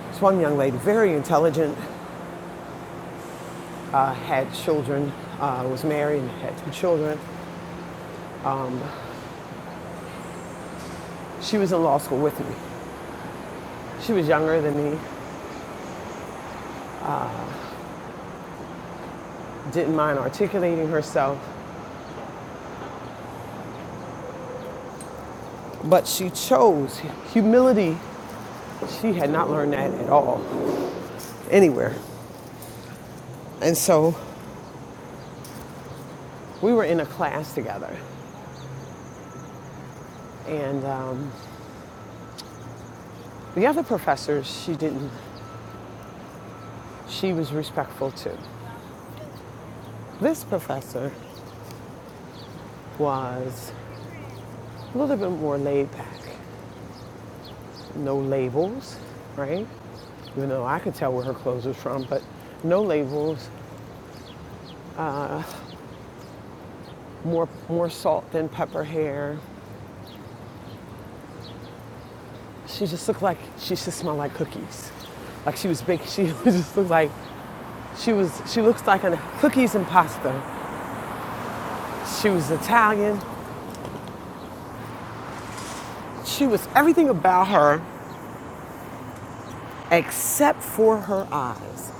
this one young lady, very intelligent, uh, had children, uh, was married and had two children. She was in law school with me. She was younger than me, didn't mind articulating herself, but she chose humility She had not learned that at all, anywhere. And so we were in a class together. And um, the other professors, she didn't, she was respectful too. This professor was a little bit more laid back, no labels, right? Even though I could tell where her clothes was from, but no labels, more, more salt than pepper hair. She just looked like, she just smelled like cookies like she was baking. She just looked like she was. She looks like an cookies and pasta She was Italian. She was everything about her except for her eyes.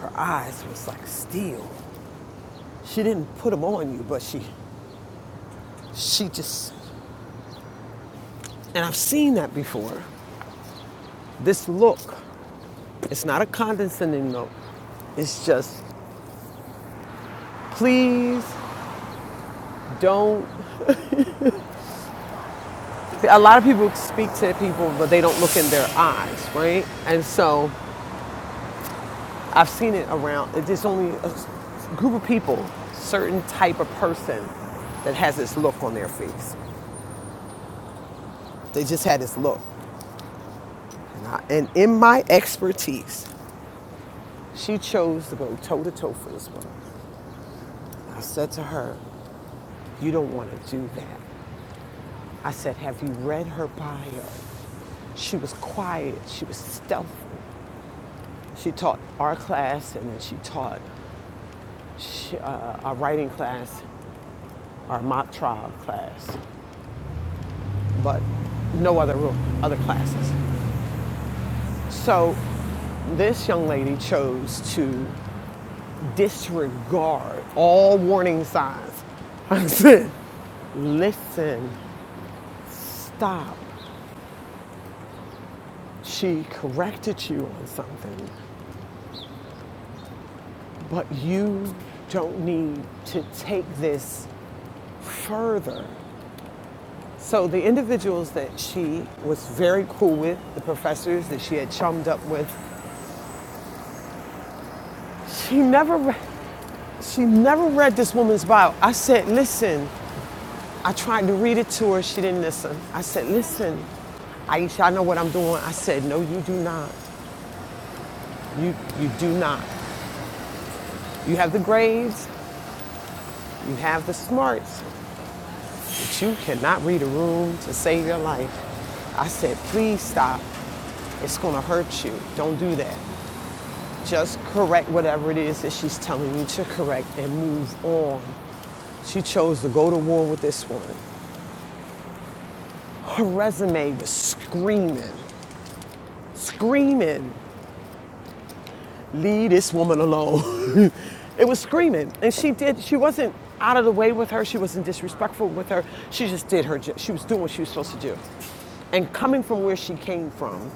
Her eyes was like steel. She didn't put them on you, but she she just and I've seen that before. This look, it's not a condescending look. It's just please don't a lot of people speak to people but they don't look in their eyes, right? And so I've seen it around. It's just only a group of people, certain type of person that has this look on their face. They just had this look. And, I, and in my expertise, she chose to go toe to toe for this woman. I said to her, You don't want to do that. I said, Have you read her bio? She was quiet. She was stealthy. She taught our class, and then she taught sh uh, our writing class, our mock trial class. but no other room, other classes. So this young lady chose to disregard all warning signs. I said, listen, stop. She corrected you on something, but you don't need to take this further. So the individuals that she was very cool with, the professors that she had chummed up with, she never She never read this woman's bio. I said, listen, I tried to read it to her. She didn't listen. I said, listen, Aisha, I know what I'm doing. I said, no, you do not. You, you do not. You have the grades, you have the smarts, but you cannot read a room to save your life. I said, please stop. It's gonna hurt you. Don't do that. Just correct whatever it is that she's telling you to correct and move on. She chose to go to war with this woman. her resume was screaming, screaming, leave this woman alone. it was screaming. And she did, she wasn't out of the way with her, she wasn't disrespectful with her. She just did her, she was doing what she was supposed to do. And coming from where she came from,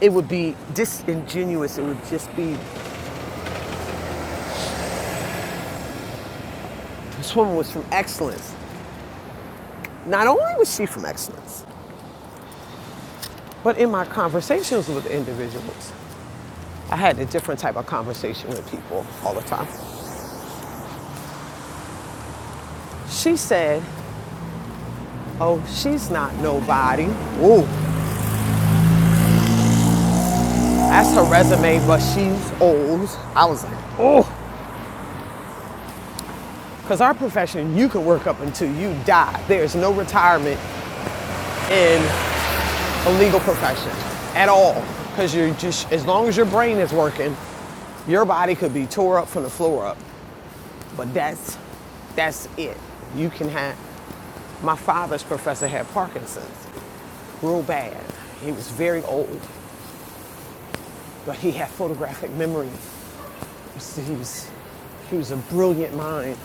it would be disingenuous. It would just be, this woman was from excellence. Not only was she from excellence, but in my conversations with individuals, I had a different type of conversation with people all the time. She said, Oh, she's not nobody. Ooh, that's her resume, but she's old. I was like, oh, because our profession, you can work up until you die. There's no retirement in a legal profession at all. Because you're just, as long as your brain is working, your body could be tore up from the floor up. But that's, that's it. You can have, my father's professor had Parkinson's real bad. He was very old, but he had photographic memory He was, he was a brilliant mind,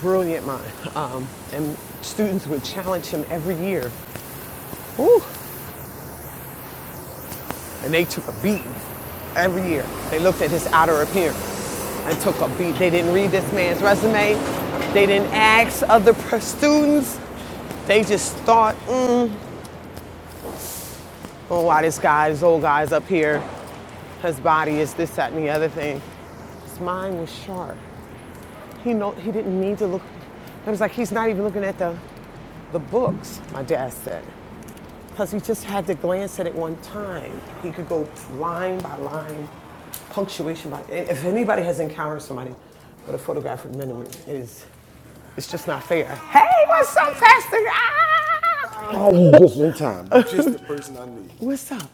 brilliant mind. Um, and students would challenge him every year. Whew, and they took a beating every year. They looked at his outer appearance and took a beat. They didn't read this man's resume. They didn't ask other students. They just thought, "Mm, oh, why this guy, this old guy's up here. His body is this, that, and the other thing. His mind was sharp. He know he didn't need to look. It was like he's not even looking at the, the books. My dad said. Because he just had to glance at it one time. He could go line by line, punctuation by. If anybody has encountered somebody with a photographic memory, is it's just not fair. Hey, what's up, Pastor? Ah! What's up?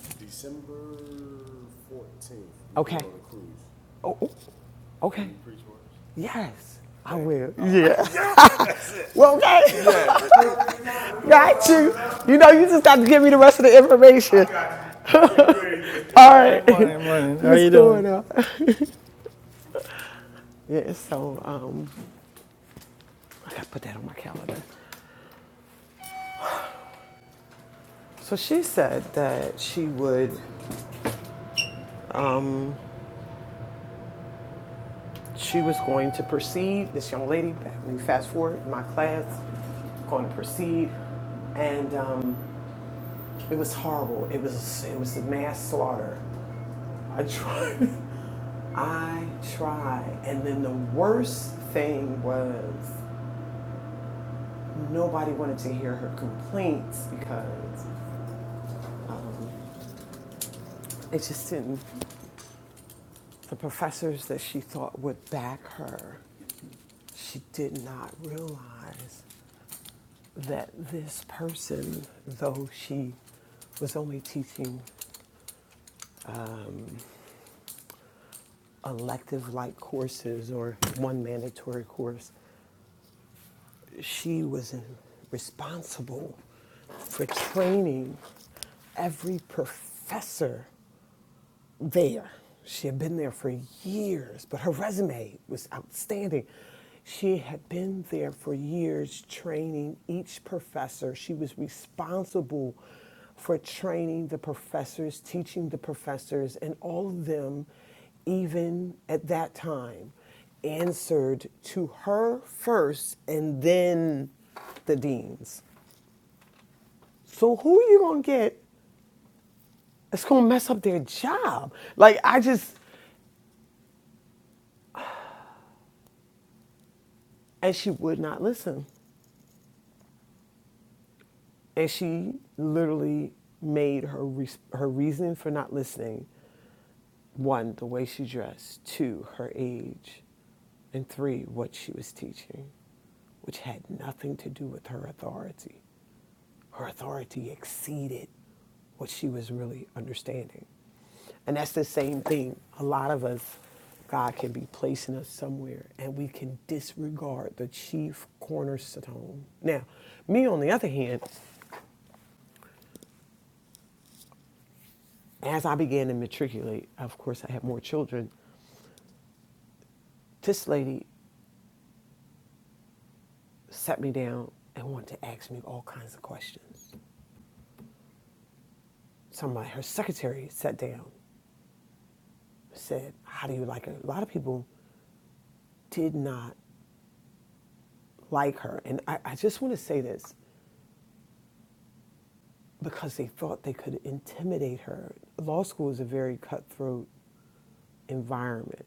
Oh, oh, okay. Yes, I will. Yeah. Well, okay, got you. You know, you just got to give me the rest of the information. All right. Good Morning, good morning. How What's you doing? on? Yeah, so um, I gotta put that on my calendar. So she said that she would Um, She was going to proceed, this young lady, we fast forward in my class, going to proceed, and um, it was horrible. It was it was a mass slaughter. I tried, I tried, and then the worst thing was nobody wanted to hear her complaints because it just didn't. The professors that she thought would back her, she did not realize that this person, though she was only teaching um, elective like courses or one mandatory course, she was responsible for training every professor there. She had been there for years, but her resume was outstanding. She had been there for years training each professor. She was responsible for training the professors, teaching the professors, and all of them, even at that time, answered to her first and then the deans. So who are you gonna get that's gonna mess up their job? Like I just and she would not listen and she literally made her re- her reasoning for not listening one the way she dressed two her age and three what she was teaching which had nothing to do with her authority her authority exceeded what she was really understanding. And that's the same thing. A lot of us, God can be placing us somewhere and we can disregard the chief cornerstone. Now, me on the other hand, as I began to matriculate, of course, I had more children. This lady sat me down and wanted to ask me all kinds of questions. Somebody, her secretary, sat down, said, How do you like it? A lot of people did not like her. And I, I just want to say this because they thought they could intimidate her. Law school is a very cutthroat environment.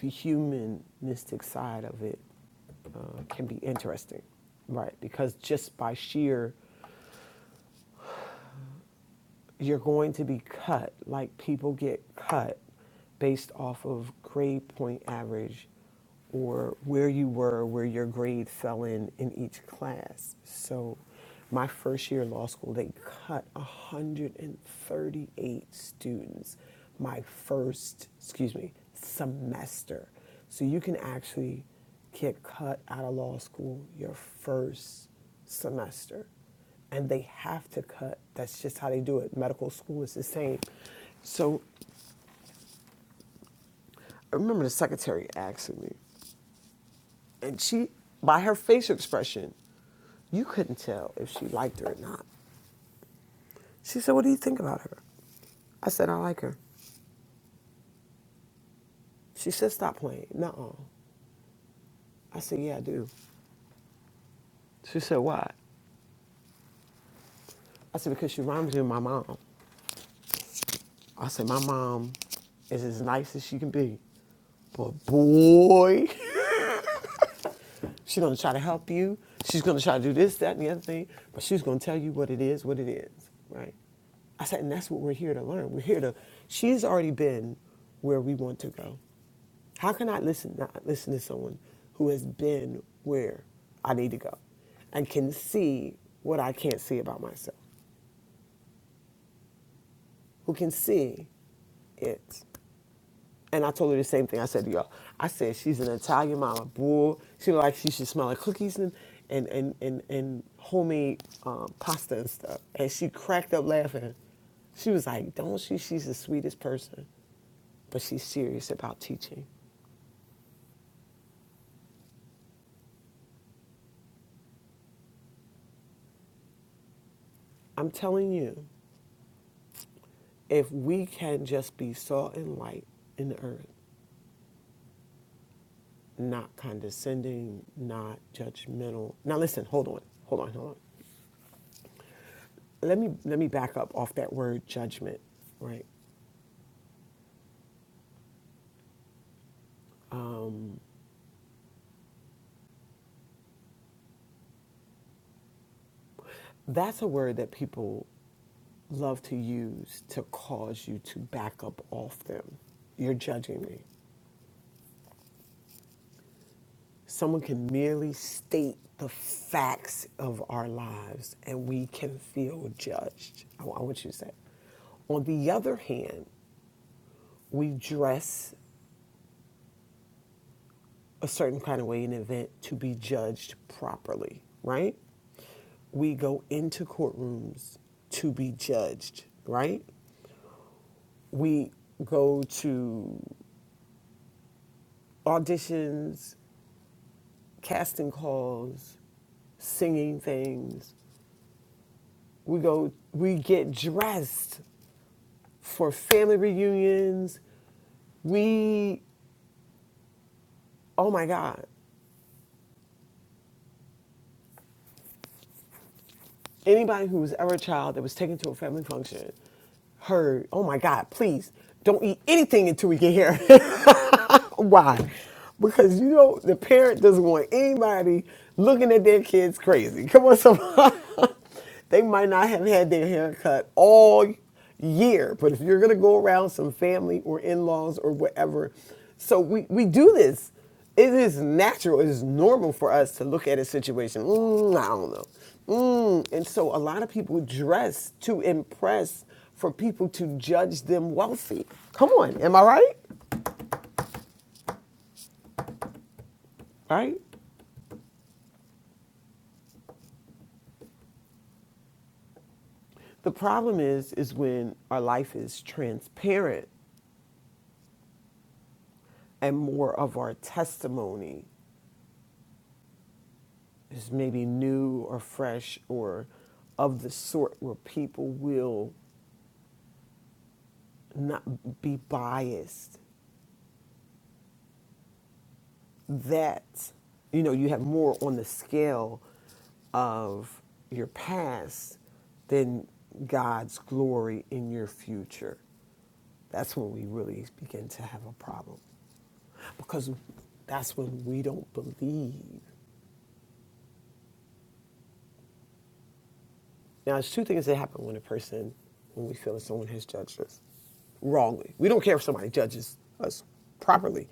The humanistic side of it uh, can be interesting, right? Because just by sheer you're going to be cut, like people get cut based off of grade point average or where you were, where your grade fell in in each class. So, my first year of law school, they cut 138 students my first, excuse me, semester. So, you can actually get cut out of law school your first semester and they have to cut. That's just how they do it. Medical school is the same. So I remember the secretary asking me, and she, by her facial expression, you couldn't tell if she liked her or not. She said, What do you think about her? I said, I like her. She said, Stop playing. Nuh I said, Yeah, I do. She said, Why? I said, Because she reminds me of my mom. I said, My mom is as nice as she can be. But boy. She's going to try to help you. She's going to try to do this, that, and the other thing. But she's going to tell you what it is, what it is, right? I said, and that's what we're here to learn. We're here to. She's already been where we want to go. How can I listen? Not listen to someone who has been where I need to go, and can see what I can't see about myself. Who can see it And I told her the same thing I said to y'all. I said, she's an Italian mama. Boy, she look like she should smell like cookies and, and, and, and, and homemade um, pasta and stuff. And she cracked up laughing. She was like, don't she? She's the sweetest person, but she's serious about teaching. I'm telling you, if we can just be salt and light in the earth, not condescending, not judgmental. Now listen, hold on, hold on, hold on. Let me let me back up off that word judgment, right? That's a word that people love to use to cause you to back up off them. You're judging me. Someone can merely state the facts of our lives and we can feel judged. I, want you to say. On the other hand, we dress a certain kind of way in an event to be judged properly, right? We go into courtrooms to be judged, right? We go to auditions, casting calls, singing things. We go, we get dressed for family reunions. We, oh my God, anybody who was ever a child that was taken to a family function heard, oh my God, please don't eat anything until we get here. Why? Because you know the parent doesn't want anybody looking at their kids crazy. Come on, somebody. they might not have had their hair cut all year, but if you're gonna go around some family or in-laws or whatever, so we we do this it is natural, it is normal for us to look at a situation. Mm, I don't know. Mm. And so a lot of people dress to impress for people to judge them wealthy. Come on, am I right? Right? The problem is is when our life is transparent and more of our testimony is maybe new or fresh or of the sort where people will not be biased that you know you have more on the scale of your past than God's glory in your future. That's when we really begin to have a problem because that's when we don't believe Now, there's two things that happen when a person, when we feel that someone has judged us wrongly. We don't care if somebody judges us properly.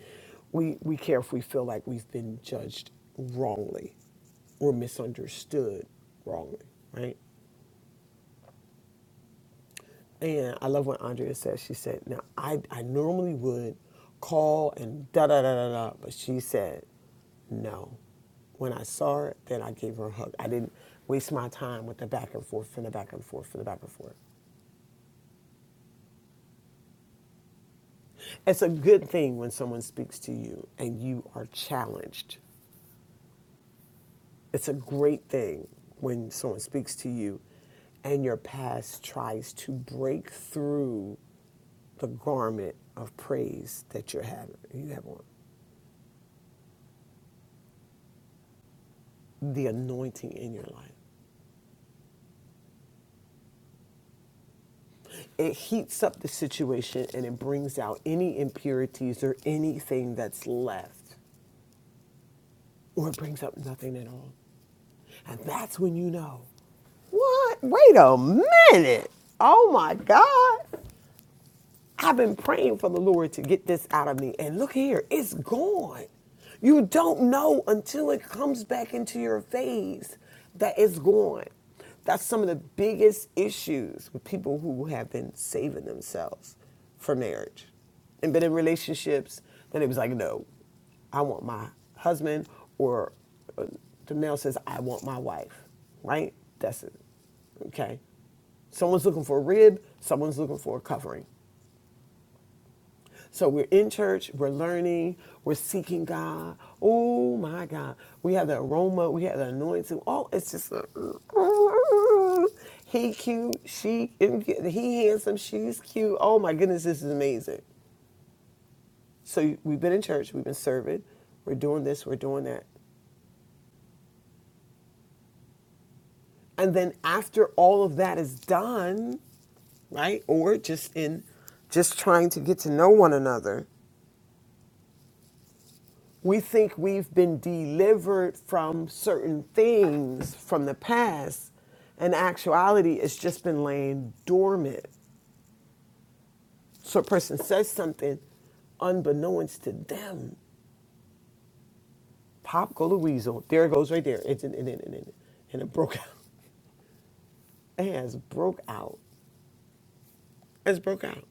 We, we care if we feel like we've been judged wrongly or misunderstood wrongly, right? And I love what Andrea said. She said, Now, I, I normally would call and da da da da da, but she said, No. When I saw her, then I gave her a hug. I didn't waste my time with the back and forth and the back and forth and the back and forth. It's a good thing when someone speaks to you and you are challenged. It's a great thing when someone speaks to you and your past tries to break through the garment of praise that you're having, you have on, the anointing in your life. It heats up the situation and it brings out any impurities or anything that's left, or it brings up nothing at all. And that's when you know, what? Wait a minute. Oh my God. I've been praying for the Lord to get this out of me. And look here, it's gone. You don't know until it comes back into your face that it's gone. That's some of the biggest issues with people who have been saving themselves for marriage and been in relationships. Then it was like, no, I want my husband, or uh, the male says, I want my wife, right? That's it. Okay. Someone's looking for a rib, someone's looking for a covering. So we're in church, we're learning, we're seeking God. Oh my God. We have the aroma, we have the anointing. Oh, it's just a, he cute, she he handsome, she's cute. Oh my goodness, this is amazing. So we've been in church, we've been serving, we're doing this, we're doing that. And then after all of that is done, right? Or just in just trying to get to know one another we think we've been delivered from certain things from the past. In actuality, it's just been laying dormant. So a person says something unbeknownst to them. Pop go the weasel. There it goes right there. It's in, in, in, in, in. And it broke out. It has broke out. It's broke out.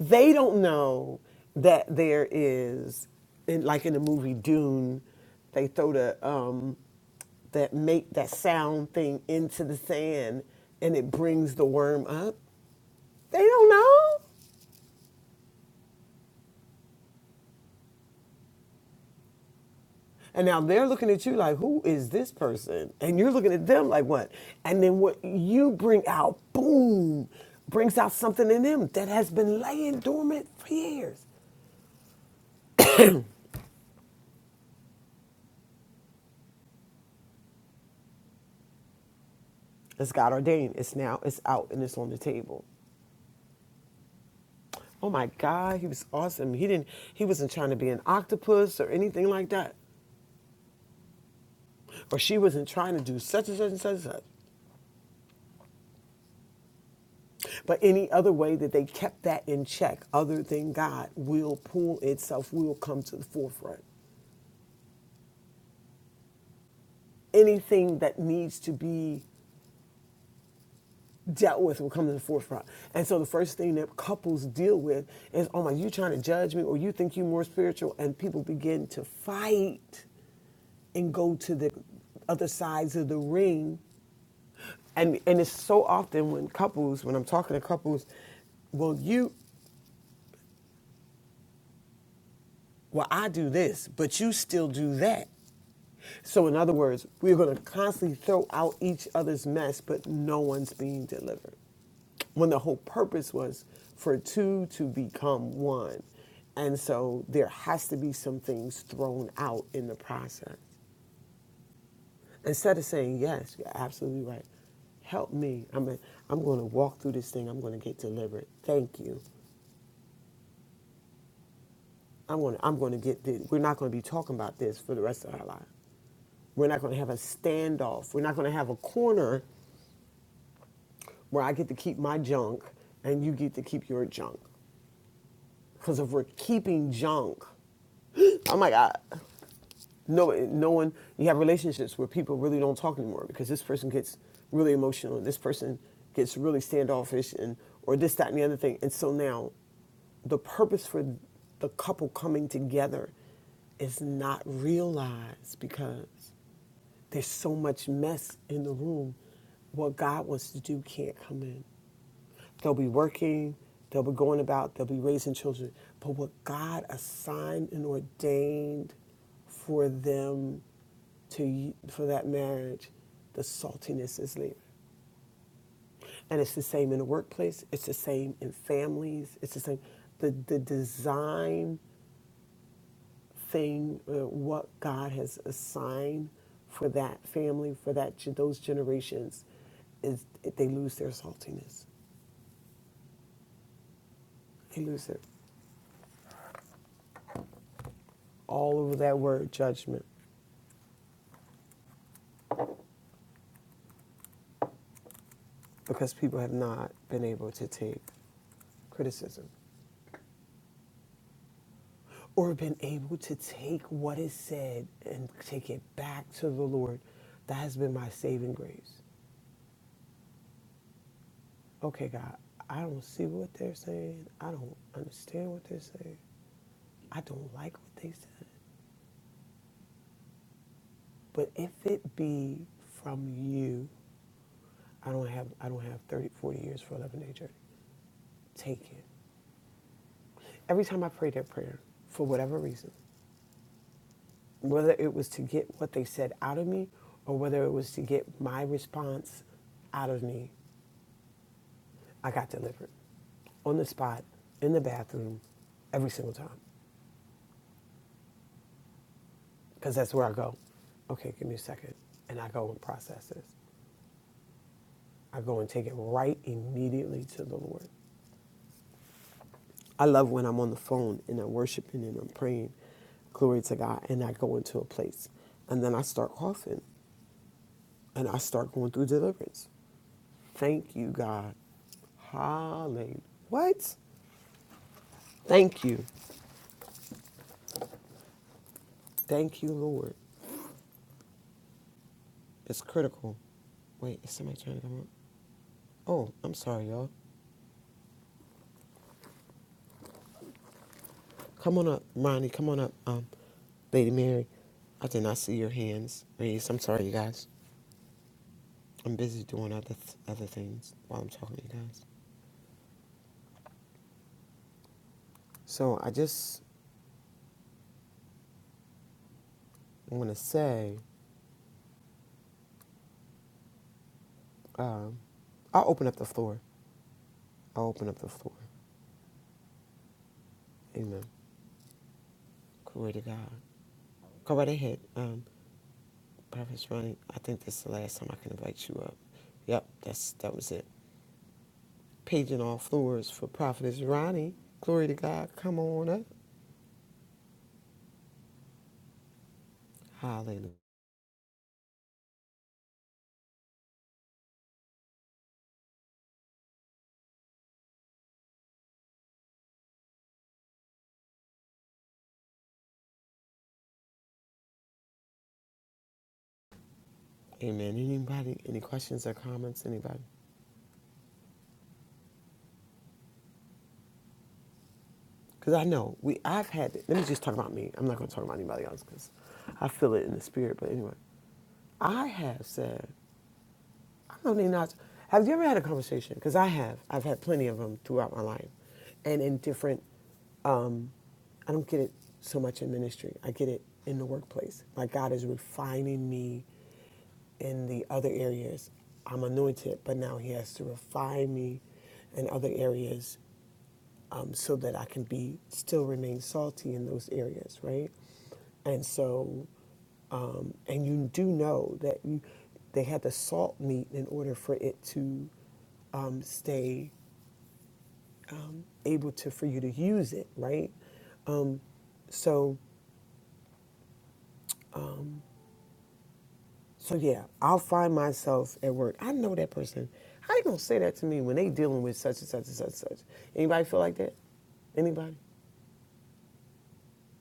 They don't know that there is, in, like in the movie Dune, they throw the um, that make that sound thing into the sand and it brings the worm up? They don't know. And now they're looking at you like, who is this person? And you're looking at them like, what? And then what you bring out, boom, brings out something in them that has been laying dormant for years. It's God ordained. It's now, it's out, and it's on the table. Oh my God, he was awesome. He didn't, he wasn't trying to be an octopus or anything like that. Or she wasn't trying to do such and such and such and such. But any other way that they kept that in check, other than God, will pull itself, will come to the forefront. Anything that needs to be dealt with will come to the forefront. And so the first thing that couples deal with is, oh my, you trying to judge me or you think you are more spiritual? And people begin to fight and go to the other sides of the ring. And and it's so often when couples, when I'm talking to couples, well, you well, I do this, but you still do that. So, in other words, we're going to constantly throw out each other's mess, but no one's being delivered. When the whole purpose was for two to become one. And so there has to be some things thrown out in the process. Instead of saying, yes, you're absolutely right. Help me. I'm, a, I'm going to walk through this thing. I'm going to get delivered. Thank you. I'm going to, I'm going to get this. We're not going to be talking about this for the rest of our life. We're not going to have a standoff. We're not going to have a corner where I get to keep my junk and you get to keep your junk. Because if we're keeping junk, oh my God, no, no one, you have relationships where people really don't talk anymore because this person gets really emotional and this person gets really standoffish and, or this, that, and the other thing. And so now the purpose for the couple coming together is not realized because there's so much mess in the room. What God wants to do can't come in. They'll be working, they'll be going about, they'll be raising children. But what God assigned and ordained for them to for that marriage, the saltiness is there. And it's the same in the workplace, it's the same in families, it's the same the the design thing uh, what God has assigned for that family, for that those generations is they lose their saltiness. They lose it all over that word judgment. because people have not been able to take criticism or been able to take what is said and take it back to the Lord. That has been my saving grace. Okay, God, I don't see what they're saying. I don't understand what they're saying. I don't like what they said. But if it be from you, I don't have I don't have 30, 40 years for 11 day journey. Take it. Every time I pray that prayer, for whatever reason, whether it was to get what they said out of me or whether it was to get my response out of me, I got delivered on the spot, in the bathroom, every single time. Because that's where I go. Okay, give me a second. And I go and process this. I go and take it right immediately to the Lord. I love when I'm on the phone and I'm worshiping and I'm praying. Glory to God. And I go into a place. And then I start coughing and I start going through deliverance. Thank you, God. Hallelujah. What? Thank you. Thank you, Lord. It's critical. Wait, is somebody trying to come up? Oh, I'm sorry, y'all. Come on up, Ronnie. Come on up. Um, Lady Mary, I did not see your hands raised. I'm sorry, you guys. I'm busy doing other th- other things while I'm talking to you guys. So I just want to say, um, I'll open up the floor. I'll open up the floor. Amen. Glory to God. Go right ahead. Um, Prophet's Ronnie, I think this is the last time I can invite you up. Yep, that's that was it. Paging all floors for Prophetess Ronnie. Glory to God. Come on up. Hallelujah. Amen. Anybody, any questions or comments? Anybody? Because I know we I've had let me just talk about me. I'm not gonna talk about anybody else because I feel it in the spirit. But anyway, I have said, I don't even know. how to- Have you ever had a conversation? Because I have. I've had plenty of them throughout my life and in different um, I don't get it so much in ministry. I get it in the workplace. Like God is refining me in the other areas. I'm anointed, but now He has to refine me in other areas um, so that I can be still remain salty in those areas, right? And so, um, and you do know that you they had to salt meat in order for it to um, stay able to for you to use it, right? Um, so So yeah, I'll find myself at work. I know that person. How they gonna say that to me when they dealing with such and such and such and such? Anybody feel like that? Anybody?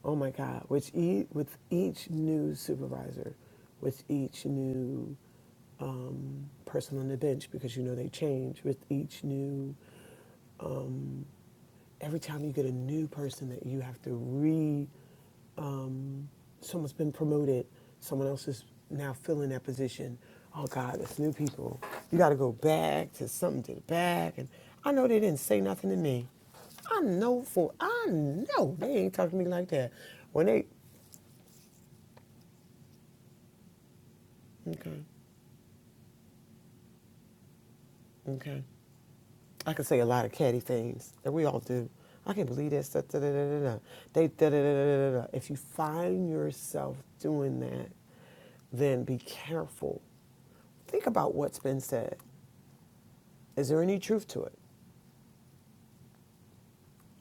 Oh my God! Which e- with each new supervisor, with each new um, person on the bench, because you know they change with each new every time you get a new person that you have to re um, someone's been promoted someone else is now filling that position oh god it's new people you got to go back to something to the back and i know they didn't say nothing to me i know for i know they ain't talking to me like that when they okay okay I could say a lot of catty things that we all do. I can't believe this. Da, da, da, da, da, They da, da, da, da, da. If you find yourself doing that, then be careful. Think about what's been said. Is there any truth to it?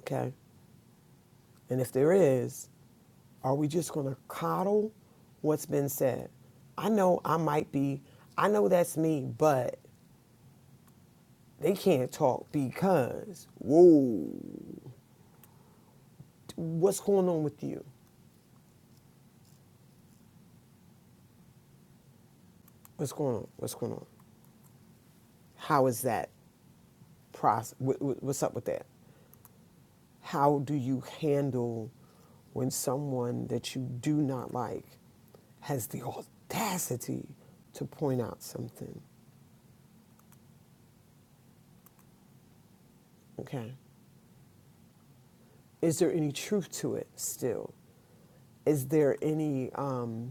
Okay. And if there is, are we just going to coddle what's been said? I know I might be, I know that's me, but they can't talk because, whoa, what's going on with you? What's going on? What's going on? How is that process? What's up with that? How do you handle when someone that you do not like has the audacity to point out something? Okay, is there any truth to it still? Is there any um,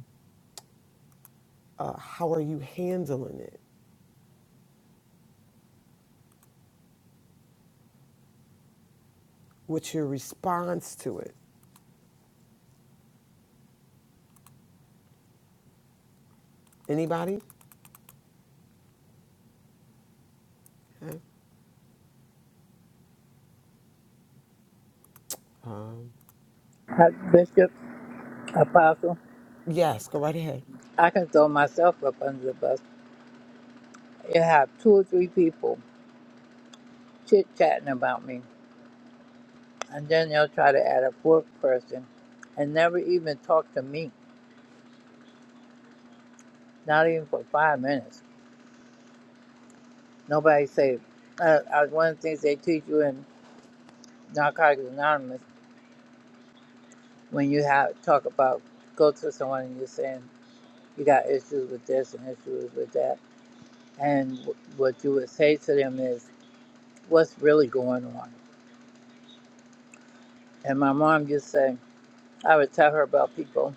hand with it? Anybody?
Bishop, Apostle,
Yes, go right ahead.
I can throw myself up under the bus. You have two or three people chit chatting about me, and then they'll try to add a fourth person and never even talk to me, not even for five minutes. Nobody say, uh, uh, one of the things they teach you in Narcotics Anonymous when you have talk about go to someone and you're saying you got issues with this and issues with that, and w- what you would say to them is, "What's really going on?" And my mom just said. I would tell her about people.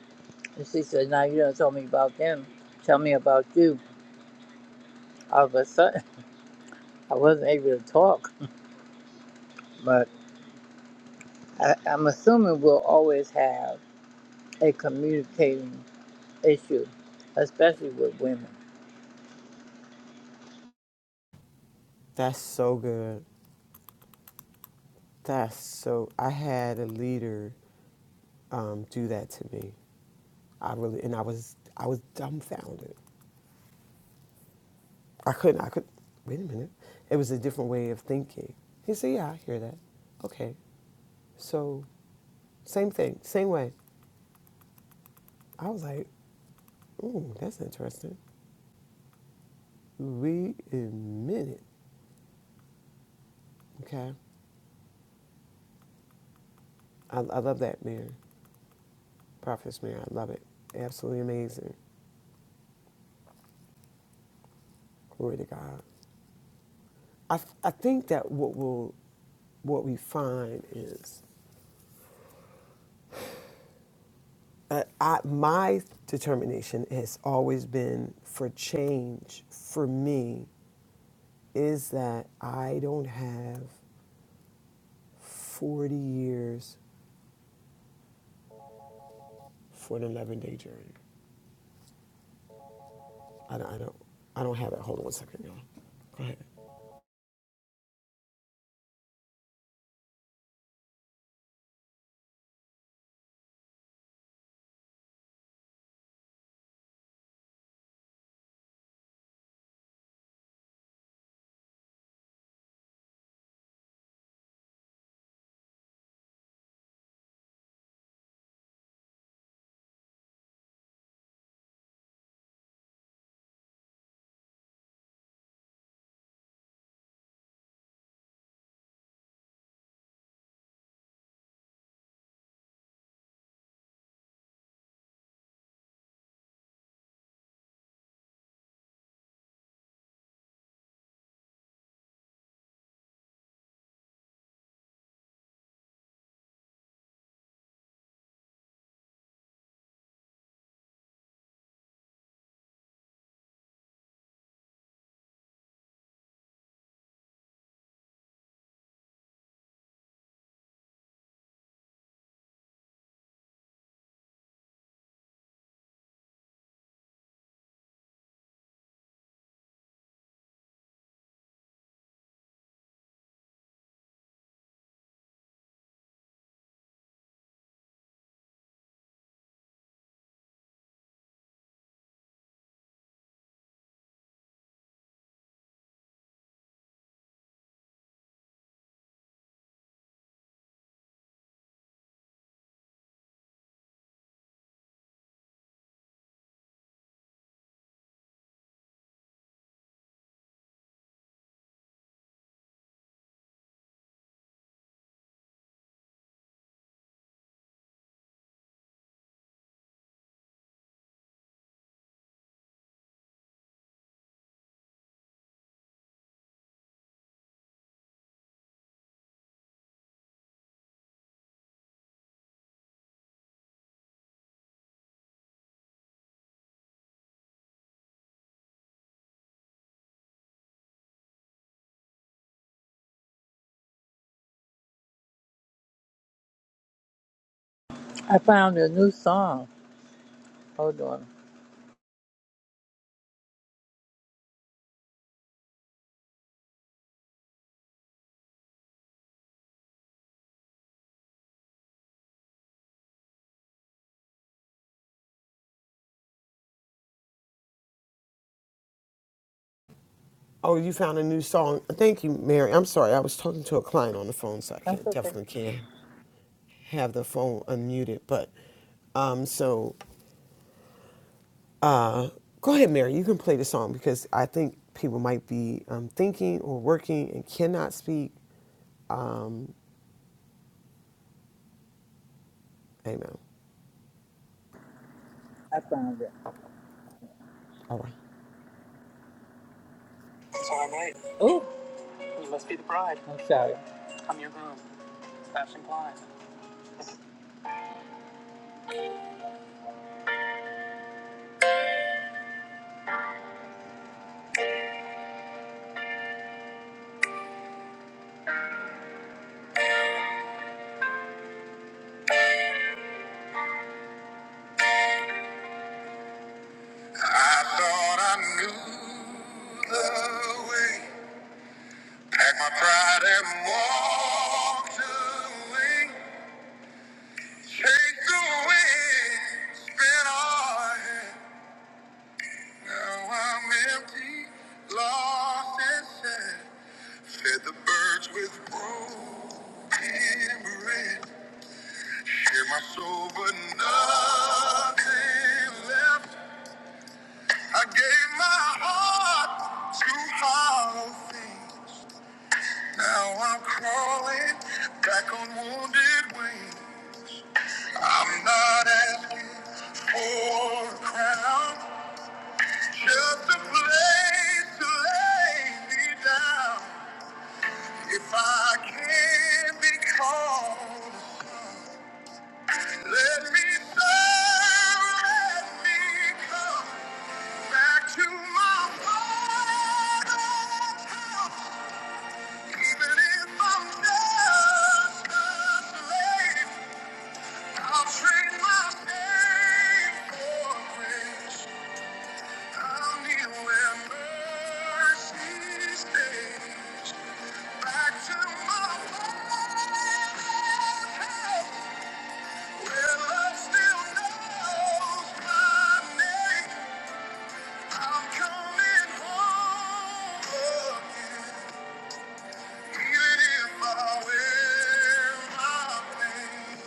And she said, Now you don't tell me about them. Tell me about you. All of a sudden, I wasn't able to talk. But I, I'm assuming we'll always have a communicating issue, especially with women.
That's so good. That's so. I had a leader um, do that to me. I really and I was I was dumbfounded. I couldn't. I could. Wait a minute. It was a different way of thinking. He said, "Yeah, I hear that." Okay, so same thing, same way. I was like, "Ooh, that's interesting." Wait a minute. Okay, I, I love that mirror, Prophet's mirror. I love it. Absolutely amazing. Glory to God. I I think that what will what we find is uh, I, my determination has always been for change for me is that I don't have 40 years for an 11 day journey. I don't, I don't, I don't have it. Hold on one second, y'all.
I found a new song. Hold on.
Oh, you found a new song. Thank you, Mary. I'm sorry. I was talking to a client on the phone, so I
That's
can't,
okay.
definitely can't have the phone unmuted. But um, so uh, go ahead, Mary. You can play the song because I think people might be um, thinking or working and cannot speak. Amen.
I found it.
All right.
It's all right. Oh. You must be the bride. I'm sorry. I'm your groom. Sebastian Klein. I thought I knew the way. Take my pride and walk to the wing. Take the wings, spin all ahead. Now I'm empty, lost and sad. Fed the birds with broken bread. Shared my soul, but nothing left. I gave my heart to hollow things. Now I'm crawling back on wounded wings. I'm not asking for a crown, just a place to lay me down. If I can be called, let me serve, let me come back to my father's house, even if I'm just a slave. I'll trade my pain for grace. I'll kneel where mercy stays. Back to my home, where love still knows my name. I'm coming home again, even if I wear my pain.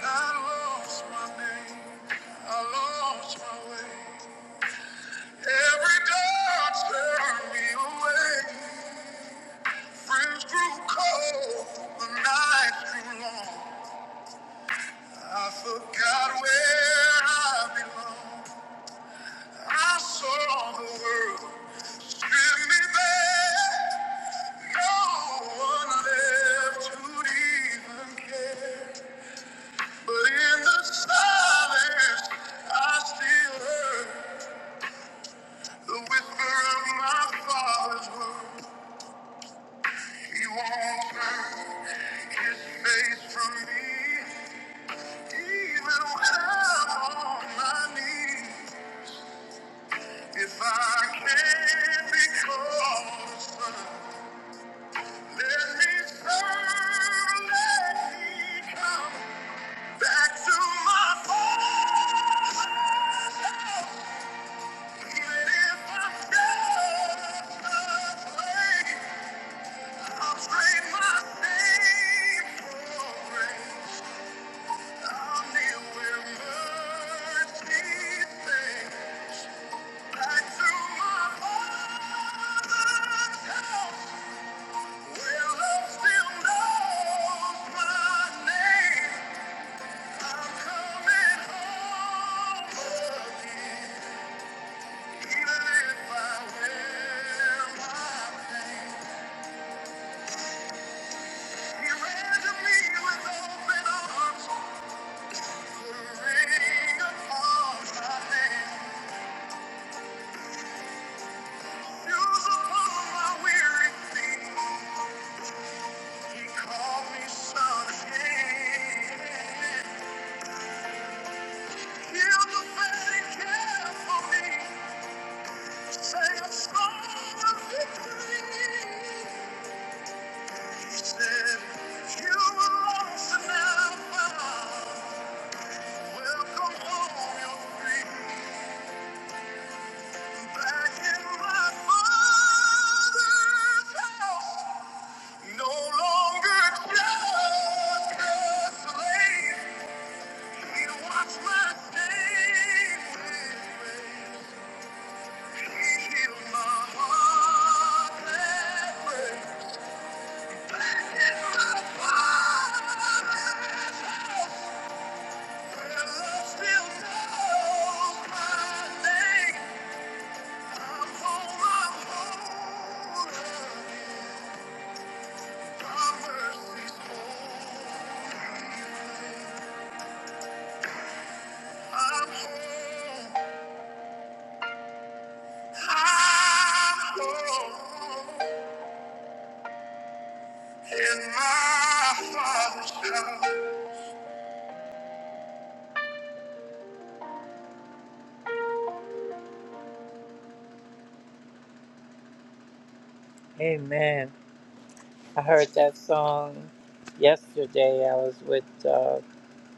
I lost my name. I lost my way. Every dog turned me away. Friends grew cold. The nights grew long. I forgot where I belong. I saw the world strip me bare. No one left to even care. But in the silence, I still heard. The whisper of my father's word, he won't turn his face from me, even when I'm on my knees. If I can be called a son, let me serve, let me come back to my father's house, even if I'm just a slave. He ran to me with open arms. Welcome home, you're free. Back in my father's house, no longer just a slave. He washed my shame He healed my heart that breaks. Back in my father's house, where love still knows my name. I'm on again. Amen. I heard that song yesterday. I was with uh,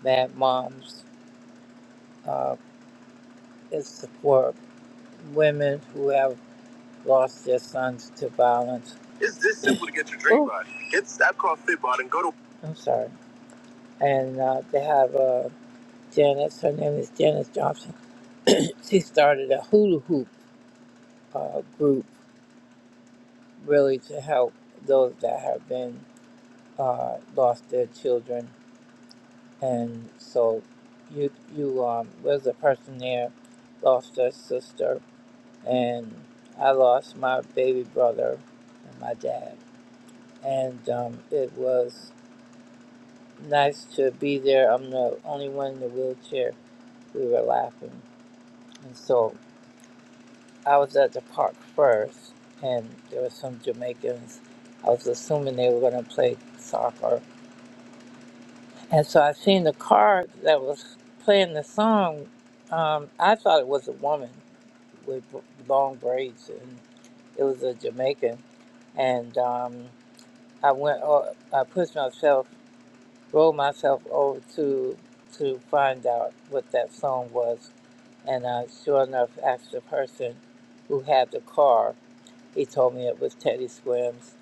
Mad Moms. Uh, it's for women who have lost their sons to violence. It's this simple to get your drink Ooh. right. Get StopCall Fit Bod and go to. I'm sorry. And uh, they have a Janice. Her name is Janice Johnson. she started a hula hoop uh, group really to help those that have been uh, lost their children. And so, you you um, was a person there, lost their sister, and I lost my baby brother and my dad. And um, it was nice to be there. I'm the only one in the wheelchair. We were laughing, and so I was at the park first, and there were some Jamaicans. I was assuming they were going to play soccer, and so I seen the car that was playing the song. Um, I thought it was a woman with b- long braids, and it was a Jamaican. And um, I went, o- I pushed myself, rolled myself over to to find out what that song was, and uh, sure enough, asked the person who had the car He told me it was Teddy Swims,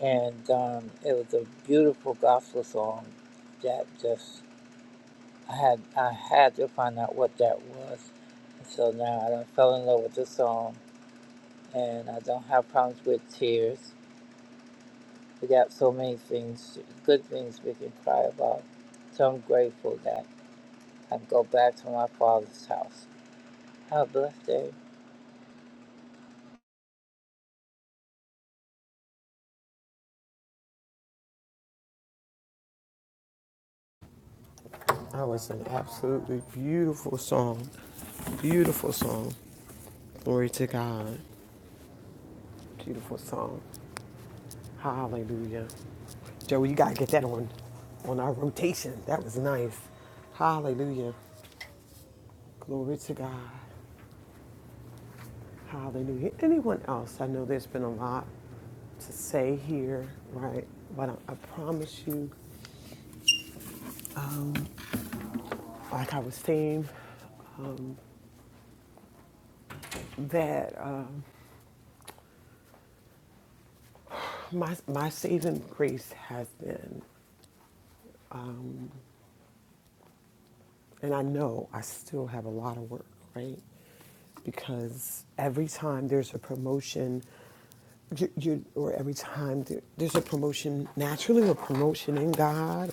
and um, it was a beautiful gospel song that just I had I had to find out what that was. And so now I done fell in love with the song, and I don't have problems with tears. We got so many things, good things we can cry about. So I'm grateful that I can go back to my father's house. Have a blessed day.
That was an absolutely beautiful song. Beautiful song. Glory to God. Beautiful song. Hallelujah. Joey, you gotta get that on on our rotation. That was nice. Hallelujah. Glory to God. Hallelujah. Anyone else? I know there's been a lot to say here, right? But I, I promise you, like I was saying, that um, my my saving grace has been, and I know I still have a lot of work, right? Because every time there's a promotion you, you or every time there, there's a promotion naturally a promotion in god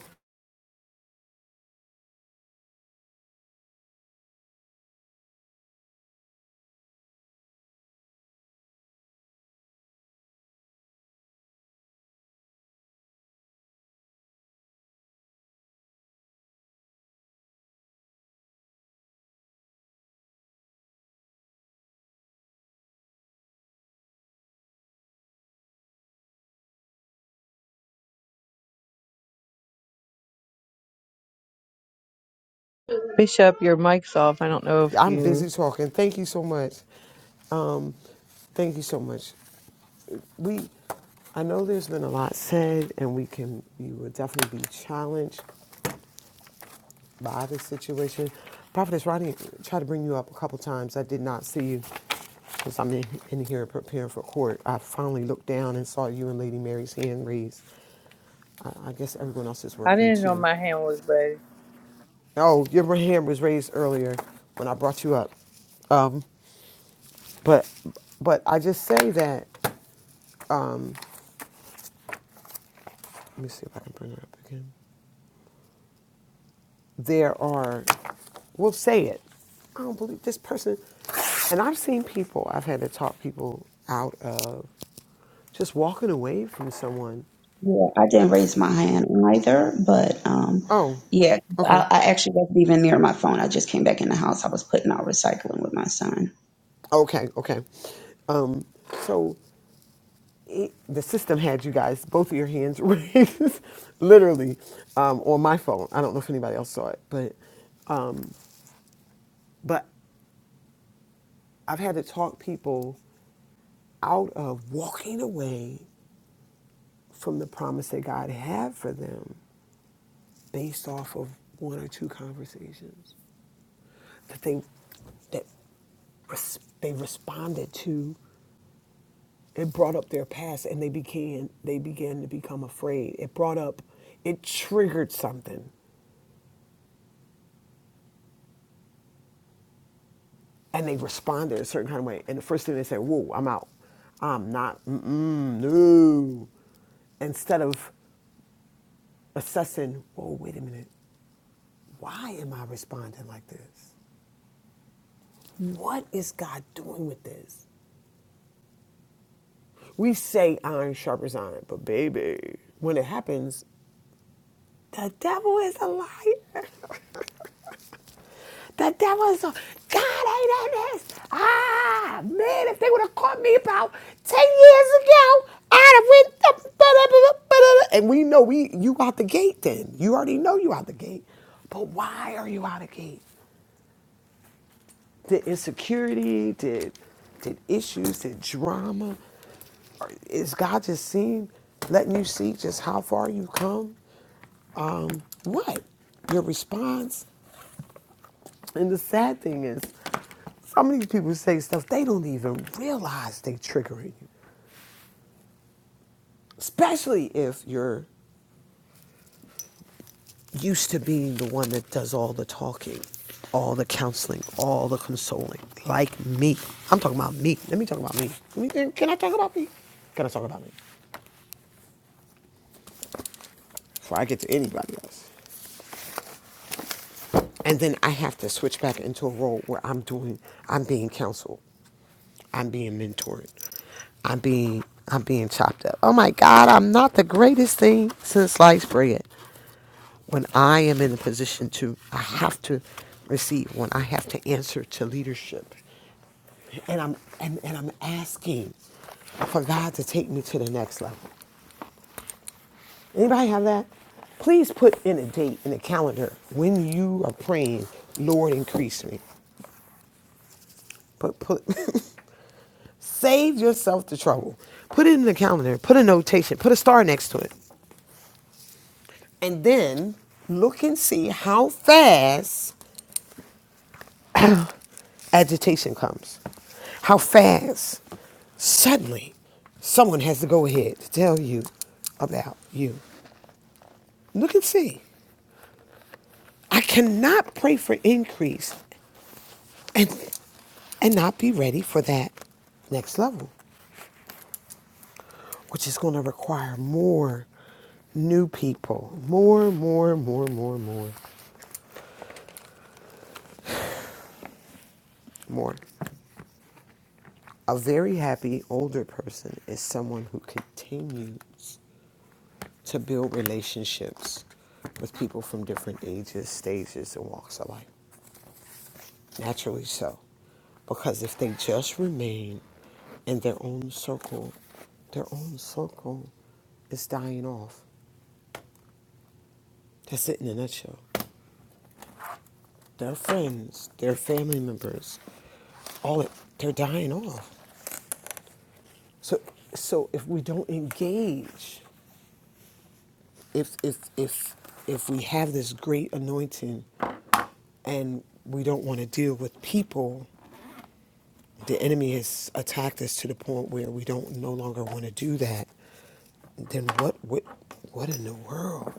Bishop, your mic's off. I don't know if
i'm
you.
busy talking thank you so much thank you so much we i know there's been a lot said and we can you will definitely be challenged by this situation prophetess rodney tried to bring you up a couple times i did not see you because i'm in, in here preparing for court i finally looked down and saw you and lady mary's hand raised i, I guess everyone else is
I
working
didn't know
too
my hand was raised.
oh your hand was raised earlier when i brought you up But but I just say that. Let me see if I can bring her up again. There are. We'll say it. I don't believe this person. And I've seen people. I've had to talk people out of just walking away from someone.
Yeah, I didn't raise my hand either, but um,
Oh,
yeah,
okay,
I, I actually wasn't even near my phone. I just came back in the house. I was putting out recycling with my son.
okay, okay. Um, so it, the system had you guys both of your hands raised, literally, um, on my phone. I don't know if anybody else saw it, but but I've had to talk people out of walking away from the promise that God had for them based off of one or two conversations that they that res- they responded to it brought up their past and they began they began to become afraid it brought up it triggered something and they responded a certain kind of way and the first thing they said whoa i'm out i'm not mm-mm, no instead of assessing, "Whoa, wait a minute, why am I responding like this? What is God doing with this? We say iron sharpens iron, but baby, when it happens, the devil is a liar. The devil is a God ain't in this. Ah man, if they would have caught me about ten years ago, I'd have went. And we know we you out the gate. Then you already know you out the gate. But why are you out of gate? Did insecurity? Did did issues? Did drama? Or Is God just seeing, letting you see just how far you've come? um, What Your response. And the sad thing is, some of these people say stuff they don't even realize they triggering you. Especially if you're used to being the one that does all the talking, all the counseling, all the consoling. Like me. I'm talking about me. Let me talk about me. Let me think, Can I talk about me? Can I talk about me? Before I get to anybody else. And then I have to switch back into a role where I'm doing, I'm being counseled. I'm being mentored. I'm being I'm being chopped up. Oh my God, I'm not the greatest thing since sliced bread. When I am in a position to I have to receive, when I have to answer to leadership. And I'm and, and I'm asking for God to take me to the next level. Anybody have that? Please put in a date in the calendar when you are praying, Lord increase me. Put put save yourself the trouble. Put it in the calendar. Put a notation. Put a star next to it. and then look and see how fast agitation comes. How fast suddenly someone has to go ahead to tell you about you. Look and see. I cannot pray for increase and and not be ready for that next level, which is going to require more new people, more, more, more, more, more, more. A very happy older person is someone who continues to build relationships with people from different ages, stages, and walks of life. Naturally so. Because if they just remain in their own circle, their own circle is dying off. That's it in a nutshell. Their friends, their family members, all it, they're dying off. So, so if we don't engage, if if if if we have this great anointing and we don't want to deal with people the enemy has attacked us to the point where we don't no longer want to do that, then what what what in the world?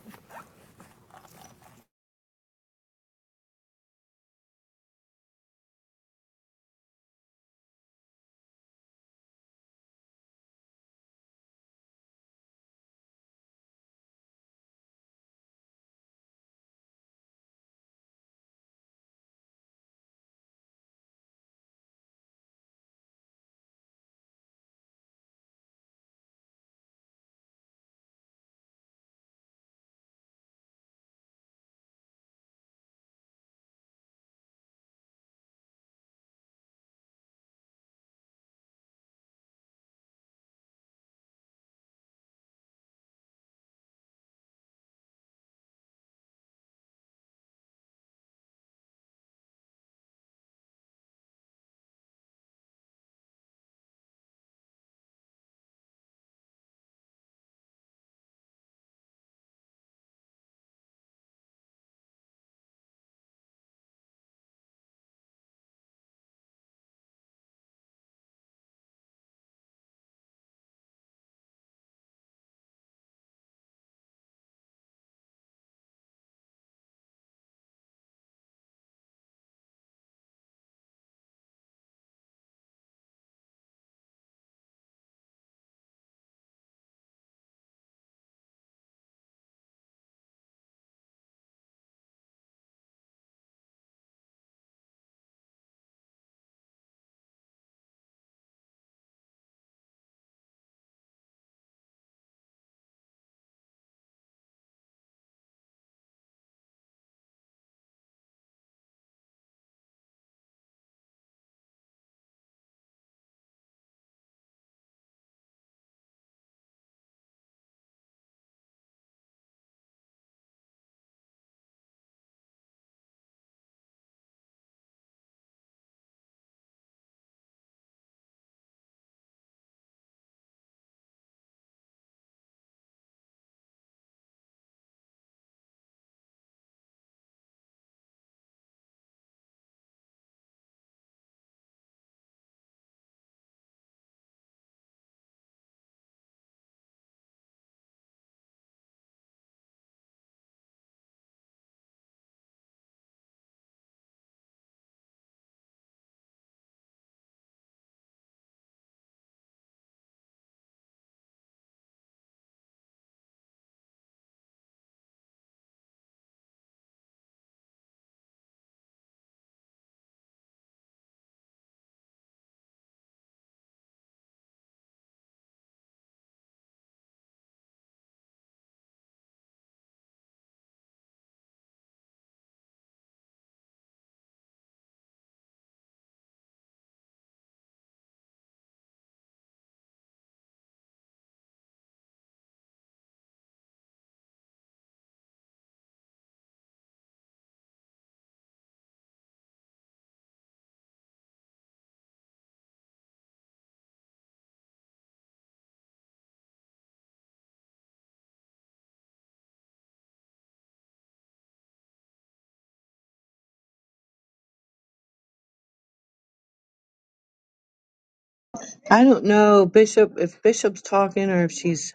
I don't know, Bishop, if Bishop's talking or if she's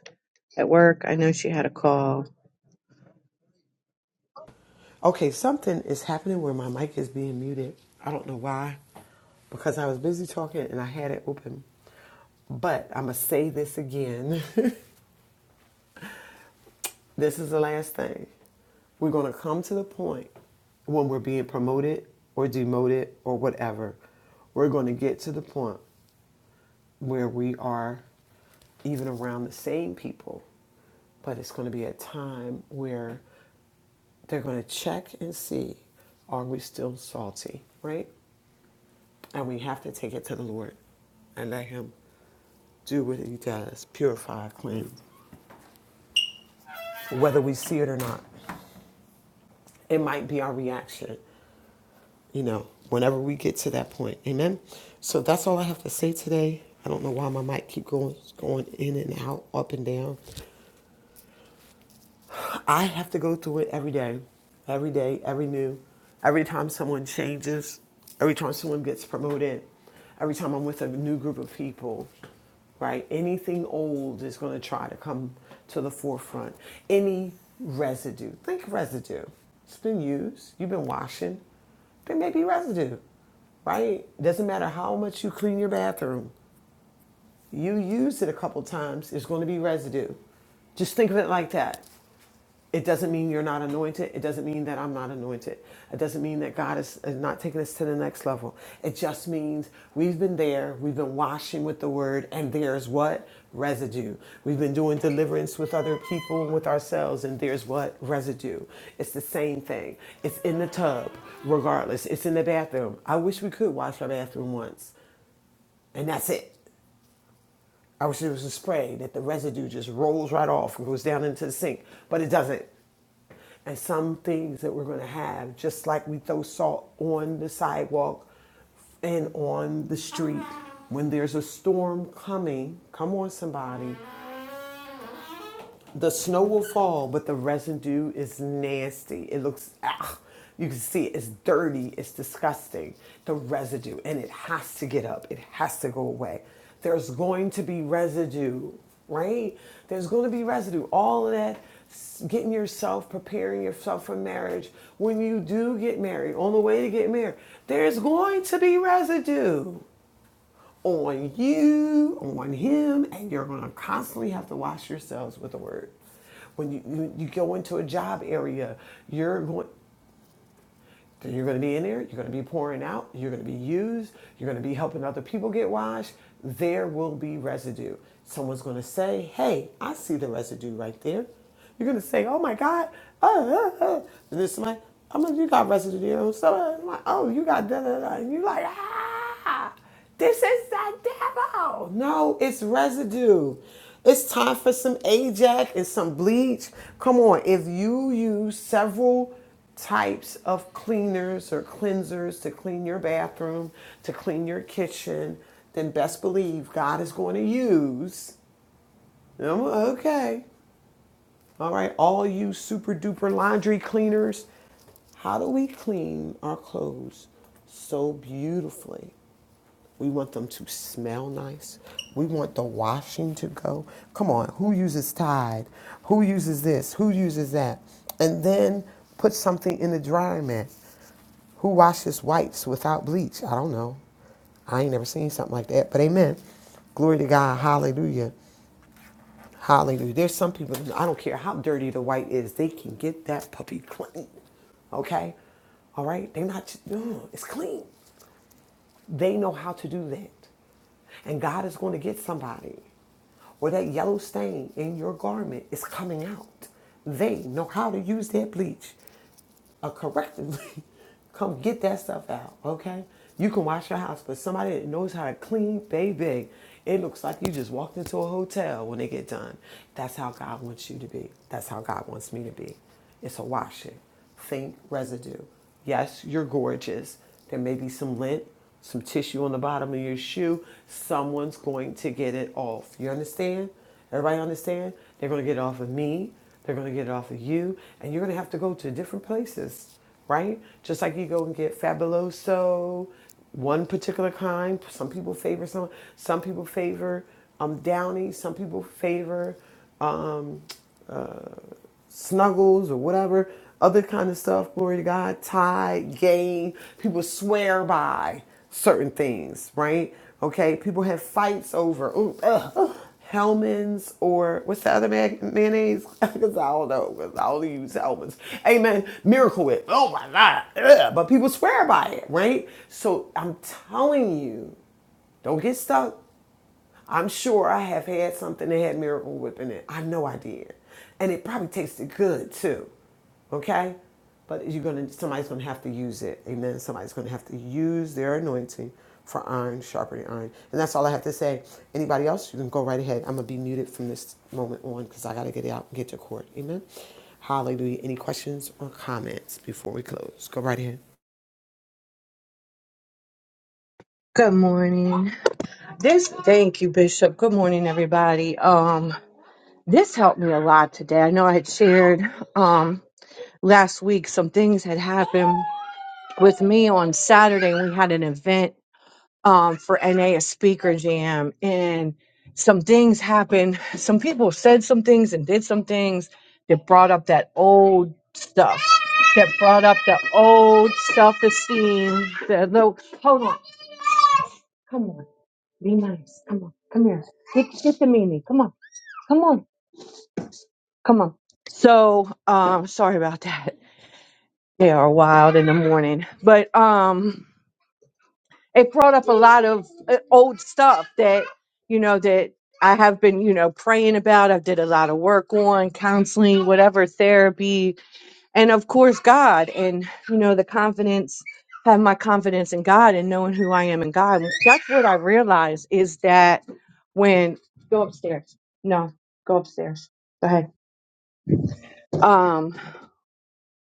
at work. I know she had a call.
Okay, something is happening where my mic is being muted. I don't know why. Because I was busy talking and I had it open. But I'm going to say this again. this is the last thing. We're going to come to the point when we're being promoted or demoted or whatever. We're going to get to the point where we are even around the same people but it's going to be a time where they're going to check and see are we still salty, right? And we have to take it to the Lord and let Him do what He does purify, cleanse, whether we see it or not. It might be our reaction, you know, whenever we get to that point. Amen. So that's all I have to say today. I don't know why my mic keep going going in and out, up and down. I have to go through it every day, every day, every new, every time someone changes, every time someone gets promoted, every time I'm with a new group of people, right? Anything old is going to try to come to the forefront. Any residue, think residue. It's been used, you've been washing, there may be residue, right? Doesn't matter how much you clean your bathroom, you use it a couple times, it's going to be residue. Just think of it like that. It doesn't mean you're not anointed. It doesn't mean that I'm not anointed. It doesn't mean that God is, is not taking us to the next level. It just means we've been there, we've been washing with the word, and there's what? Residue. We've been doing deliverance with other people and with ourselves, and there's what? Residue. It's the same thing. It's in the tub, regardless. It's in the bathroom. I wish we could wash our bathroom once, and that's it. I wish it was a spray that the residue just rolls right off and goes down into the sink, but it doesn't. and some things that we're going to have, just like we throw salt on the sidewalk and on the street. When there's a storm coming, come on, somebody, the snow will fall, but the residue is nasty. It looks, ah, you can see it. it's dirty, it's disgusting, the residue, and it has to get up, it has to go away. There's going to be residue, right? There's going to be residue. All of that, getting yourself, preparing yourself for marriage. When you do get married, on the way to get married, there's going to be residue on you, on him, and you're going to constantly have to wash yourselves with the word. When you, you, you go into a job area, you're going you're going to be in there, you're going to be pouring out, you're going to be used, you're going to be helping other people get washed. There will be residue. Someone's going to say, "Hey, I see the residue right there." You're going to say, "Oh my God!" Uh, uh, uh. And then somebody, "I'm like, you got residue." there. So I'm like, "Oh, you got da da da," and you're like, "Ah!" This is the devil. No, it's residue. It's time for some Ajax and some bleach. Come on, if you use several types of cleaners or cleansers to clean your bathroom, to clean your kitchen, then best believe God is going to use. Um, Okay. All right, all you super duper laundry cleaners, how do we clean our clothes so beautifully? We want them to smell nice. We want the washing to go. Come on, who uses Tide? Who uses this? Who uses that? And then put something in the dryer mat. Who washes whites without bleach? I don't know. I ain't never seen something like that, but amen. Glory to God. Hallelujah. Hallelujah. There's some people, I don't care how dirty the white is, they can get that puppy clean. Okay? All right? They're not, no, it's clean. They know how to do that. And God is going to get somebody. Or that yellow stain in your garment is coming out. They know how to use that bleach uh, correctly. Come get that stuff out, okay? You can wash your house, but somebody that knows how to clean thing, it looks like you just walked into a hotel when they get done. That's how God wants you to be. That's how God wants me to be. It's a washing. Think residue. Yes, yes, you're gorgeous. There may be some lint, some tissue on the bottom of your shoe. Someone's going to get it off. You understand? Everybody understand? They're going to get it off of me. They're going to get it off of you. And you're going to have to go to different places, right? Just like you go and get Fabuloso, one particular kind. Some people favor some. Some people favor um, Downy. Some people favor snuggles or whatever other kind of stuff glory to god tie game people swear by certain things right okay people have fights over ooh, ugh, Hellman's or what's the other mag- mayonnaise? Because I don't know. know, cause I only use Hellman's. Amen. Miracle Whip. Oh my God. Ugh. But people swear by it, right? So I'm telling you, don't get stuck I'm sure I have had something that had miracle whip in it. I know I did. And it probably tasted good too. Okay? But you're gonna somebody's gonna have to use it. Amen. Somebody's gonna have to use their anointing for iron, sharpening iron. And that's all I have to say. Anybody else, you can go right ahead. I'm gonna be muted from this moment on because I gotta get it out and get to court. Amen. Hallelujah. Any questions or comments before we close? Go right ahead.
Good morning. This, thank you, Bishop. Good morning, everybody. Um, this helped me a lot today. I know I had shared, um, last week some things had happened with me on Saturday. We had an event um, for NA a a speaker jam, and some things happened. Some people said some things and did some things that brought up that old stuff. That brought up the old self-esteem. The low. Hold on. Come on. Be nice. Come on. Come here. Get, get the meanie. Come on. Come on. Come on. So, um, sorry about that. They are wild in the morning, but um. it brought up a lot of uh, old stuff that you know that I have been you know praying about. I did a lot of work on counseling, whatever therapy, and of course God, and you know the confidence have my confidence in God and knowing who I am in God. And That's what I realized is that when go upstairs. No, go upstairs. Go ahead. Um,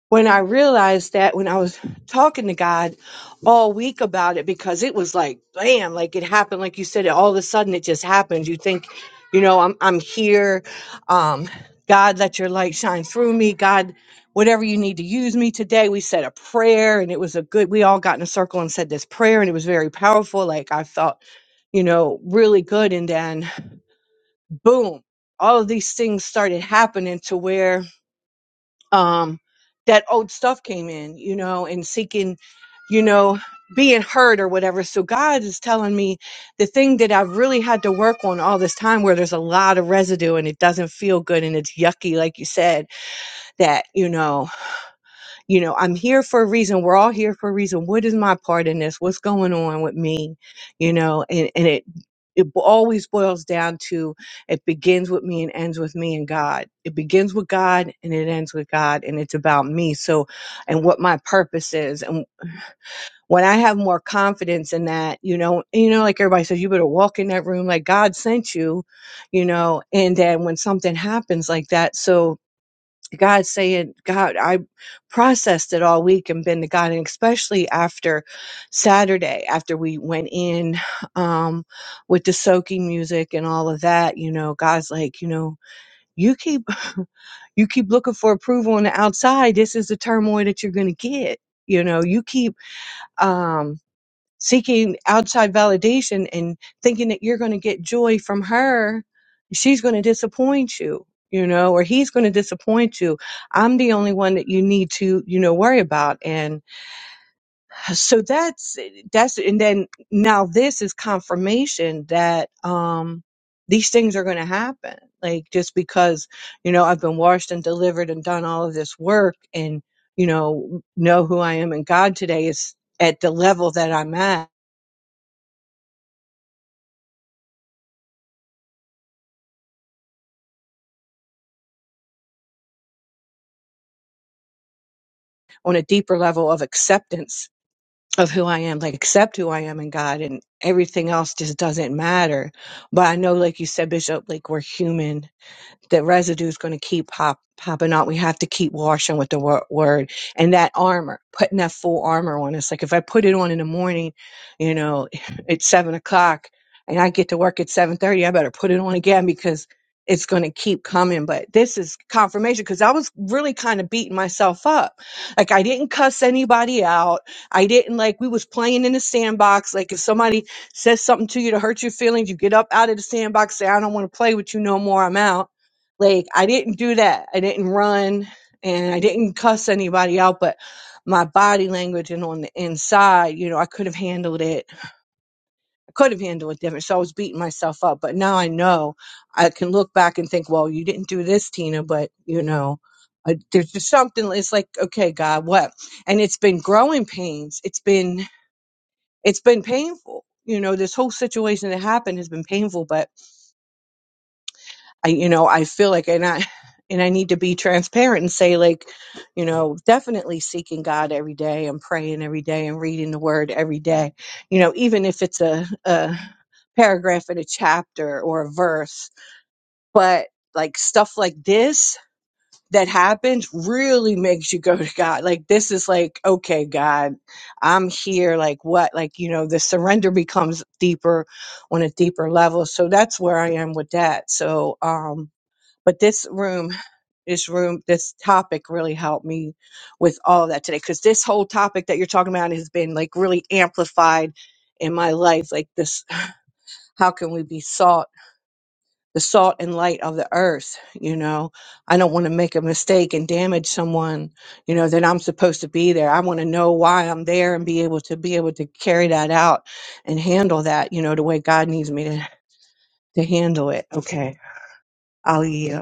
when I realized that when I was talking to God all week about it, because it was like, bam, like it happened, like you said, all of a sudden it just happened. You think, you know, I'm I'm here. Um, God, let your light shine through me. God, whatever you need to use me today. We said a prayer and it was a good we all got in a circle and said this prayer and it was very powerful. Like I felt, you know, really good. And then boom, all of these things started happening to where um, that old stuff came in, you know, and seeking, you know, being heard or whatever. So God is telling me the thing that I've really had to work on all this time where there's a lot of residue and it doesn't feel good and it's yucky, like you said, that, you know you know i'm here for a reason we're all here for a reason what is my part in this what's going on with me you know and and it it bo- always boils down to it begins with me and ends with me and god it begins with god and it ends with god and it's about me so and what my purpose is and when i have more confidence in that you know you know like everybody says you better walk in that room like god sent you you know and then when something happens like that so God saying, God, I processed it all week and been to God, and especially after Saturday, after we went in um, with the soaking music and all of that, you know, God's like, you know, you keep you keep looking for approval on the outside. This is the turmoil that you're going to get. You know, you keep. um seeking outside validation and thinking that you're going to get joy from her, she's going to disappoint you, you know, or he's going to disappoint you. I'm the only one that you need to, you know, worry about. And so that's, that's, and then now this is confirmation that, um, these things are going to happen. Like just because, you know, I've been washed and delivered and done all of this work and, you know, know who I am in God today is at the level that I'm at on a deeper level of acceptance of who I am, like accept who I am in God and everything else just doesn't matter. But I know, like you said, Bishop, like we're human the residue is going to keep pop, popping out. We have to keep washing with the wor- word and that armor, putting that full armor on. It's like if I put it on in the morning, you know, at seven o'clock and I get to work at 730, I better put it on again because it's going to keep coming. But this is confirmation because I was really kind of beating myself up. Like I didn't cuss anybody out. I didn't like, we was playing in the sandbox. Like if somebody says something to you to hurt your feelings, you get up out of the sandbox, say, I don't want to play with you no more. I'm out like I didn't do that. I didn't run and I didn't cuss anybody out, but my body language and on the inside, you know, I could have handled it. I could have handled it different. So I was beating myself up. But now I know I can look back and think, well, you didn't do this, Tina, but you know, I, there's just something. It's like, okay, God, what? And it's been growing pains. It's been, it's been painful. You know, this whole situation that happened has been painful, but I, you know, I feel like, and I, and I need to be transparent and say, like, you know, definitely seeking God every day and praying every day and reading the Word every day. You know, even if it's a, a paragraph in a chapter or a verse, but like stuff like this that happens really makes you go to God. Like, this is like, okay, God, I'm here. Like, what? Like, you know, the surrender becomes deeper on a deeper level. So that's where I am with that. So, um, but this room this room this topic really helped me with all of that today because this whole topic that you're talking about has been like really amplified in my life like this how can we be salt the salt and light of the earth you know i don't want to make a mistake and damage someone you know that i'm supposed to be there i want to know why i'm there and be able to be able to carry that out and handle that you know the way god needs me to to handle it okay ali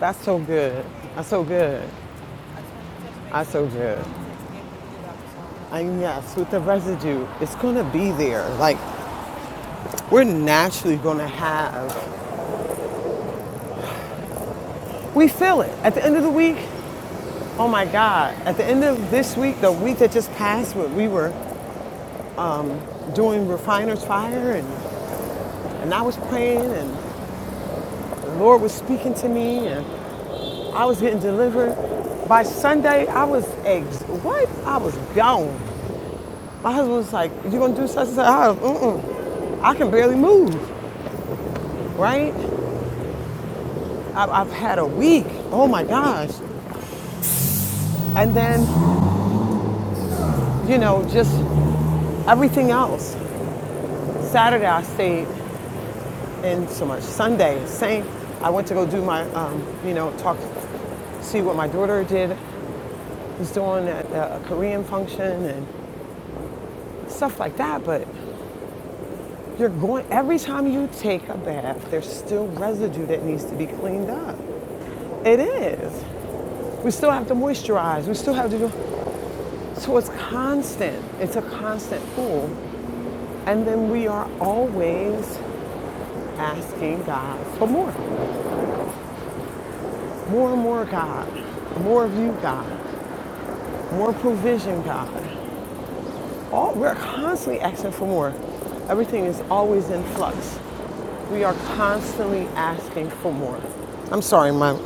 That's so good. That's so good. That's so good. I mean, yes, with the residue, it's going to be there. Like, we're naturally going to have, we feel it. At the end of the week, oh my God, at the end of this week, the week that just passed, where we were doing Refiner's Fire, and, and I was praying, and the Lord was speaking to me, and I was getting delivered. By Sunday, I was ex, what? I was gone. My husband was like, you going to do such and such? I, was, Mm-mm. I can barely move, right? I, I've had a week. Oh my gosh. And then you know, just everything else. Saturday I stayed in so much. Sunday, same. I went to go do my, um, you know, talk, see what my daughter did, was doing at a Korean function and stuff like that. But you're going, every time you take a bath, there's still residue that needs to be cleaned up. It is. We still have to moisturize. We still have to do, so it's constant. It's a constant pool. And then we are always asking God for more. More and more, God. More of you, God. More provision, God. All, we're constantly asking for more. Everything is always in flux. We are constantly asking for more. I'm sorry, my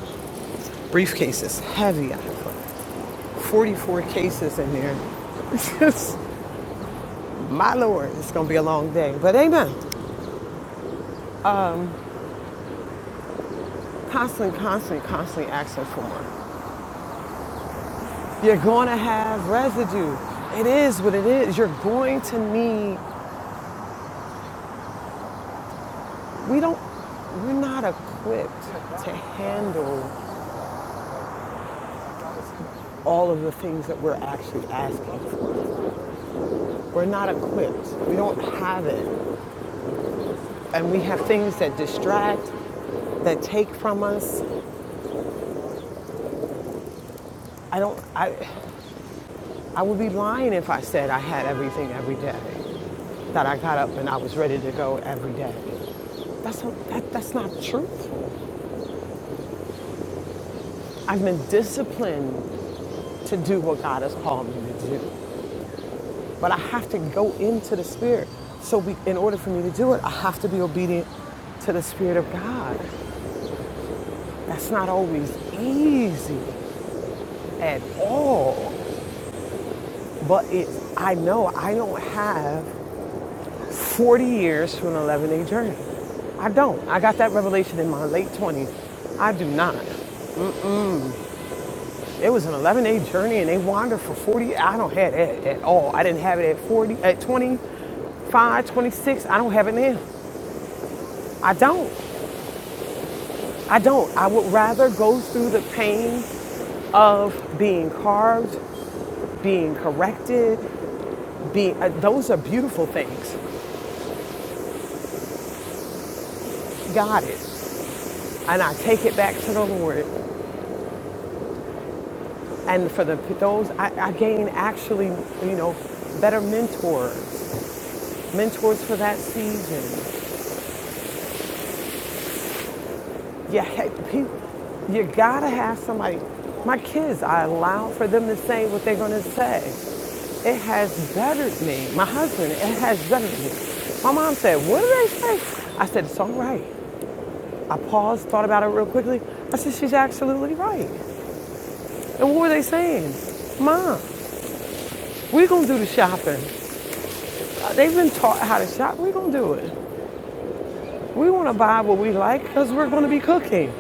briefcase is heavy. I have 44 cases in there. It's just, my Lord, it's going to be a long day. But amen. Constantly, constantly, constantly asking for more. You're going to have residue. It is what it is. You're going to need We don't, we're not equipped to handle all of the things that we're actually asking for. We're not equipped. We don't have it. And we have things that distract, that take from us. I don't, I, I would be lying if I said I had everything every day, that I got up and I was ready to go every day. That's not, that, that's not truthful. I've been disciplined to do what God has called me to do. But I have to go into the spirit. So we, in order for me to do it, I have to be obedient to the spirit of God. That's not always easy at all. But it, I know I don't have 40 years to an 11 day journey. I don't. I got that revelation in my late 20s. I do not. It was an 11 day journey and they wandered for 40. I don't have that at all. I didn't have it at 40, at 20. 25, 26. I don't have it now. I don't. I don't. I would rather go through the pain of being carved, being corrected, being uh, those are beautiful things. Got it. And I take it back to the Lord. And for the those I, I gain actually, you know, better mentors, mentors for that season. You, you gotta have somebody. My kids, I allow for them to say what they're gonna say. It has bettered me. My husband, it has bettered me. My mom said, What did they say? I said, It's all right. I paused, thought about it real quickly. I said, She's absolutely right. And what were they saying? Mom, we're gonna do the shopping. Uh, They've been taught how to shop, we're gonna do it. We want to buy what we like because we're going to be cooking.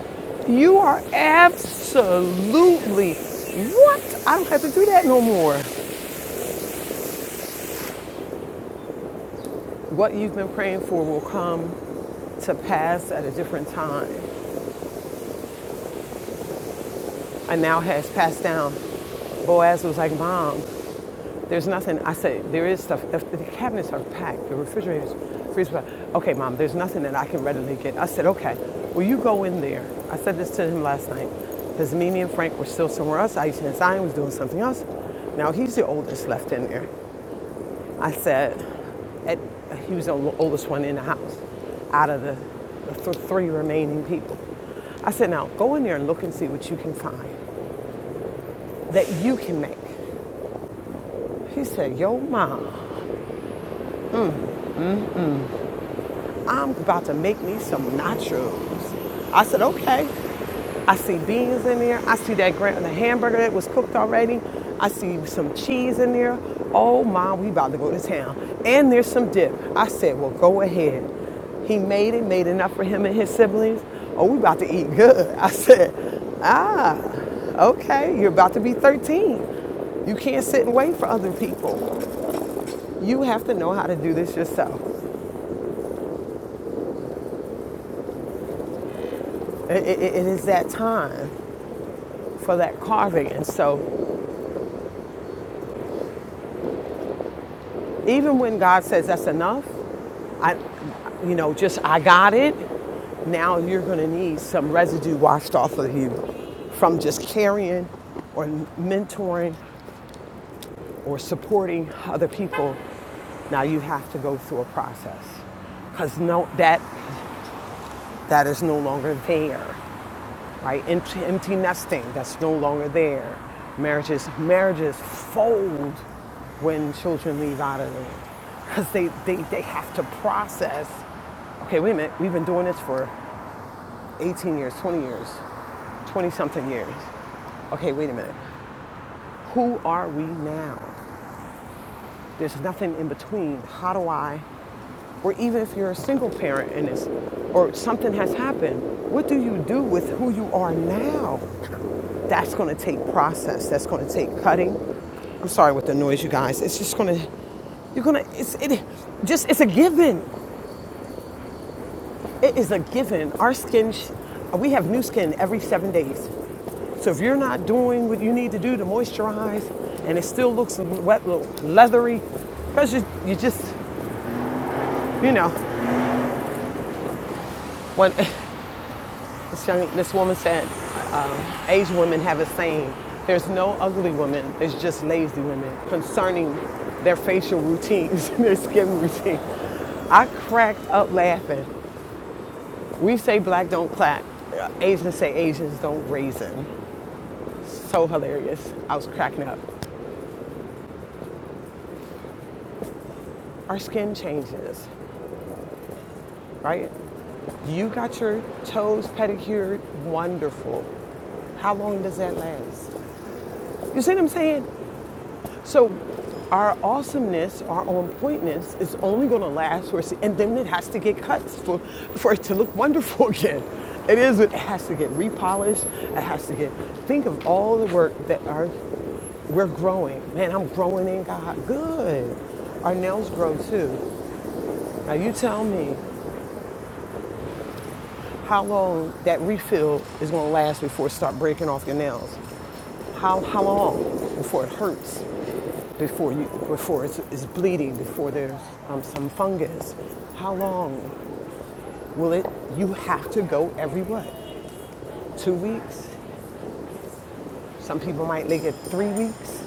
You are absolutely what? I don't have to do that no more. What you've been praying for will come to pass at a different time. And now has passed down. Boaz was like, Mom, There's nothing. I say there is stuff. The, the cabinets are packed. The refrigerators, freezer. Okay, mom. There's nothing that I can readily get. I said, okay. Well, you go in there. I said this to him last night, because Mimi and Frank were still somewhere else. Aisha and Zion was doing something else. Now he's the oldest left in there. I said, at, he was the oldest one in the house, out of the, the th- three remaining people. I said, now go in there and look and see what you can find that you can make. He said, yo, mom. I'm about to make me some nachos. I said, okay. I see beans in there. I see that gra- the hamburger that was cooked already. I see some cheese in there. Oh my, we about to go to town. And there's some dip. I said, well, go ahead. He made it, made enough for him and his siblings. Oh, we about to eat good. I said, ah, okay, you're about to be 13. You can't sit and wait for other people. You have to know how to do this yourself. I- I- it is that time. for that carving. And so even when God says that's enough, I, you know, just I got it. Now you're going to need some residue washed off of you from just carrying or mentoring or supporting other people. Now you have to go through a process because no, that that is no longer there. right? Empty, empty nesting that's no longer there. Marriages, marriages fold when children leave out of them because they, they, they have to process. Okay, wait a minute. We've been doing this for 18 years, 20 years, 20 something years. Okay, wait a minute. Who are we now? There's nothing in between. How do I Or even if you're a single parent and it's, or something has happened, what do you do with who you are now? That's going to take process. That's going to take cutting. I'm sorry with the noise, you guys. It's just going to, you're going to, it's, it just, it's a given. It is a given. Our skin, we have new skin every seven days. So if you're not doing what you need to do to moisturize and it still looks wet, leathery, because you, you just, you know, when this young, this woman said, Asian women have a saying there's no ugly women, there's just lazy women concerning their facial routines and their skin routine. I cracked up laughing. We say black don't clap, Asians say Asians don't raisin. So hilarious. I was cracking up. Our skin changes, right? You got your toes pedicured, wonderful. How long does that last? You see what I'm saying? So our awesomeness, our on pointness is only going to last for, and then it has to get cut for, for it to look wonderful again. It is, it has to get repolished. It has to get, think of all the work that our, we're growing. Man, I'm growing in God. Good. Our nails grow too. Now you tell me how long that refill is going to last before it start breaking off your nails. How, how long before it hurts? before you before it's, it's bleeding before there's um, some fungus how long will it you have to go every what two weeks some people might make it three weeks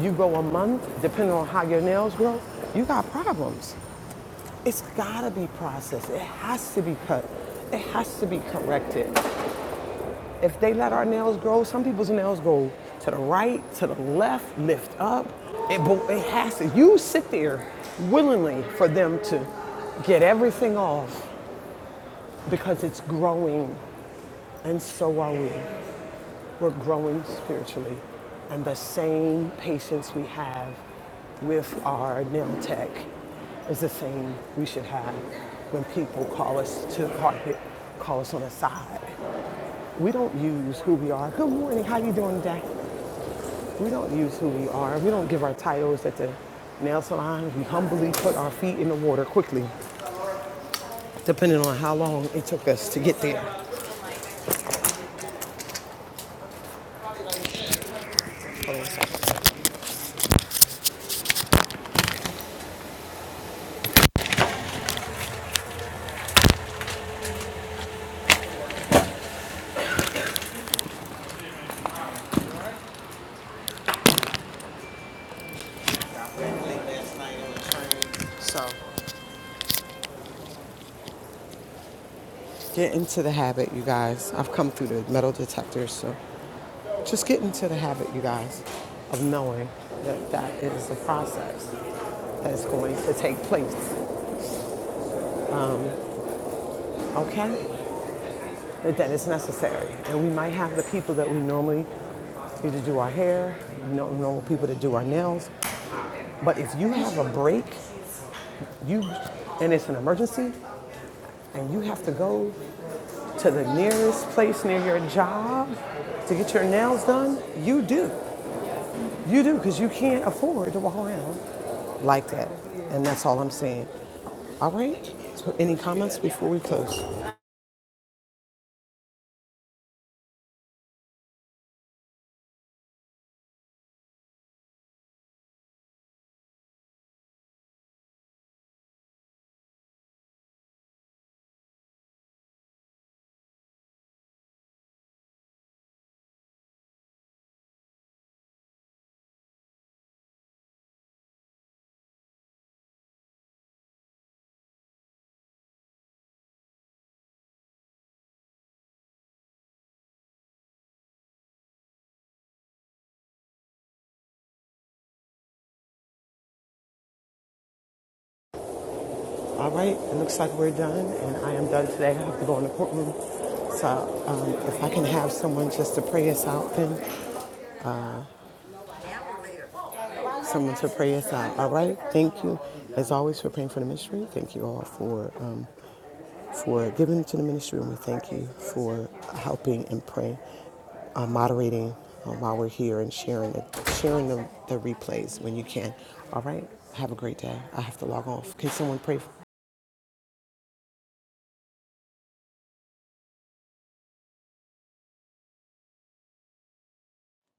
you go a month depending on how your nails grow you got problems it's gotta be processed it has to be cut it has to be corrected If they let our nails grow, some people's nails go to the right, to the left, lift up. It, but it has to. You sit there willingly for them to get everything off because it's growing, and so are we. We're growing spiritually, and the same patience we have with our nail tech is the same we should have when people call us to the carpet, call us on the side. We don't use who we are. Good morning, how you doing today? We don't use who we are. We don't give our titles at the nail salon. We humbly put our feet in the water quickly, depending on how long it took us to get there. So get into the habit, you guys. I've come through the metal detectors, so just get into the habit, you guys, of knowing that that is a process that's going to take place, okay? That that is necessary. And we might have the people that we normally need to do our hair, we don't know people that do our nails, But if you have a break, you and it's an emergency, and you have to go to the nearest place near your job to get your nails done, you do. You do because you can't afford to walk around like that. And that's all I'm saying. All right. So any comments before we close? All right. It looks like we're done, and I am done today. I have to go in the courtroom. So um, if I can have someone just to pray us out, then someone to pray us out. All right. Thank you, as always, for praying for the ministry. Thank you all for. Um, for giving to the ministry, and we thank you for helping and praying, uh, moderating uh, while we're here and sharing the, sharing the, the replays when you can. All right, have a great day. I have to log off. Can someone pray? for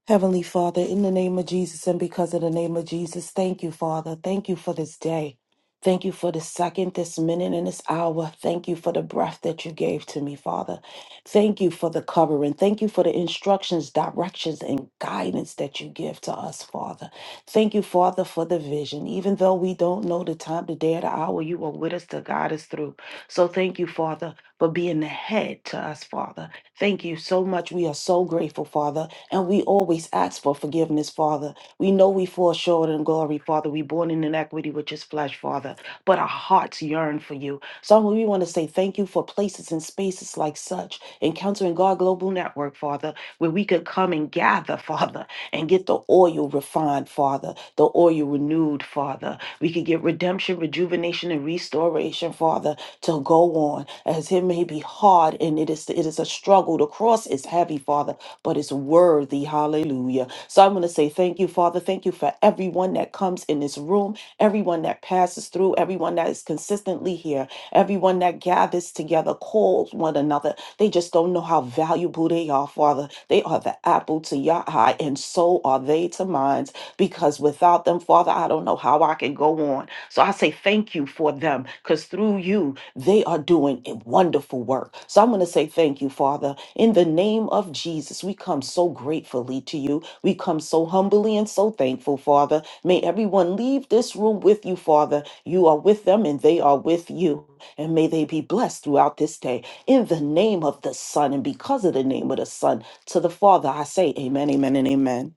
Heavenly Father, in the name of Jesus and because of the name of Jesus, thank you, Father. Thank you for this day. Thank you for this second, this minute, and this hour. Thank you for the breath that you gave to me, Father. Thank you for the covering. Thank you for the instructions, directions, and guidance that you give to us, Father. Thank you, Father, for the vision. Even though we don't know the time, the day, or the hour, you are with us to guide us through. So thank you, Father, for being the head to us, Father. Thank you so much. We are so grateful, Father. And we always ask for forgiveness, Father. We know we fall short in glory, Father. we born in inequity, which is flesh, Father. But our hearts yearn for you. So we want to say thank you for places and spaces like such, Encountering God Global Network, Father, where we could come and gather, Father, and get the oil refined, Father, the oil renewed, Father. We could get redemption, rejuvenation, and restoration, Father, to go on as it may be hard and it is it is a struggle. The cross is heavy, Father but it's worthy. Hallelujah. So I'm going to say thank you, Father. Thank you for everyone that comes in this room, everyone that passes through, everyone that is consistently here, everyone that gathers together, calls one another. They just don't know how valuable they are, Father. They are the apple to your eye, and so are they to mine because without them, Father, I don't know how I can go on. So I say thank you for them because through you, they are doing a wonderful work. So I'm going to say thank you, Father. In the name of Jesus, we come so gratefully to you. We come so humbly and so thankful, Father. May everyone leave this room with you, Father. You are with them and they are with you. And may they be blessed throughout this day. In the name of the Son and because of the name of the Son, to the Father, I say amen, amen, and amen.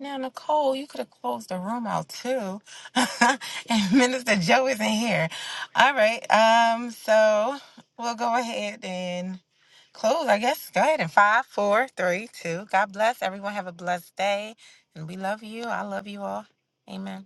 Now, Nicole, you could have closed the room out too. and Minister Joe isn't here. All right. Um, so we'll go ahead and close, I guess. Go ahead in five, four, three, two. God bless. Everyone have a blessed day. And we love you. I love you all. Amen.